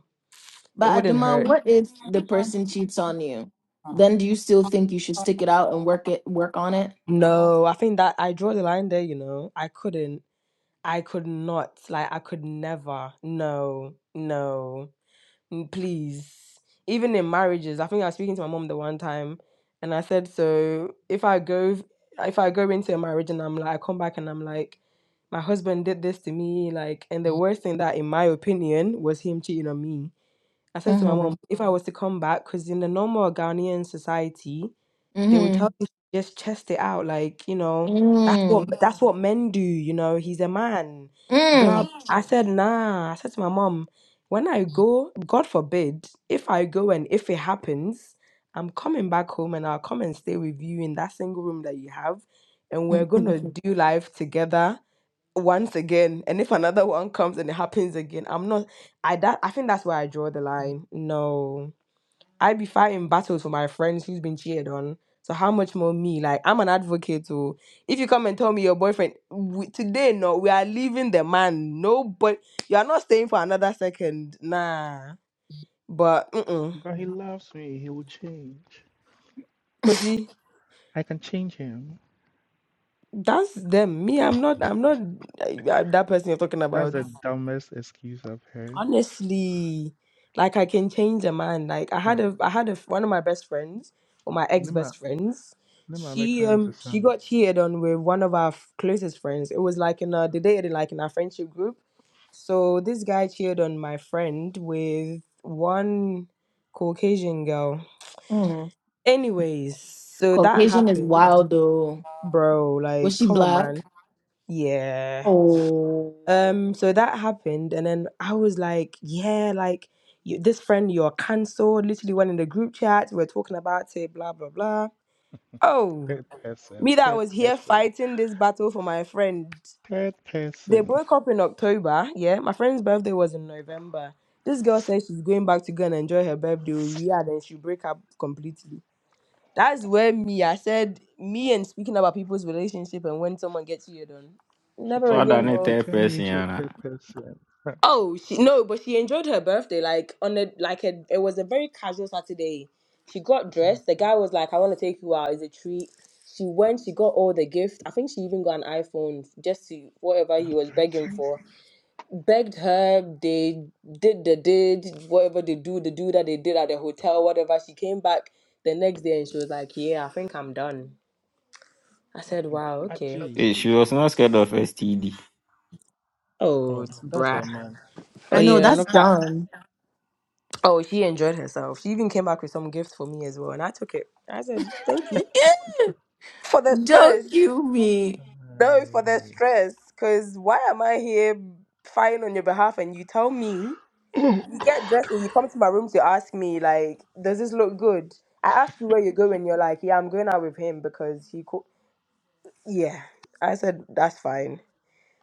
[SPEAKER 5] It
[SPEAKER 1] But
[SPEAKER 5] wouldn't
[SPEAKER 1] Aduma,
[SPEAKER 5] hurt.
[SPEAKER 1] what if the person cheats on you? Then do you still think you should stick it out and work it work on it?
[SPEAKER 5] No, I think that I draw the line there, you know. I couldn't. I could not. Like, I could never. No, no, n- please. Even in marriages, I think I was speaking to my mom the one time, and I said, so if I go, if I go into a marriage and I'm like, I come back and I'm like, my husband did this to me, like, and the worst thing that, in my opinion, was him cheating on me. I said to my mom,
[SPEAKER 1] Mhm.
[SPEAKER 5] if I was to come back, because in the normal Ghanaian society, they will tell
[SPEAKER 1] Mhm.
[SPEAKER 5] you to just chest it out, like, you know, that's what
[SPEAKER 1] Mm.
[SPEAKER 5] that's what men do, you know, he's a man. Blah.
[SPEAKER 1] Mm.
[SPEAKER 5] Yeah. I said, nah. I said to my mom, when I go, God forbid, if I go and if it happens, I'm coming back home and I'll come and stay with you in that single room that you have, and we're gonna do life together once again. And if another one comes and it happens again, I'm not I that I think that's where I draw the line. No. I be fighting battles for my friends who's been cheated on. So how much more me? Like I'm an advocate. So if you come and tell me your boyfriend we, today, no, we are leaving the man. No, but you are not staying for another second. Nah. But mm
[SPEAKER 4] But he loves me. He will change.
[SPEAKER 5] cause
[SPEAKER 1] (laughs)
[SPEAKER 5] see,
[SPEAKER 4] I can change him.
[SPEAKER 5] that's them. Me, I'm not. I'm not uh, uh, that person you're talking
[SPEAKER 4] That's
[SPEAKER 5] about.
[SPEAKER 4] the dumbest excuse I've heard.
[SPEAKER 5] honestly like i can change a man like i had
[SPEAKER 4] Huh.
[SPEAKER 5] a i had a one of my best friends or my
[SPEAKER 4] Nima,
[SPEAKER 5] ex-best friends
[SPEAKER 4] Nima
[SPEAKER 5] she
[SPEAKER 4] American
[SPEAKER 5] um
[SPEAKER 4] is
[SPEAKER 5] she got cheated on with one of our f- closest friends it was like in a they dated like in our friendship group so this guy cheated on my friend with one caucasian girl
[SPEAKER 1] Mm.
[SPEAKER 5] anyways so that
[SPEAKER 1] Caucasian is
[SPEAKER 5] happened
[SPEAKER 1] wild though.
[SPEAKER 5] bro
[SPEAKER 1] Was
[SPEAKER 5] like
[SPEAKER 1] she
[SPEAKER 5] come on man
[SPEAKER 1] black?
[SPEAKER 5] yeah
[SPEAKER 1] Oh.
[SPEAKER 5] um, so that happened, and then I was like, yeah, like you, this friend, you're cancelled. Literally went in the group chat, we are talking about it, blah blah blah. Oh,
[SPEAKER 4] Third person.
[SPEAKER 5] me that
[SPEAKER 4] Third
[SPEAKER 5] was here
[SPEAKER 4] person.
[SPEAKER 5] fighting this battle for my friend.
[SPEAKER 4] Third
[SPEAKER 5] They
[SPEAKER 4] person.
[SPEAKER 5] broke up in October. Yeah, my friend's birthday was in November. This girl says she's going back to go and enjoy her birthday. We are then she break up completely. That's where me, I said, me and speaking about people's relationship and when someone gets you, you're done.
[SPEAKER 4] She
[SPEAKER 5] Never
[SPEAKER 3] what
[SPEAKER 4] turned
[SPEAKER 5] again,
[SPEAKER 3] than
[SPEAKER 4] you.
[SPEAKER 3] a
[SPEAKER 4] She
[SPEAKER 5] no.
[SPEAKER 3] third
[SPEAKER 4] turned you
[SPEAKER 3] person
[SPEAKER 4] into a
[SPEAKER 3] Yana.
[SPEAKER 4] third person. Huh.
[SPEAKER 5] Oh she, no, but she enjoyed her birthday. Like on a like a, it was a very casual Saturday. She got
[SPEAKER 4] Mm.
[SPEAKER 5] dressed. The guy was like, "I want to take you out. It's a treat." She went. She got all the gift. I think she even got an iPhone just to whatever
[SPEAKER 4] i
[SPEAKER 5] he was begging for. Begged her. They did the did whatever they do the do that they did at the hotel. Whatever. She came back the next day and she was like, "Yeah, I think I'm done." I
[SPEAKER 4] Uh,
[SPEAKER 5] said, "Wow, okay."
[SPEAKER 4] Ajay.
[SPEAKER 3] Eh, she was not scared of std
[SPEAKER 5] Oh,
[SPEAKER 4] Oh,
[SPEAKER 5] it's
[SPEAKER 4] that's her
[SPEAKER 5] brah.
[SPEAKER 4] man.
[SPEAKER 5] Oh
[SPEAKER 1] I know
[SPEAKER 5] yeah,
[SPEAKER 1] that's
[SPEAKER 5] no.
[SPEAKER 1] dumb.
[SPEAKER 5] Oh, she enjoyed herself. She even came back with some gift for me as well, and I took it. I said, "Thank you
[SPEAKER 1] (laughs)
[SPEAKER 5] for the stress."
[SPEAKER 1] Don't you me.
[SPEAKER 5] No, for the stress, because why am I here fighting on your behalf? And you tell me you get dressed and you come to my room to ask me like, "Does this look good?" I asked you where you're going. You're like, "Yeah, I'm going out with him because he." Co-. Yeah, I said that's fine.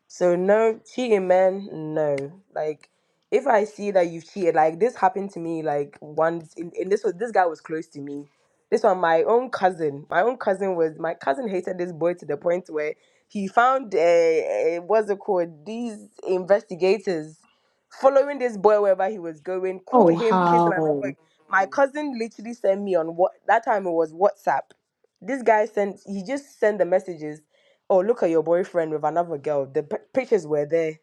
[SPEAKER 5] So no cheating, man. No, like if I see that you've cheated, like this happened to me like once, in, in this was this guy was close to me. This one, my own cousin. My own cousin was my cousin hated this boy to the point where he found uh, uh, what's it called? These investigators following this boy wherever he was going, caught
[SPEAKER 1] Oh,
[SPEAKER 5] him kissing
[SPEAKER 1] how?
[SPEAKER 5] another. My cousin literally sent me on what that time it was WhatsApp. This guy sent he just sent the messages Oh, look at your boyfriend with another girl. The p- pictures were there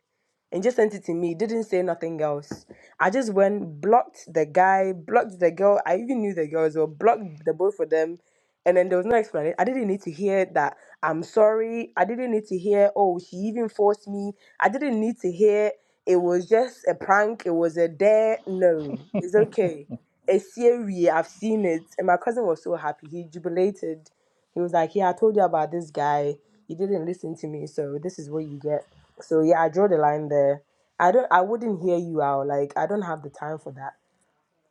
[SPEAKER 5] and just sent it to me. Didn't say nothing else. I just went, blocked the guy, blocked the girl. I even knew the girl as well, blocked the both of them. And then there was no explanation. I didn't need to hear that I'm sorry. I didn't need to hear, oh, she even forced me. I didn't need to hear it was just a prank. It was a dare. No, it's okay. It's serious. I've seen it. And my cousin was so happy. He jubilated. He was like, yeah, I told you about this guy. You didn't listen to me. So this is what you get. So yeah, I draw the line there. I don't I wouldn't hear you out. Like I don't have the time for that.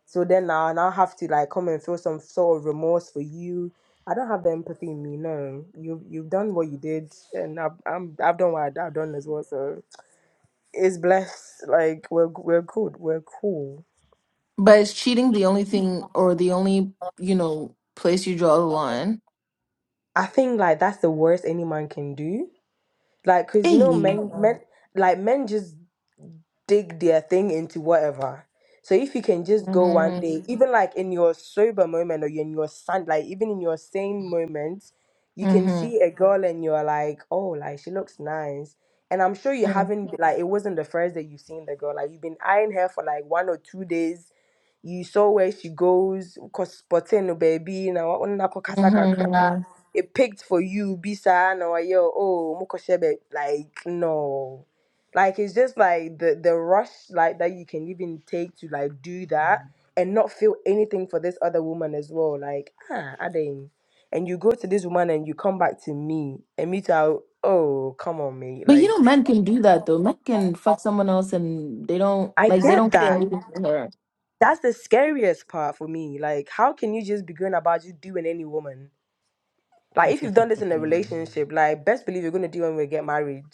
[SPEAKER 5] So then now and I'll have to like come and feel some sort of remorse for you. I don't have the empathy in me. No, you've you've done what you did, and I've I'm, I've done what I've done as well. So it's blessed. Like we're we're good. We're cool.
[SPEAKER 1] But is cheating the only thing or the only, you know, place you draw the line?
[SPEAKER 5] I think like that's the worst any man can do. Like, cause you know
[SPEAKER 1] Hey.
[SPEAKER 5] men men like men just dig their thing into whatever. So if you can just go one day, Mhm.
[SPEAKER 1] Mm-hmm.
[SPEAKER 5] even like in your sober moment or in your sun, like even in your sane moments, you can
[SPEAKER 1] Mm-hmm.
[SPEAKER 5] see a girl and you're like, oh, like she looks nice. And I'm sure you haven't, like, it wasn't the first day you've seen the girl. Like, you've been eyeing her for like one or two days you saw where she goes cause spotting no baby na wa- ɔno nakɔ kasa kakra it picked for you bisa, saa na wayɛ o, oh mokɔhyɛ bɛ like no like it's just like the the rush like that you can even take to like do that
[SPEAKER 4] Uh,
[SPEAKER 5] and not feel anything for this other woman as well like ah I didn't and you go to this woman and you come back to me and me too I'll- oh come on mate
[SPEAKER 1] But you
[SPEAKER 5] like
[SPEAKER 1] know, men can do that though. Men can fuck someone else and they don't
[SPEAKER 5] I
[SPEAKER 1] like they
[SPEAKER 5] get
[SPEAKER 1] don't care
[SPEAKER 5] that
[SPEAKER 1] anything for her.
[SPEAKER 5] That's the scariest part for me. Like, how can you just be going about just doing any woman? Like if you've done this in
[SPEAKER 4] (laughs)
[SPEAKER 5] a
[SPEAKER 4] mm.
[SPEAKER 5] relationship, like best believe you're gonna do when we get married.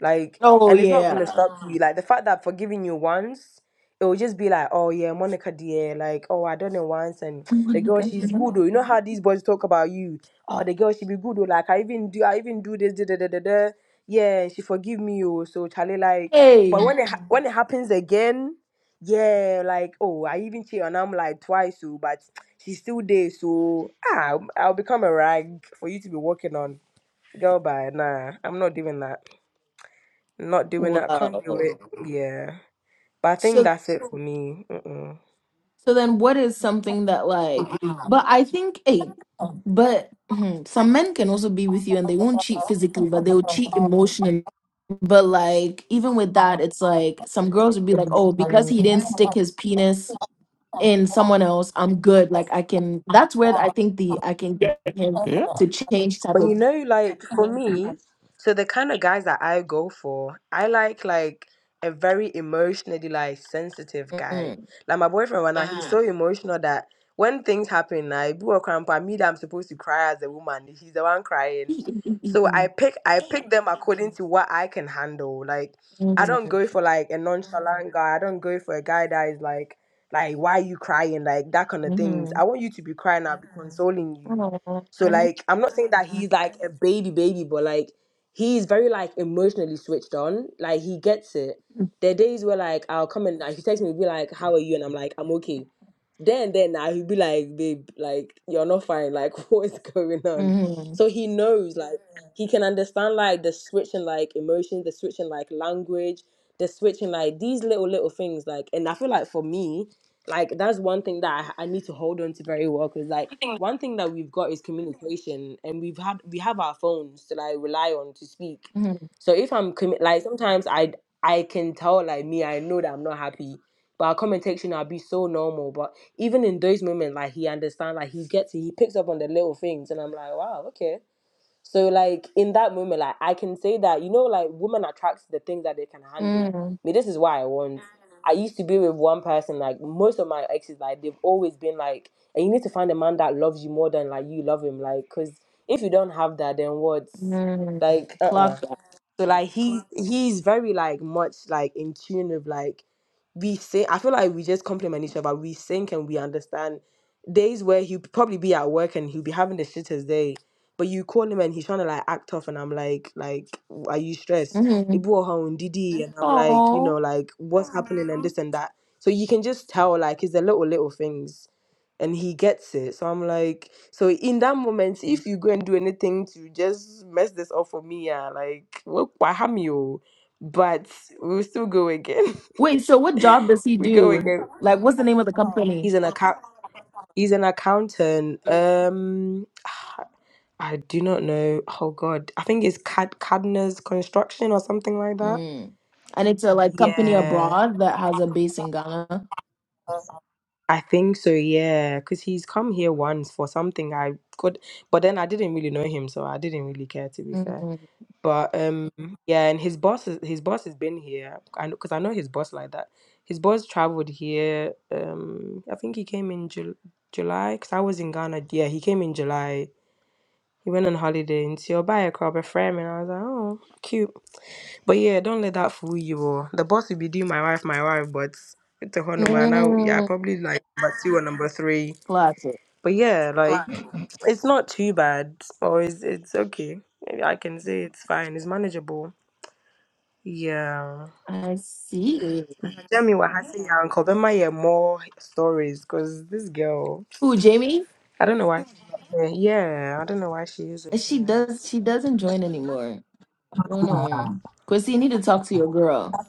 [SPEAKER 5] Like,
[SPEAKER 1] Oh
[SPEAKER 5] and it's not
[SPEAKER 1] yeah.
[SPEAKER 5] gonna stop you. Like the fact that forgiving you once, it will just be like, oh yeah, Monica dear, like oh I done it once, and the girl she's
[SPEAKER 1] (laughs)
[SPEAKER 5] good. Or you know how these boys talk about you. Oh the girl she be good. Or like I even do, I even do this. Da, da, da, da, da. Yeah, she forgive me. Oh so Charlie like, but
[SPEAKER 1] Hey.
[SPEAKER 5] when it ha- when it happens again, yeah, like oh I even cheat on him like twice. Oh but. She's still there, so ah, I'll, I'll become a rag for you to be working on. Girl, bye. Nah, I'm not doing that. Not doing that. Can't do
[SPEAKER 1] Wow.
[SPEAKER 5] it. Yeah. But I think
[SPEAKER 1] So.
[SPEAKER 5] that's it for me. Mm-mm.
[SPEAKER 1] So then what is something that like but I think hey, but hmm, some men can also be with you and they won't cheat physically, but they'll cheat emotionally. But like even with that, it's like some girls would be like, Oh, because he didn't stick his penis in someone else, I'm good. Like I can that's where I think the I can get him
[SPEAKER 3] Yeah.
[SPEAKER 1] to change type
[SPEAKER 5] But
[SPEAKER 1] of
[SPEAKER 5] you know, like for (laughs) me, so the kind of guys that I go for, I like like a very emotionally like sensitive
[SPEAKER 1] mm,
[SPEAKER 5] guy. Like my boyfriend right now, he's so emotional that when things happen, I do a cramp, I mean that I'm supposed to cry as a woman. He's the one crying.
[SPEAKER 1] mm,
[SPEAKER 5] So I
[SPEAKER 1] mhm,
[SPEAKER 5] pick I pick them according to what I can handle. Like
[SPEAKER 1] mhm,
[SPEAKER 5] I don't go for like a nonchalant guy. I don't go for a guy that is like like why are you crying? Like that kind of things. I
[SPEAKER 1] mhm,
[SPEAKER 5] want you to be crying, I'll be consoling you so like I'm not saying that he's like a baby baby, but like he's very like emotionally switched on. Like he gets it. There are days where like I'll come and like he texts me, he'll be like, How are you? And I'm like, I'm okay. Then then now he'll be like, babe, like you're not fine. Like (laughs) what is going on?
[SPEAKER 1] mhm,
[SPEAKER 5] So he knows like he can understand like the switching like emotions, the switching like language, the switching like these little little things like and I feel like for me, like that's one thing that I, I need to hold on to very well because like one thing that we've got is communication and we've had we have our phones to like rely on to speak.
[SPEAKER 1] mhm,
[SPEAKER 5] So if I'm commi- like sometimes I I can tell like me I know that I'm not happy, but our commentation I'll be so normal. But even in those moments, like he understands, like he gets it, he picks up on the little things, and I'm like, wow, okay so like in that moment, like I can say that you know, like women attracts the things that they can handle.
[SPEAKER 1] mhm,
[SPEAKER 5] I mean, this is why I want. I used to be with one person. Like most of my exes, like they've always been like, and you need to find a man that loves you more than like you love him. Like, cause if you don't have that, then what's
[SPEAKER 1] mhm.
[SPEAKER 5] like, uh, uh
[SPEAKER 1] Clock
[SPEAKER 5] So like he he's very like much like in tune with like we sing. I feel like we just compliment each other. We think and we understand. Days where he'll probably be at work and he'll be having the shittest day, but you call him and he's trying to like act tough, and I'm like, like, are you stressed? He
[SPEAKER 1] hmm
[SPEAKER 5] brought home Didi, and I'm like, you
[SPEAKER 1] Oh.
[SPEAKER 5] know, like what's happening and this and that. So you can just tell like it's the little little things, and he gets it. So I'm like, so in that moment, if you go and do anything to just mess this up for me, yeah, like, what, what harm you? But we'll still go again.
[SPEAKER 1] Wait, so what job does he
[SPEAKER 5] (laughs) we go
[SPEAKER 1] do?
[SPEAKER 5] again.
[SPEAKER 1] Like, what's the name of the company?
[SPEAKER 5] He's an account. He's an accountant. Um, (sighs) I do not know. Oh God, I think it's Cad Cadner's Construction or something like that.
[SPEAKER 1] Mm. And it's a like company
[SPEAKER 5] Yeah,
[SPEAKER 1] abroad that has a base in Ghana.
[SPEAKER 5] I think so. Yeah, because he's come here once for something I could, but then I didn't really know him, so I didn't really care to be fair.
[SPEAKER 1] Mm.
[SPEAKER 5] But um, yeah, and his boss is his boss has been here. I because I know his boss like that. His boss traveled here. Um, I think he came in Jul July because I was in Ghana. Yeah, he came in July He went on holiday and your buyer buy a crop a frame, and I was like, Oh, cute. But yeah, don't let that fool you or the boss will be doing my wife, my wife, but it's a honor man. I yeah,
[SPEAKER 1] Mm.
[SPEAKER 5] probably like number two or number three.
[SPEAKER 1] Classic.
[SPEAKER 5] But yeah, like Right. it's not too bad. Or it's it's okay. Maybe I can say it's fine, it's manageable. Yeah.
[SPEAKER 1] I see.
[SPEAKER 5] Tell me what happened, your uncle. There might be more stories because this girl,
[SPEAKER 1] Who, Jamie?
[SPEAKER 5] I don't know why. she's not here. Yeah, I don't know why she
[SPEAKER 1] Uh,
[SPEAKER 5] isn't
[SPEAKER 1] She
[SPEAKER 5] here.
[SPEAKER 1] does she doesn't join anymore. I don't know. Chrissy, you need to talk to your girl.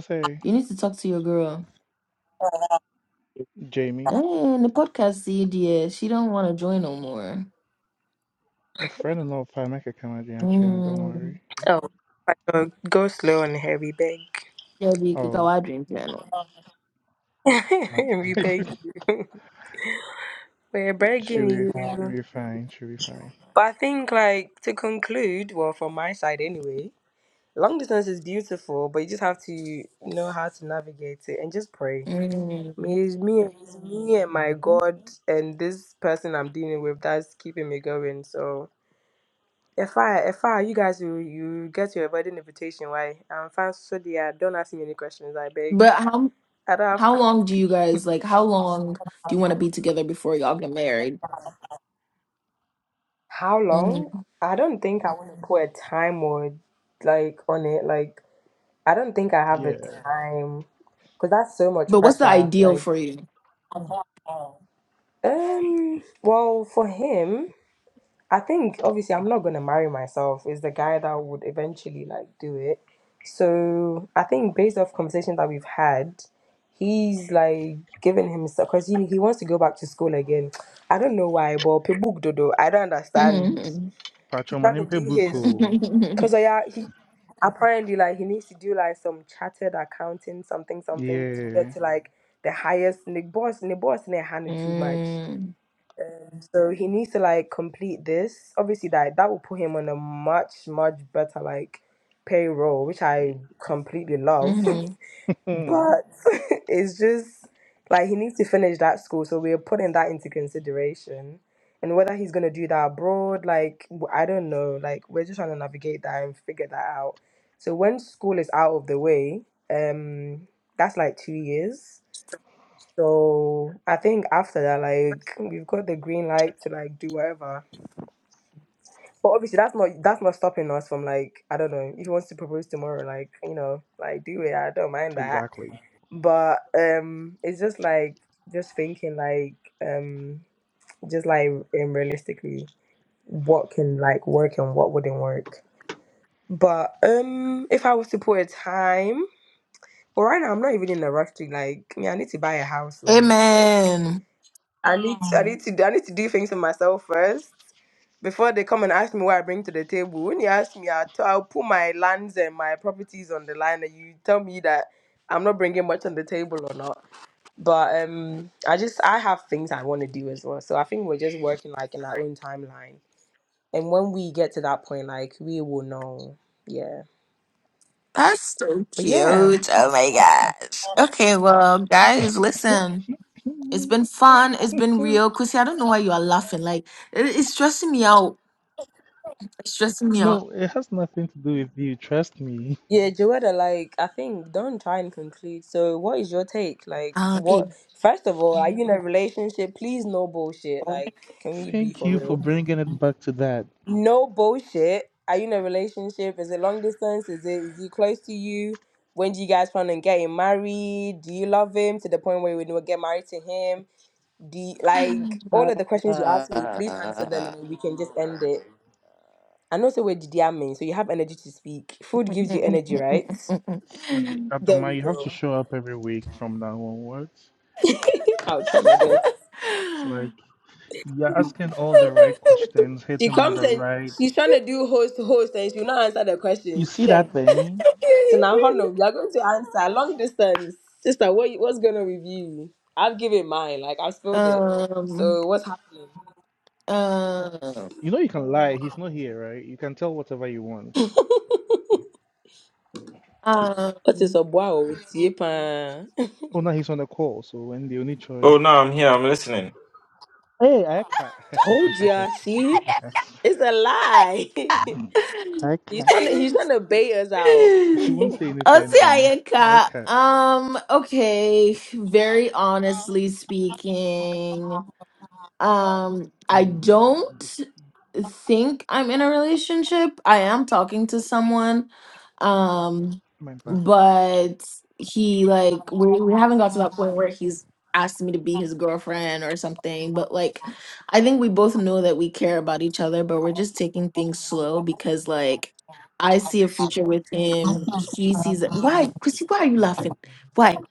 [SPEAKER 4] say
[SPEAKER 1] You need to talk to your girl.
[SPEAKER 4] Jamie.
[SPEAKER 1] And the podcast see dear, she don't want to join no more.
[SPEAKER 4] My friend will know if I make a comedy on channel, don't worry.
[SPEAKER 1] Mm.
[SPEAKER 5] Oh, I go, go slow and heavy, big.
[SPEAKER 1] Yeah, be
[SPEAKER 4] Oh,
[SPEAKER 1] Kikawa Dream Channel.
[SPEAKER 4] my
[SPEAKER 5] (laughs) we beg you. (laughs) We're
[SPEAKER 4] (laughs) she'll
[SPEAKER 5] begging
[SPEAKER 4] be she'll
[SPEAKER 5] you.
[SPEAKER 4] be fine, she'll be fine.
[SPEAKER 5] But I think, like, to conclude, well, from my side anyway, long distance is beautiful, but you just have to know how to navigate it and just pray. Me,
[SPEAKER 1] Mm.
[SPEAKER 5] it's me, it's me and my
[SPEAKER 4] hmm
[SPEAKER 5] God and this person I'm dealing with that's keeping me going. So if I, if I, you guys, you, you get your wedding invitation, why? I'm fine. So yeah, don't ask me any questions. I beg.
[SPEAKER 1] But how
[SPEAKER 5] I don't have
[SPEAKER 1] how long do you guys like? How long do you want to be together before y'all get married?
[SPEAKER 5] How long?
[SPEAKER 1] Mhm.
[SPEAKER 5] I don't think I want to put a time or like on it. Like I don't think I have a
[SPEAKER 4] Yeah.
[SPEAKER 5] time because that's so much
[SPEAKER 1] But what's the
[SPEAKER 5] pressure.
[SPEAKER 1] ideal
[SPEAKER 5] Like
[SPEAKER 1] for you?
[SPEAKER 5] um, well, for him,
[SPEAKER 1] (laughs)
[SPEAKER 5] I think obviously I'm not gonna marry myself. Is the guy that would eventually like do it. So I think based off conversation that we've had, he's like giving himself because he he wants to go back to school again. I don't know why, but people do do. I don't understand.
[SPEAKER 1] Mhm.
[SPEAKER 4] Pacho
[SPEAKER 5] He's trying to
[SPEAKER 4] manimpe
[SPEAKER 5] do his.
[SPEAKER 4] buko.
[SPEAKER 5] Cause I uh, yeah, he apparently like he needs to do like some chartered accounting something something to get
[SPEAKER 4] Yeah.
[SPEAKER 5] to like the highest and the boss and the boss in hand too much.
[SPEAKER 1] Mhm.
[SPEAKER 5] So he needs to like complete this. Obviously that that will put him on a much, much better like payroll, which I completely love. (laughs)
[SPEAKER 1] Mhm.
[SPEAKER 5] But (laughs) it's just like he needs to finish that school, so we're putting that into consideration. And whether he's gonna do that abroad, like w- I don't know, like we're just trying to navigate that and figure that out. So when school is out of the way, um, that's like two years. So I think after that, like we've got the green light to like do whatever. But obviously, that's not that's not stopping us from like I don't know if he wants to propose tomorrow, like you know, like do it. I don't
[SPEAKER 4] (laughs)
[SPEAKER 5] mind that
[SPEAKER 4] exactly.
[SPEAKER 5] but um it's just like just thinking like um just like um, realistically what can like work and what wouldn't work but um if i was to put a time well right now i'm not even in a rush to like yeah i need to buy a house
[SPEAKER 1] (laughs)
[SPEAKER 5] so like
[SPEAKER 1] Amen.
[SPEAKER 5] i need to, i need to i need to do things for myself first before they come and ask me what I bring to the table, when you ask me, I'll, t- I'll put my lands and my properties on the line, and you tell me that I'm not bringing much on the table or not. But um, I just I have things I want to do as well. So I think we're just working like in our own timeline. And when we get to that point, like we will know. Yeah.
[SPEAKER 1] That's so
[SPEAKER 5] But yeah.
[SPEAKER 1] cute. Oh my gosh. Okay, well, guys,
[SPEAKER 4] (laughs)
[SPEAKER 1] listen. It's been fun. It's been real. Chrissy, I don't know why you are laughing. Like, it- it's stressing me out. It's stressing me out.
[SPEAKER 4] no, it has nothing to do with you, trust me.
[SPEAKER 5] Yeah, Joetta, like I think don't try and conclude. So what is your take? Like
[SPEAKER 1] Uh, hey.
[SPEAKER 5] what first of all, are you in a (laughs) relationship? Please no bullshit. Like, can we be
[SPEAKER 4] Thank
[SPEAKER 5] for
[SPEAKER 4] you for
[SPEAKER 5] real?
[SPEAKER 4] bringing it back to that.
[SPEAKER 5] no bullshit. Are you in a relationship? Is it long distance? Is it is he close to you? When do you guys plan on getting married? Do you love him to the point where we will get married to him? Do you, like all of the questions you ask me, please answer them and then we can just end it. I know so we're DDMing, so you have energy to speak. Food
[SPEAKER 1] (laughs)
[SPEAKER 5] gives you energy, right?
[SPEAKER 4] See,
[SPEAKER 5] There
[SPEAKER 4] Adoma,
[SPEAKER 5] we
[SPEAKER 4] you have to
[SPEAKER 5] go.
[SPEAKER 4] show up every week from now onwards.
[SPEAKER 5] (laughs) I'll try my
[SPEAKER 4] It's,
[SPEAKER 5] best.
[SPEAKER 4] it's like you're asking all the right questions,
[SPEAKER 5] She
[SPEAKER 4] hitting all
[SPEAKER 5] comes
[SPEAKER 4] the
[SPEAKER 5] and
[SPEAKER 4] right.
[SPEAKER 5] she's trying to do host host and she'll not answer the
[SPEAKER 4] You
[SPEAKER 5] questions.
[SPEAKER 4] see that
[SPEAKER 5] Share.
[SPEAKER 4] thing?
[SPEAKER 5] So now, Honor, you are going to answer long distance. Sister, what, you- what's going on with you? I've given mine, like, I've spilled it.
[SPEAKER 1] um,
[SPEAKER 5] So, what's happening?
[SPEAKER 1] um,
[SPEAKER 4] You know you can lie. He's not here, right? You can tell whatever you want.
[SPEAKER 5] What is a boy? with Yepa? (laughs)
[SPEAKER 4] Oh, now he's on the call, so when the only
[SPEAKER 3] oh
[SPEAKER 4] choice.
[SPEAKER 3] no i'm here i'm listening
[SPEAKER 4] Hey, I can't.
[SPEAKER 5] Told ya, see? It's a lie. (laughs)
[SPEAKER 4] (laughs) I
[SPEAKER 1] um.
[SPEAKER 5] he's
[SPEAKER 4] can't.
[SPEAKER 5] trying to
[SPEAKER 1] (laughs)
[SPEAKER 5] he's trying to bait us out.
[SPEAKER 4] She won't say anything
[SPEAKER 1] Osi
[SPEAKER 4] then. I
[SPEAKER 1] Ayaka,
[SPEAKER 4] can't.
[SPEAKER 1] um, okay, very honestly speaking, um, I
[SPEAKER 4] Um,
[SPEAKER 1] don't think I'm in a relationship. I am talking to someone. Um,
[SPEAKER 4] my back.
[SPEAKER 1] but he like we, we haven't got to that point where he's asked me to be his girlfriend or something. But like I think we both know that we care about each other, but we're just taking things slow because like I see a future with him. He sees it. Why, Chrissy, why are you laughing? Why?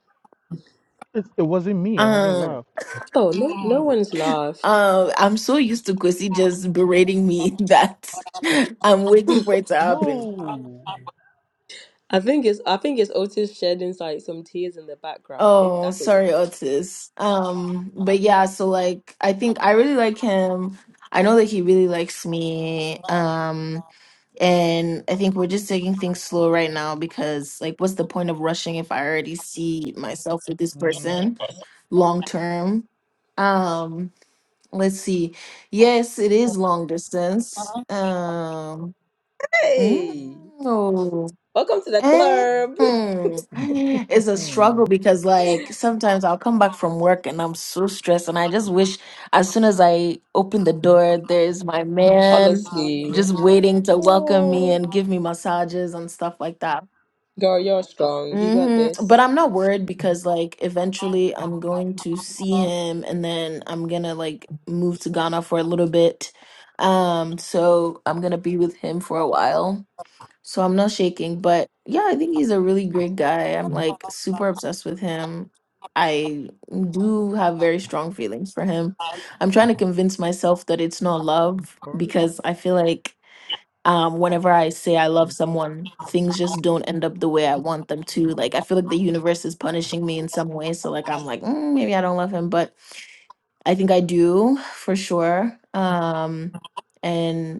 [SPEAKER 4] It, it wasn't me. I haven't
[SPEAKER 1] Um
[SPEAKER 4] laughed.
[SPEAKER 5] Oh no no one's laughed.
[SPEAKER 1] uh, I'm so used to Chrissy just berating me (laughs) that I'm waiting for it to happen.
[SPEAKER 4] No.
[SPEAKER 5] I think it's I think it's Otis shedding like some tears in the background. Maybe
[SPEAKER 1] Oh,
[SPEAKER 5] that's what you're
[SPEAKER 1] sorry,
[SPEAKER 5] hearing.
[SPEAKER 1] Otis. Um, but yeah, so like I think I really like him. I know that he really likes me. Um, and I think we're just taking things slow right now because like what's the point of rushing if I already see myself with this
[SPEAKER 4] Mm-hmm.
[SPEAKER 1] person long term? Um, let's see. Yes, it is long distance. Um, mm,
[SPEAKER 5] Hey.
[SPEAKER 1] oh.
[SPEAKER 5] Welcome to the
[SPEAKER 1] Eh,
[SPEAKER 5] club.
[SPEAKER 1] hmm. It's
[SPEAKER 4] (laughs)
[SPEAKER 1] a struggle because, like, sometimes I'll come back from work and I'm so stressed, and I just wish as soon as I open the door, there's my
[SPEAKER 5] (laughs)
[SPEAKER 1] man
[SPEAKER 5] Honestly.
[SPEAKER 1] just waiting to welcome me
[SPEAKER 5] Oh,
[SPEAKER 1] and give me massages and stuff like that.
[SPEAKER 5] girl, you're strong. You got
[SPEAKER 1] hmm
[SPEAKER 5] this.
[SPEAKER 1] But I'm not worried because, like, eventually I'm going to see him, and then I'm gonna like move to Ghana for a little bit. Um, so I'm gonna be with him for a while. So I'm not shaking, but yeah, I think he's a really great guy. I'm like super obsessed with him. I do have very strong feelings for him. I'm trying to convince myself that it's not love
[SPEAKER 4] Record.
[SPEAKER 1] because I feel like um whenever I say I love
[SPEAKER 4] Listen.
[SPEAKER 1] someone, things just don't end up the way I want them to. Like I feel like the universe is punishing me in some way. So like I'm like, "Mm, maybe I don't love him, but I think I do for sure. Um and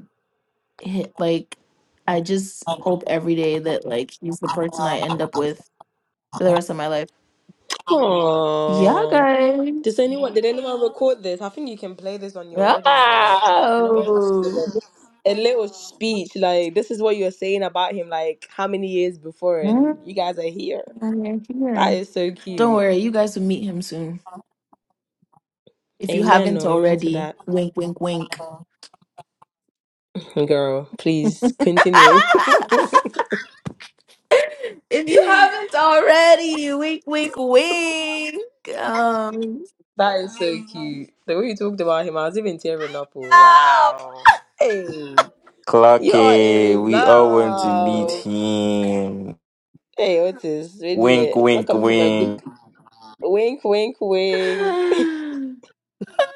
[SPEAKER 1] hit, like I just hope every day that like he's the person I end up with for the rest of my life. Yeah,
[SPEAKER 5] Oh, does
[SPEAKER 1] guys.
[SPEAKER 5] anyone did anyone record this? I think you can play this on your wedding day. Like you know, when you have to give
[SPEAKER 1] Oh.
[SPEAKER 5] a, a little speech. Like this is what you were saying about him. Like how many years before,
[SPEAKER 1] Mm,
[SPEAKER 5] and you guys are here.
[SPEAKER 1] we're
[SPEAKER 5] That
[SPEAKER 1] here. (laughs)
[SPEAKER 5] is so
[SPEAKER 1] Don't
[SPEAKER 5] cute.
[SPEAKER 1] worry, you guys will meet him soon. If you
[SPEAKER 5] Amen.
[SPEAKER 1] haven't
[SPEAKER 5] No, amen to
[SPEAKER 1] already,
[SPEAKER 5] that,
[SPEAKER 1] wink, wink, wink.
[SPEAKER 5] girl.
[SPEAKER 1] (laughs)
[SPEAKER 5] Please
[SPEAKER 1] if
[SPEAKER 5] continue. (laughs)
[SPEAKER 1] you haven't already, wink, wink, wink. Um,
[SPEAKER 5] that is so cute. The way you talked about him, I was even tearing up.
[SPEAKER 1] (laughs)
[SPEAKER 5] Oh, wow. Hey, you are
[SPEAKER 3] Clarky,
[SPEAKER 5] in
[SPEAKER 3] we all want to meet
[SPEAKER 5] love.
[SPEAKER 3] him.
[SPEAKER 5] Hey, what is really?
[SPEAKER 3] Wink,
[SPEAKER 5] eh, It's not
[SPEAKER 3] wink,
[SPEAKER 5] coming from a good.
[SPEAKER 3] wink,
[SPEAKER 5] Wink, wink, wink. (laughs)
[SPEAKER 1] no. (sighs) (laughs)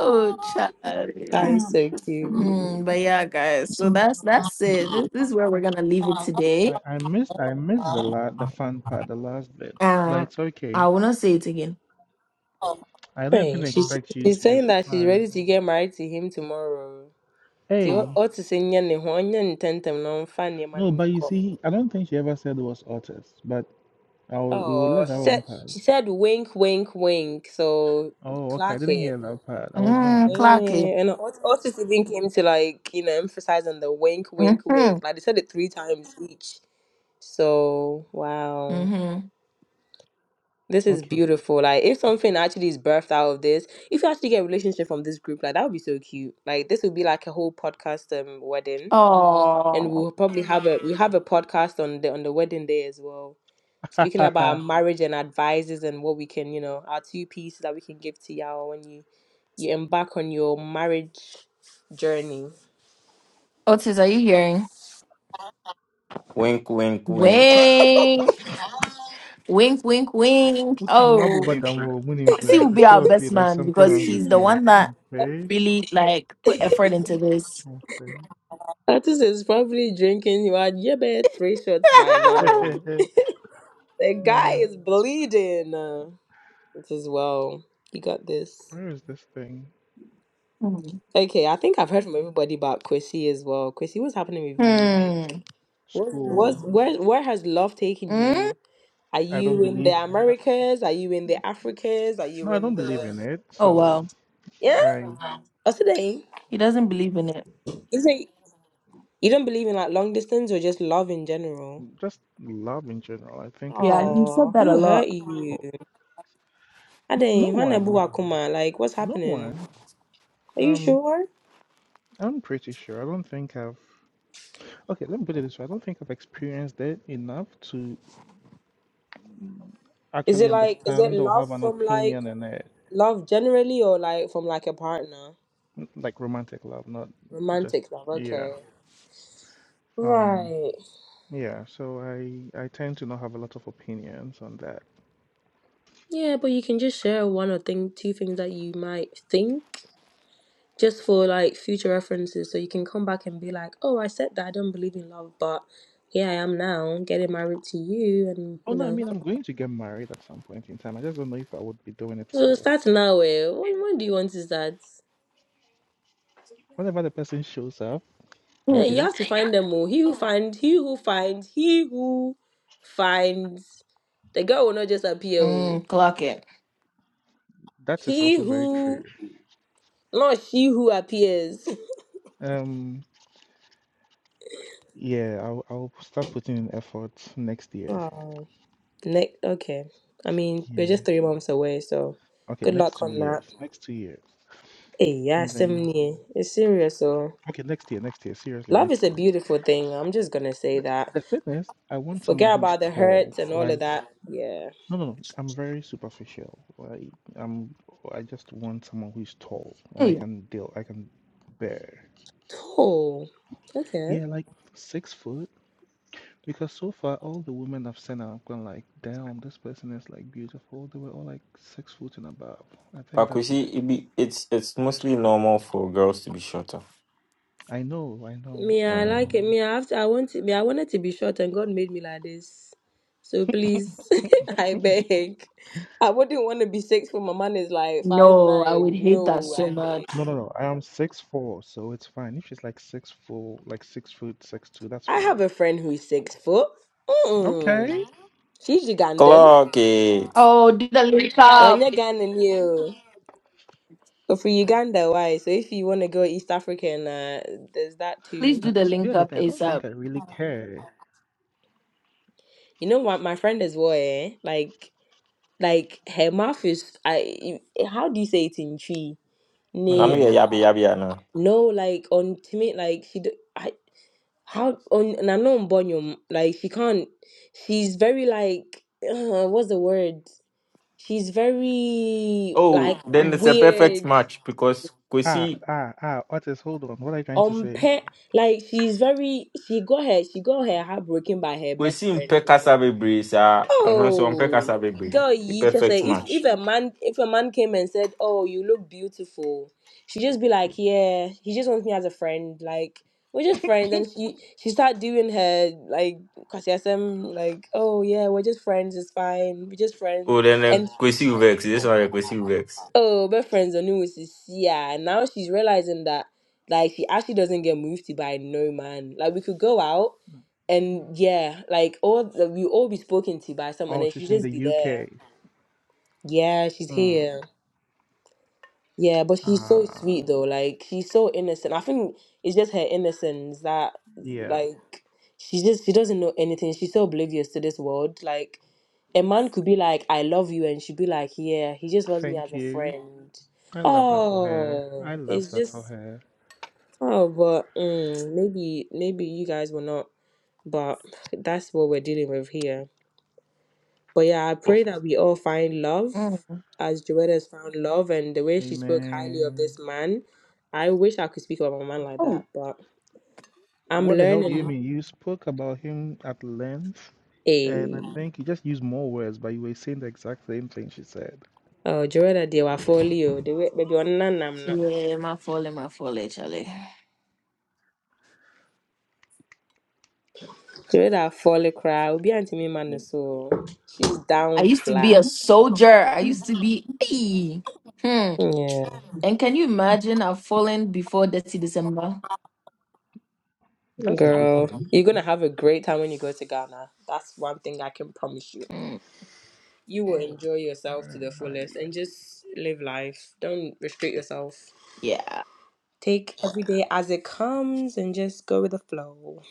[SPEAKER 1] Oh, child.
[SPEAKER 5] That is so
[SPEAKER 1] Hmm,
[SPEAKER 5] cute.
[SPEAKER 1] but yeah, guys. So that's that's it. This, this is where we're gonna leave it today.
[SPEAKER 4] I, I missed I missed the la- the fun part, the last bit. But
[SPEAKER 1] Uh,
[SPEAKER 4] it's okay.
[SPEAKER 1] I will not say it again.
[SPEAKER 4] I don't even
[SPEAKER 5] Hey, she's
[SPEAKER 4] expect you
[SPEAKER 5] she's
[SPEAKER 4] to.
[SPEAKER 5] saying
[SPEAKER 4] It's
[SPEAKER 5] that she's
[SPEAKER 4] fine.
[SPEAKER 5] ready to get married to him tomorrow. Ti o
[SPEAKER 4] Hey.
[SPEAKER 5] o ti se nye ne ho nye ne tentem no mfa nneɛma
[SPEAKER 4] No,
[SPEAKER 5] no
[SPEAKER 4] but you
[SPEAKER 5] nkɔ.
[SPEAKER 4] see, I don't think she ever said it was artist, but Oh, we will
[SPEAKER 5] Oh,
[SPEAKER 4] let that
[SPEAKER 5] she said
[SPEAKER 4] one pass.
[SPEAKER 5] she said wink, wink, wink. So
[SPEAKER 4] Oh, okay. I
[SPEAKER 5] clock
[SPEAKER 4] didn't
[SPEAKER 5] it.
[SPEAKER 4] hear that part. I was
[SPEAKER 1] Mm,
[SPEAKER 4] gone.
[SPEAKER 1] Clarky.
[SPEAKER 5] Eh, and Ot- Otis even came to like you know emphasize on the wink, wink,
[SPEAKER 1] Mm-hmm.
[SPEAKER 5] wink. Like they said it three times each. So wow.
[SPEAKER 1] Mm-hmm.
[SPEAKER 5] This is
[SPEAKER 4] Okay. (laughs)
[SPEAKER 5] beautiful. Like, if something actually is birthed out of this, if you actually get a relationship from this group, like that would be so cute. Like, this would be like a whole podcast um wedding, and
[SPEAKER 1] Oh,
[SPEAKER 5] we'll probably have a we have a podcast on the on the wedding day as well, speaking about our marriage and advices and what we can, you know, our two pieces that we can give to y'all when you you embark on your marriage journey.
[SPEAKER 1] Otis, are you hearing?
[SPEAKER 3] wink, wink, wink.
[SPEAKER 1] Wink, wink, wink, wink.
[SPEAKER 4] Utu mabu
[SPEAKER 1] Oh,
[SPEAKER 4] badamu. My name is
[SPEAKER 1] Messi
[SPEAKER 4] uh,
[SPEAKER 1] will
[SPEAKER 4] the
[SPEAKER 1] be
[SPEAKER 4] two
[SPEAKER 1] our
[SPEAKER 5] (laughs)
[SPEAKER 4] of
[SPEAKER 1] best
[SPEAKER 4] you. There's
[SPEAKER 1] man
[SPEAKER 4] something
[SPEAKER 1] because
[SPEAKER 4] wrong with
[SPEAKER 1] he's the
[SPEAKER 4] you.
[SPEAKER 1] one that
[SPEAKER 4] Config.
[SPEAKER 1] really like put effort into this.
[SPEAKER 4] Config.
[SPEAKER 5] Artist is probably drinking you had yeah, bet three shots by now.
[SPEAKER 4] (laughs)
[SPEAKER 5] The guy
[SPEAKER 4] uh,
[SPEAKER 5] is bleeding. Uh, it is well. You got this.
[SPEAKER 4] where is this thing?
[SPEAKER 1] (laughs)
[SPEAKER 5] Okay, I think I've heard from everybody about Chrissy as well. Chrissy, what's happening with you? Like,
[SPEAKER 1] hmm.
[SPEAKER 5] what's
[SPEAKER 4] School.
[SPEAKER 5] what's where where has love taken
[SPEAKER 1] Mm?
[SPEAKER 5] you? Are
[SPEAKER 4] I don't
[SPEAKER 5] you in the
[SPEAKER 4] believe. I,
[SPEAKER 5] Americas? Are you in the Africas? Are
[SPEAKER 4] no,
[SPEAKER 5] you
[SPEAKER 4] I don't
[SPEAKER 5] in
[SPEAKER 4] believe
[SPEAKER 5] the
[SPEAKER 4] in it.
[SPEAKER 1] Oh
[SPEAKER 4] So
[SPEAKER 1] wow,
[SPEAKER 5] (laughs) yeah?
[SPEAKER 4] I
[SPEAKER 5] Oh, today
[SPEAKER 1] he doesn't believe in it.
[SPEAKER 5] is it? You don't believe in like long distance or just love in general?
[SPEAKER 4] just love in general. I think it's
[SPEAKER 1] Yeah,
[SPEAKER 4] a.
[SPEAKER 1] he said
[SPEAKER 5] Oh,
[SPEAKER 1] that a
[SPEAKER 5] who hurt
[SPEAKER 1] lot.
[SPEAKER 5] you?
[SPEAKER 4] Oh, no, no
[SPEAKER 5] Ade, Hwana
[SPEAKER 4] one.
[SPEAKER 5] Buwa Kuma, like what's
[SPEAKER 4] No
[SPEAKER 5] happening?
[SPEAKER 4] one.
[SPEAKER 5] Are you
[SPEAKER 4] Um,
[SPEAKER 5] sure?
[SPEAKER 4] I'm pretty sure. I don't think I've. Okay, let me put it this way. I don't think I've experienced it enough to
[SPEAKER 5] Is
[SPEAKER 4] actually
[SPEAKER 5] it like is it
[SPEAKER 4] understand or
[SPEAKER 5] love
[SPEAKER 4] have an
[SPEAKER 5] from like
[SPEAKER 4] opinion in it,
[SPEAKER 5] Love generally or like from like a partner?
[SPEAKER 4] n- like romantic love, not just
[SPEAKER 5] Romantic love,
[SPEAKER 4] yeah.
[SPEAKER 5] okay.
[SPEAKER 4] Um,
[SPEAKER 5] Right.
[SPEAKER 4] yeah, so I I tend to not have a lot of opinions on that.
[SPEAKER 5] Yeah, but you can just share one or thing two things that you might think just for like future references so you can come back and be like, "Oh, I said that I don't believe in love, but here I am now, getting married to you and
[SPEAKER 4] Oh
[SPEAKER 5] you
[SPEAKER 4] no, I
[SPEAKER 5] know."
[SPEAKER 4] mean I'm going to get married at some point in time. I just don't know if I would be doing it
[SPEAKER 5] So
[SPEAKER 4] for
[SPEAKER 5] start now. Eh? When, when do you want to start?
[SPEAKER 4] whenever the person shows up, I
[SPEAKER 1] Hmm.
[SPEAKER 5] Eh, you
[SPEAKER 4] guess.
[SPEAKER 5] have to find them all. He who finds, he who finds, he who finds. The girl will not just appear. oh.
[SPEAKER 1] Mm, clock it.
[SPEAKER 4] That is
[SPEAKER 5] He
[SPEAKER 4] also very
[SPEAKER 5] who
[SPEAKER 4] true.
[SPEAKER 5] Not she who appears.
[SPEAKER 4] Um, yeah, I'll I'll start putting in effort next year.
[SPEAKER 5] Oh, next. Okay. I mean, we're
[SPEAKER 4] Yeah.
[SPEAKER 5] just three months away, so
[SPEAKER 4] Okay,
[SPEAKER 5] good
[SPEAKER 4] next
[SPEAKER 5] luck
[SPEAKER 4] two
[SPEAKER 5] on that.
[SPEAKER 4] years. Next two years.
[SPEAKER 5] Hey, yeah,
[SPEAKER 4] And then
[SPEAKER 5] Simni, it's serious. So
[SPEAKER 4] Okay, next year, next year, seriously,
[SPEAKER 5] love
[SPEAKER 4] next
[SPEAKER 5] is a
[SPEAKER 4] year.
[SPEAKER 5] beautiful thing. I'm just gonna say that.
[SPEAKER 4] The fitness, I want someone
[SPEAKER 5] Forget
[SPEAKER 4] who is
[SPEAKER 5] about the
[SPEAKER 4] tall.
[SPEAKER 5] hurts and all of
[SPEAKER 4] Like,
[SPEAKER 5] that. Yeah.
[SPEAKER 4] no, no, no. I'm very superficial. Like, I'm. I just want someone who is tall, and I
[SPEAKER 1] Hey,
[SPEAKER 4] can deal. I can bear.
[SPEAKER 5] Oh, okay.
[SPEAKER 4] Yeah, like six foot. Because so far, all the women I've seen, I've gone like, damn, this person is like beautiful. They were all like six foot and above. I think
[SPEAKER 3] But you
[SPEAKER 4] that's my.
[SPEAKER 3] see, it be, it's it's mostly normal for girls to be shorter.
[SPEAKER 4] I know, I know,
[SPEAKER 5] Me, I
[SPEAKER 4] I
[SPEAKER 3] Mm.
[SPEAKER 5] like it.
[SPEAKER 4] know.
[SPEAKER 5] Me, I have to, I want to, me, I wanted to be short, and God made me like this. So please, (laughs) I beg. I wouldn't want to be six when my man is like five
[SPEAKER 1] no, I would
[SPEAKER 5] nine.
[SPEAKER 1] hate that
[SPEAKER 5] No,
[SPEAKER 1] so
[SPEAKER 5] I beg.
[SPEAKER 1] much.
[SPEAKER 4] No, no, no. I am six four, so it's fine. If she's like six four, like six foot, six two, that's
[SPEAKER 5] I have
[SPEAKER 4] fine.
[SPEAKER 5] a friend who's six foot. Mm.
[SPEAKER 4] Okay.
[SPEAKER 5] She's Ugandan.
[SPEAKER 3] Clock it.
[SPEAKER 1] Oh, do the link up.
[SPEAKER 5] Anya Ugandan, you. But for Uganda, why? So if you want to go East African, uh, there's that
[SPEAKER 1] Please
[SPEAKER 5] too.
[SPEAKER 4] I,
[SPEAKER 1] do the
[SPEAKER 4] s-
[SPEAKER 1] link
[SPEAKER 4] here's the
[SPEAKER 1] up
[SPEAKER 4] thing. I don't
[SPEAKER 1] ASAP.
[SPEAKER 4] think I really care.
[SPEAKER 5] You know what? My friend as well, eh? Like, like her mouth is. I. How do you say it in tree?
[SPEAKER 4] No, no,
[SPEAKER 5] Ne,
[SPEAKER 4] yeah,
[SPEAKER 3] Namia
[SPEAKER 4] yeah.
[SPEAKER 3] yabi yabi yana.
[SPEAKER 5] no, like on timid, like she. do- I how on and I know on Bonyo, like she can't. She's very like. (sighs) Uh, what's the word? She's very
[SPEAKER 3] Oh,
[SPEAKER 5] like
[SPEAKER 3] then it's a
[SPEAKER 5] weird,
[SPEAKER 3] perfect match because
[SPEAKER 4] Ah,
[SPEAKER 3] Kwesi
[SPEAKER 4] ah, ah. What is? Hold on. What are you trying to
[SPEAKER 5] on
[SPEAKER 4] say?
[SPEAKER 5] pe- like she's very she got her she got her heartbroken by her best
[SPEAKER 3] Kwesi mpe
[SPEAKER 5] friend. girl.
[SPEAKER 3] kasa bebre sa. I'm not so mpe
[SPEAKER 5] Oh
[SPEAKER 3] kasa bebre.
[SPEAKER 5] girl,
[SPEAKER 3] The
[SPEAKER 5] you just say
[SPEAKER 3] perfect
[SPEAKER 5] if if
[SPEAKER 3] match.
[SPEAKER 5] a man if a man came and said, Oh, you look beautiful, she just be like, Yeah, he just wants me as a friend, like we're just friends and she she start doing her like kwasiasem like oh yeah we're just friends it's fine we're just friends
[SPEAKER 3] Oh, then uh, Kwesi Uvex. This one yeah, Kwesi Uvex.
[SPEAKER 5] oh, my friends are new is yeah. Now she's realizing that like she actually doesn't get moved to by no man. Like we could go out and yeah, like all the, we all be spoken to by someone
[SPEAKER 4] Oh,
[SPEAKER 5] and she
[SPEAKER 4] she's in
[SPEAKER 5] just
[SPEAKER 4] the
[SPEAKER 5] be there.
[SPEAKER 4] UK.
[SPEAKER 5] Yeah, she's
[SPEAKER 4] Hmm.
[SPEAKER 5] here. Yeah, but she's so
[SPEAKER 4] Ah,
[SPEAKER 5] sweet though. Like she's so innocent. I think it's just her innocence that
[SPEAKER 4] yeah.
[SPEAKER 5] like she just she doesn't know anything. She's so oblivious to this world. Like a man could be like, I love you, and she'd be like, Yeah, he just loves me
[SPEAKER 4] Thank
[SPEAKER 5] as a
[SPEAKER 4] you.
[SPEAKER 5] friend.
[SPEAKER 4] I love that for her. I
[SPEAKER 5] Oh,
[SPEAKER 4] love
[SPEAKER 5] it's
[SPEAKER 4] that for
[SPEAKER 5] just
[SPEAKER 4] her.
[SPEAKER 5] oh, but mm, maybe maybe you guys were not, but that's what we're dealing with here. But yeah, I
[SPEAKER 3] Oh,
[SPEAKER 5] pray that we all find love
[SPEAKER 1] Mm.
[SPEAKER 5] as Joetta has found love, and the way she spoke highly of
[SPEAKER 4] Amen.
[SPEAKER 5] this man. I wish I could speak about my man like
[SPEAKER 1] Oh,
[SPEAKER 5] that, but I'm
[SPEAKER 4] What the hell do you
[SPEAKER 5] learning.
[SPEAKER 4] mean? You spoke about him at length, and
[SPEAKER 5] A
[SPEAKER 4] I think you just used more words, but you were saying the exact same thing she said.
[SPEAKER 5] oh, Joetta, they were folio. They were baby on
[SPEAKER 1] Yeah, my folly, my folly, Charlie.
[SPEAKER 5] Joeda fɔle koraa obi antumi ma no so o. she's down
[SPEAKER 1] I used to
[SPEAKER 5] flat
[SPEAKER 1] be a
[SPEAKER 5] Mhm.
[SPEAKER 1] soldier. I used to be. Hey. Hmm.
[SPEAKER 5] yeah
[SPEAKER 1] And can you imagine I've fallen before 30 December?
[SPEAKER 4] That's a good
[SPEAKER 5] girl
[SPEAKER 4] thing.
[SPEAKER 5] you're gonna have a great time when you go to ghana that's one thing i can promise you
[SPEAKER 1] Mm.
[SPEAKER 5] you will enjoy yourself to
[SPEAKER 4] Where
[SPEAKER 5] the
[SPEAKER 4] are
[SPEAKER 5] fullest and
[SPEAKER 4] you?
[SPEAKER 5] just live life don't restrict yourself
[SPEAKER 1] Yeah.
[SPEAKER 5] take every day as it comes and just go with the flow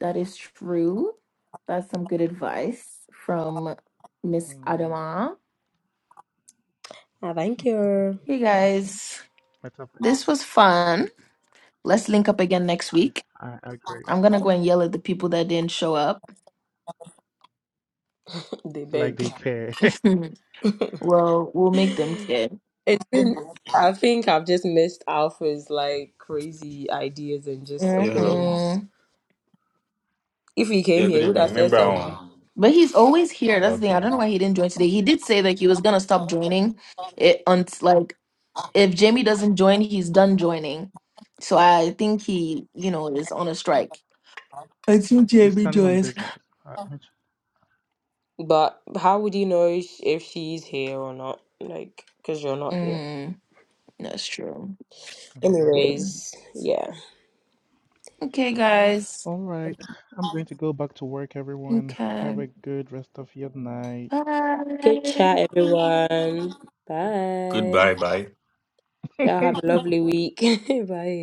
[SPEAKER 1] That is true. That's some good advice from Miss
[SPEAKER 4] Hmm.
[SPEAKER 1] Adama.
[SPEAKER 5] i thank you
[SPEAKER 1] Hey
[SPEAKER 4] (laughs)
[SPEAKER 1] guys,
[SPEAKER 4] My topic.
[SPEAKER 1] this was fun. Let's link up again next week.
[SPEAKER 4] I agree.
[SPEAKER 1] I'm gonna go and yell at the people that didn't show up.
[SPEAKER 5] (laughs) they
[SPEAKER 4] Like
[SPEAKER 5] beg
[SPEAKER 4] they care.
[SPEAKER 1] (laughs) well, we'll make them care.
[SPEAKER 5] it's been i think i've just missed alpha's like crazy ideas and just
[SPEAKER 3] yeah, hello.
[SPEAKER 5] opinions
[SPEAKER 1] hmm
[SPEAKER 5] If he came
[SPEAKER 3] Yeah,
[SPEAKER 5] here,
[SPEAKER 3] good
[SPEAKER 5] he would
[SPEAKER 3] evening.
[SPEAKER 5] have said
[SPEAKER 3] Remember,
[SPEAKER 5] something.
[SPEAKER 3] um,
[SPEAKER 1] But he's always here. That's the thing.
[SPEAKER 3] okay.
[SPEAKER 1] I don't know why he didn't join today. He did say that he was gonna stop joining it until like if Jamie doesn't join, he's done joining. So I think he, you know, is on a strike. Until
[SPEAKER 4] (laughs) He's
[SPEAKER 1] Jamie
[SPEAKER 4] standing on
[SPEAKER 1] joins.
[SPEAKER 4] business. I, I j-
[SPEAKER 5] But how would you know sh- if she's here or not? Like, because you're not here.
[SPEAKER 1] Mm. That's true.
[SPEAKER 4] I'm good.
[SPEAKER 5] Anyways, yeah.
[SPEAKER 1] Okay, guys.
[SPEAKER 4] All right. I'm going to go back to work, everyone. Have
[SPEAKER 1] Okay.
[SPEAKER 4] a good rest of your night.
[SPEAKER 5] Good
[SPEAKER 1] Bye.
[SPEAKER 5] chat, everyone. Bye.
[SPEAKER 3] Goodbye, bye.
[SPEAKER 5] Y'all
[SPEAKER 4] (laughs)
[SPEAKER 5] have a lovely week. (laughs) Bye.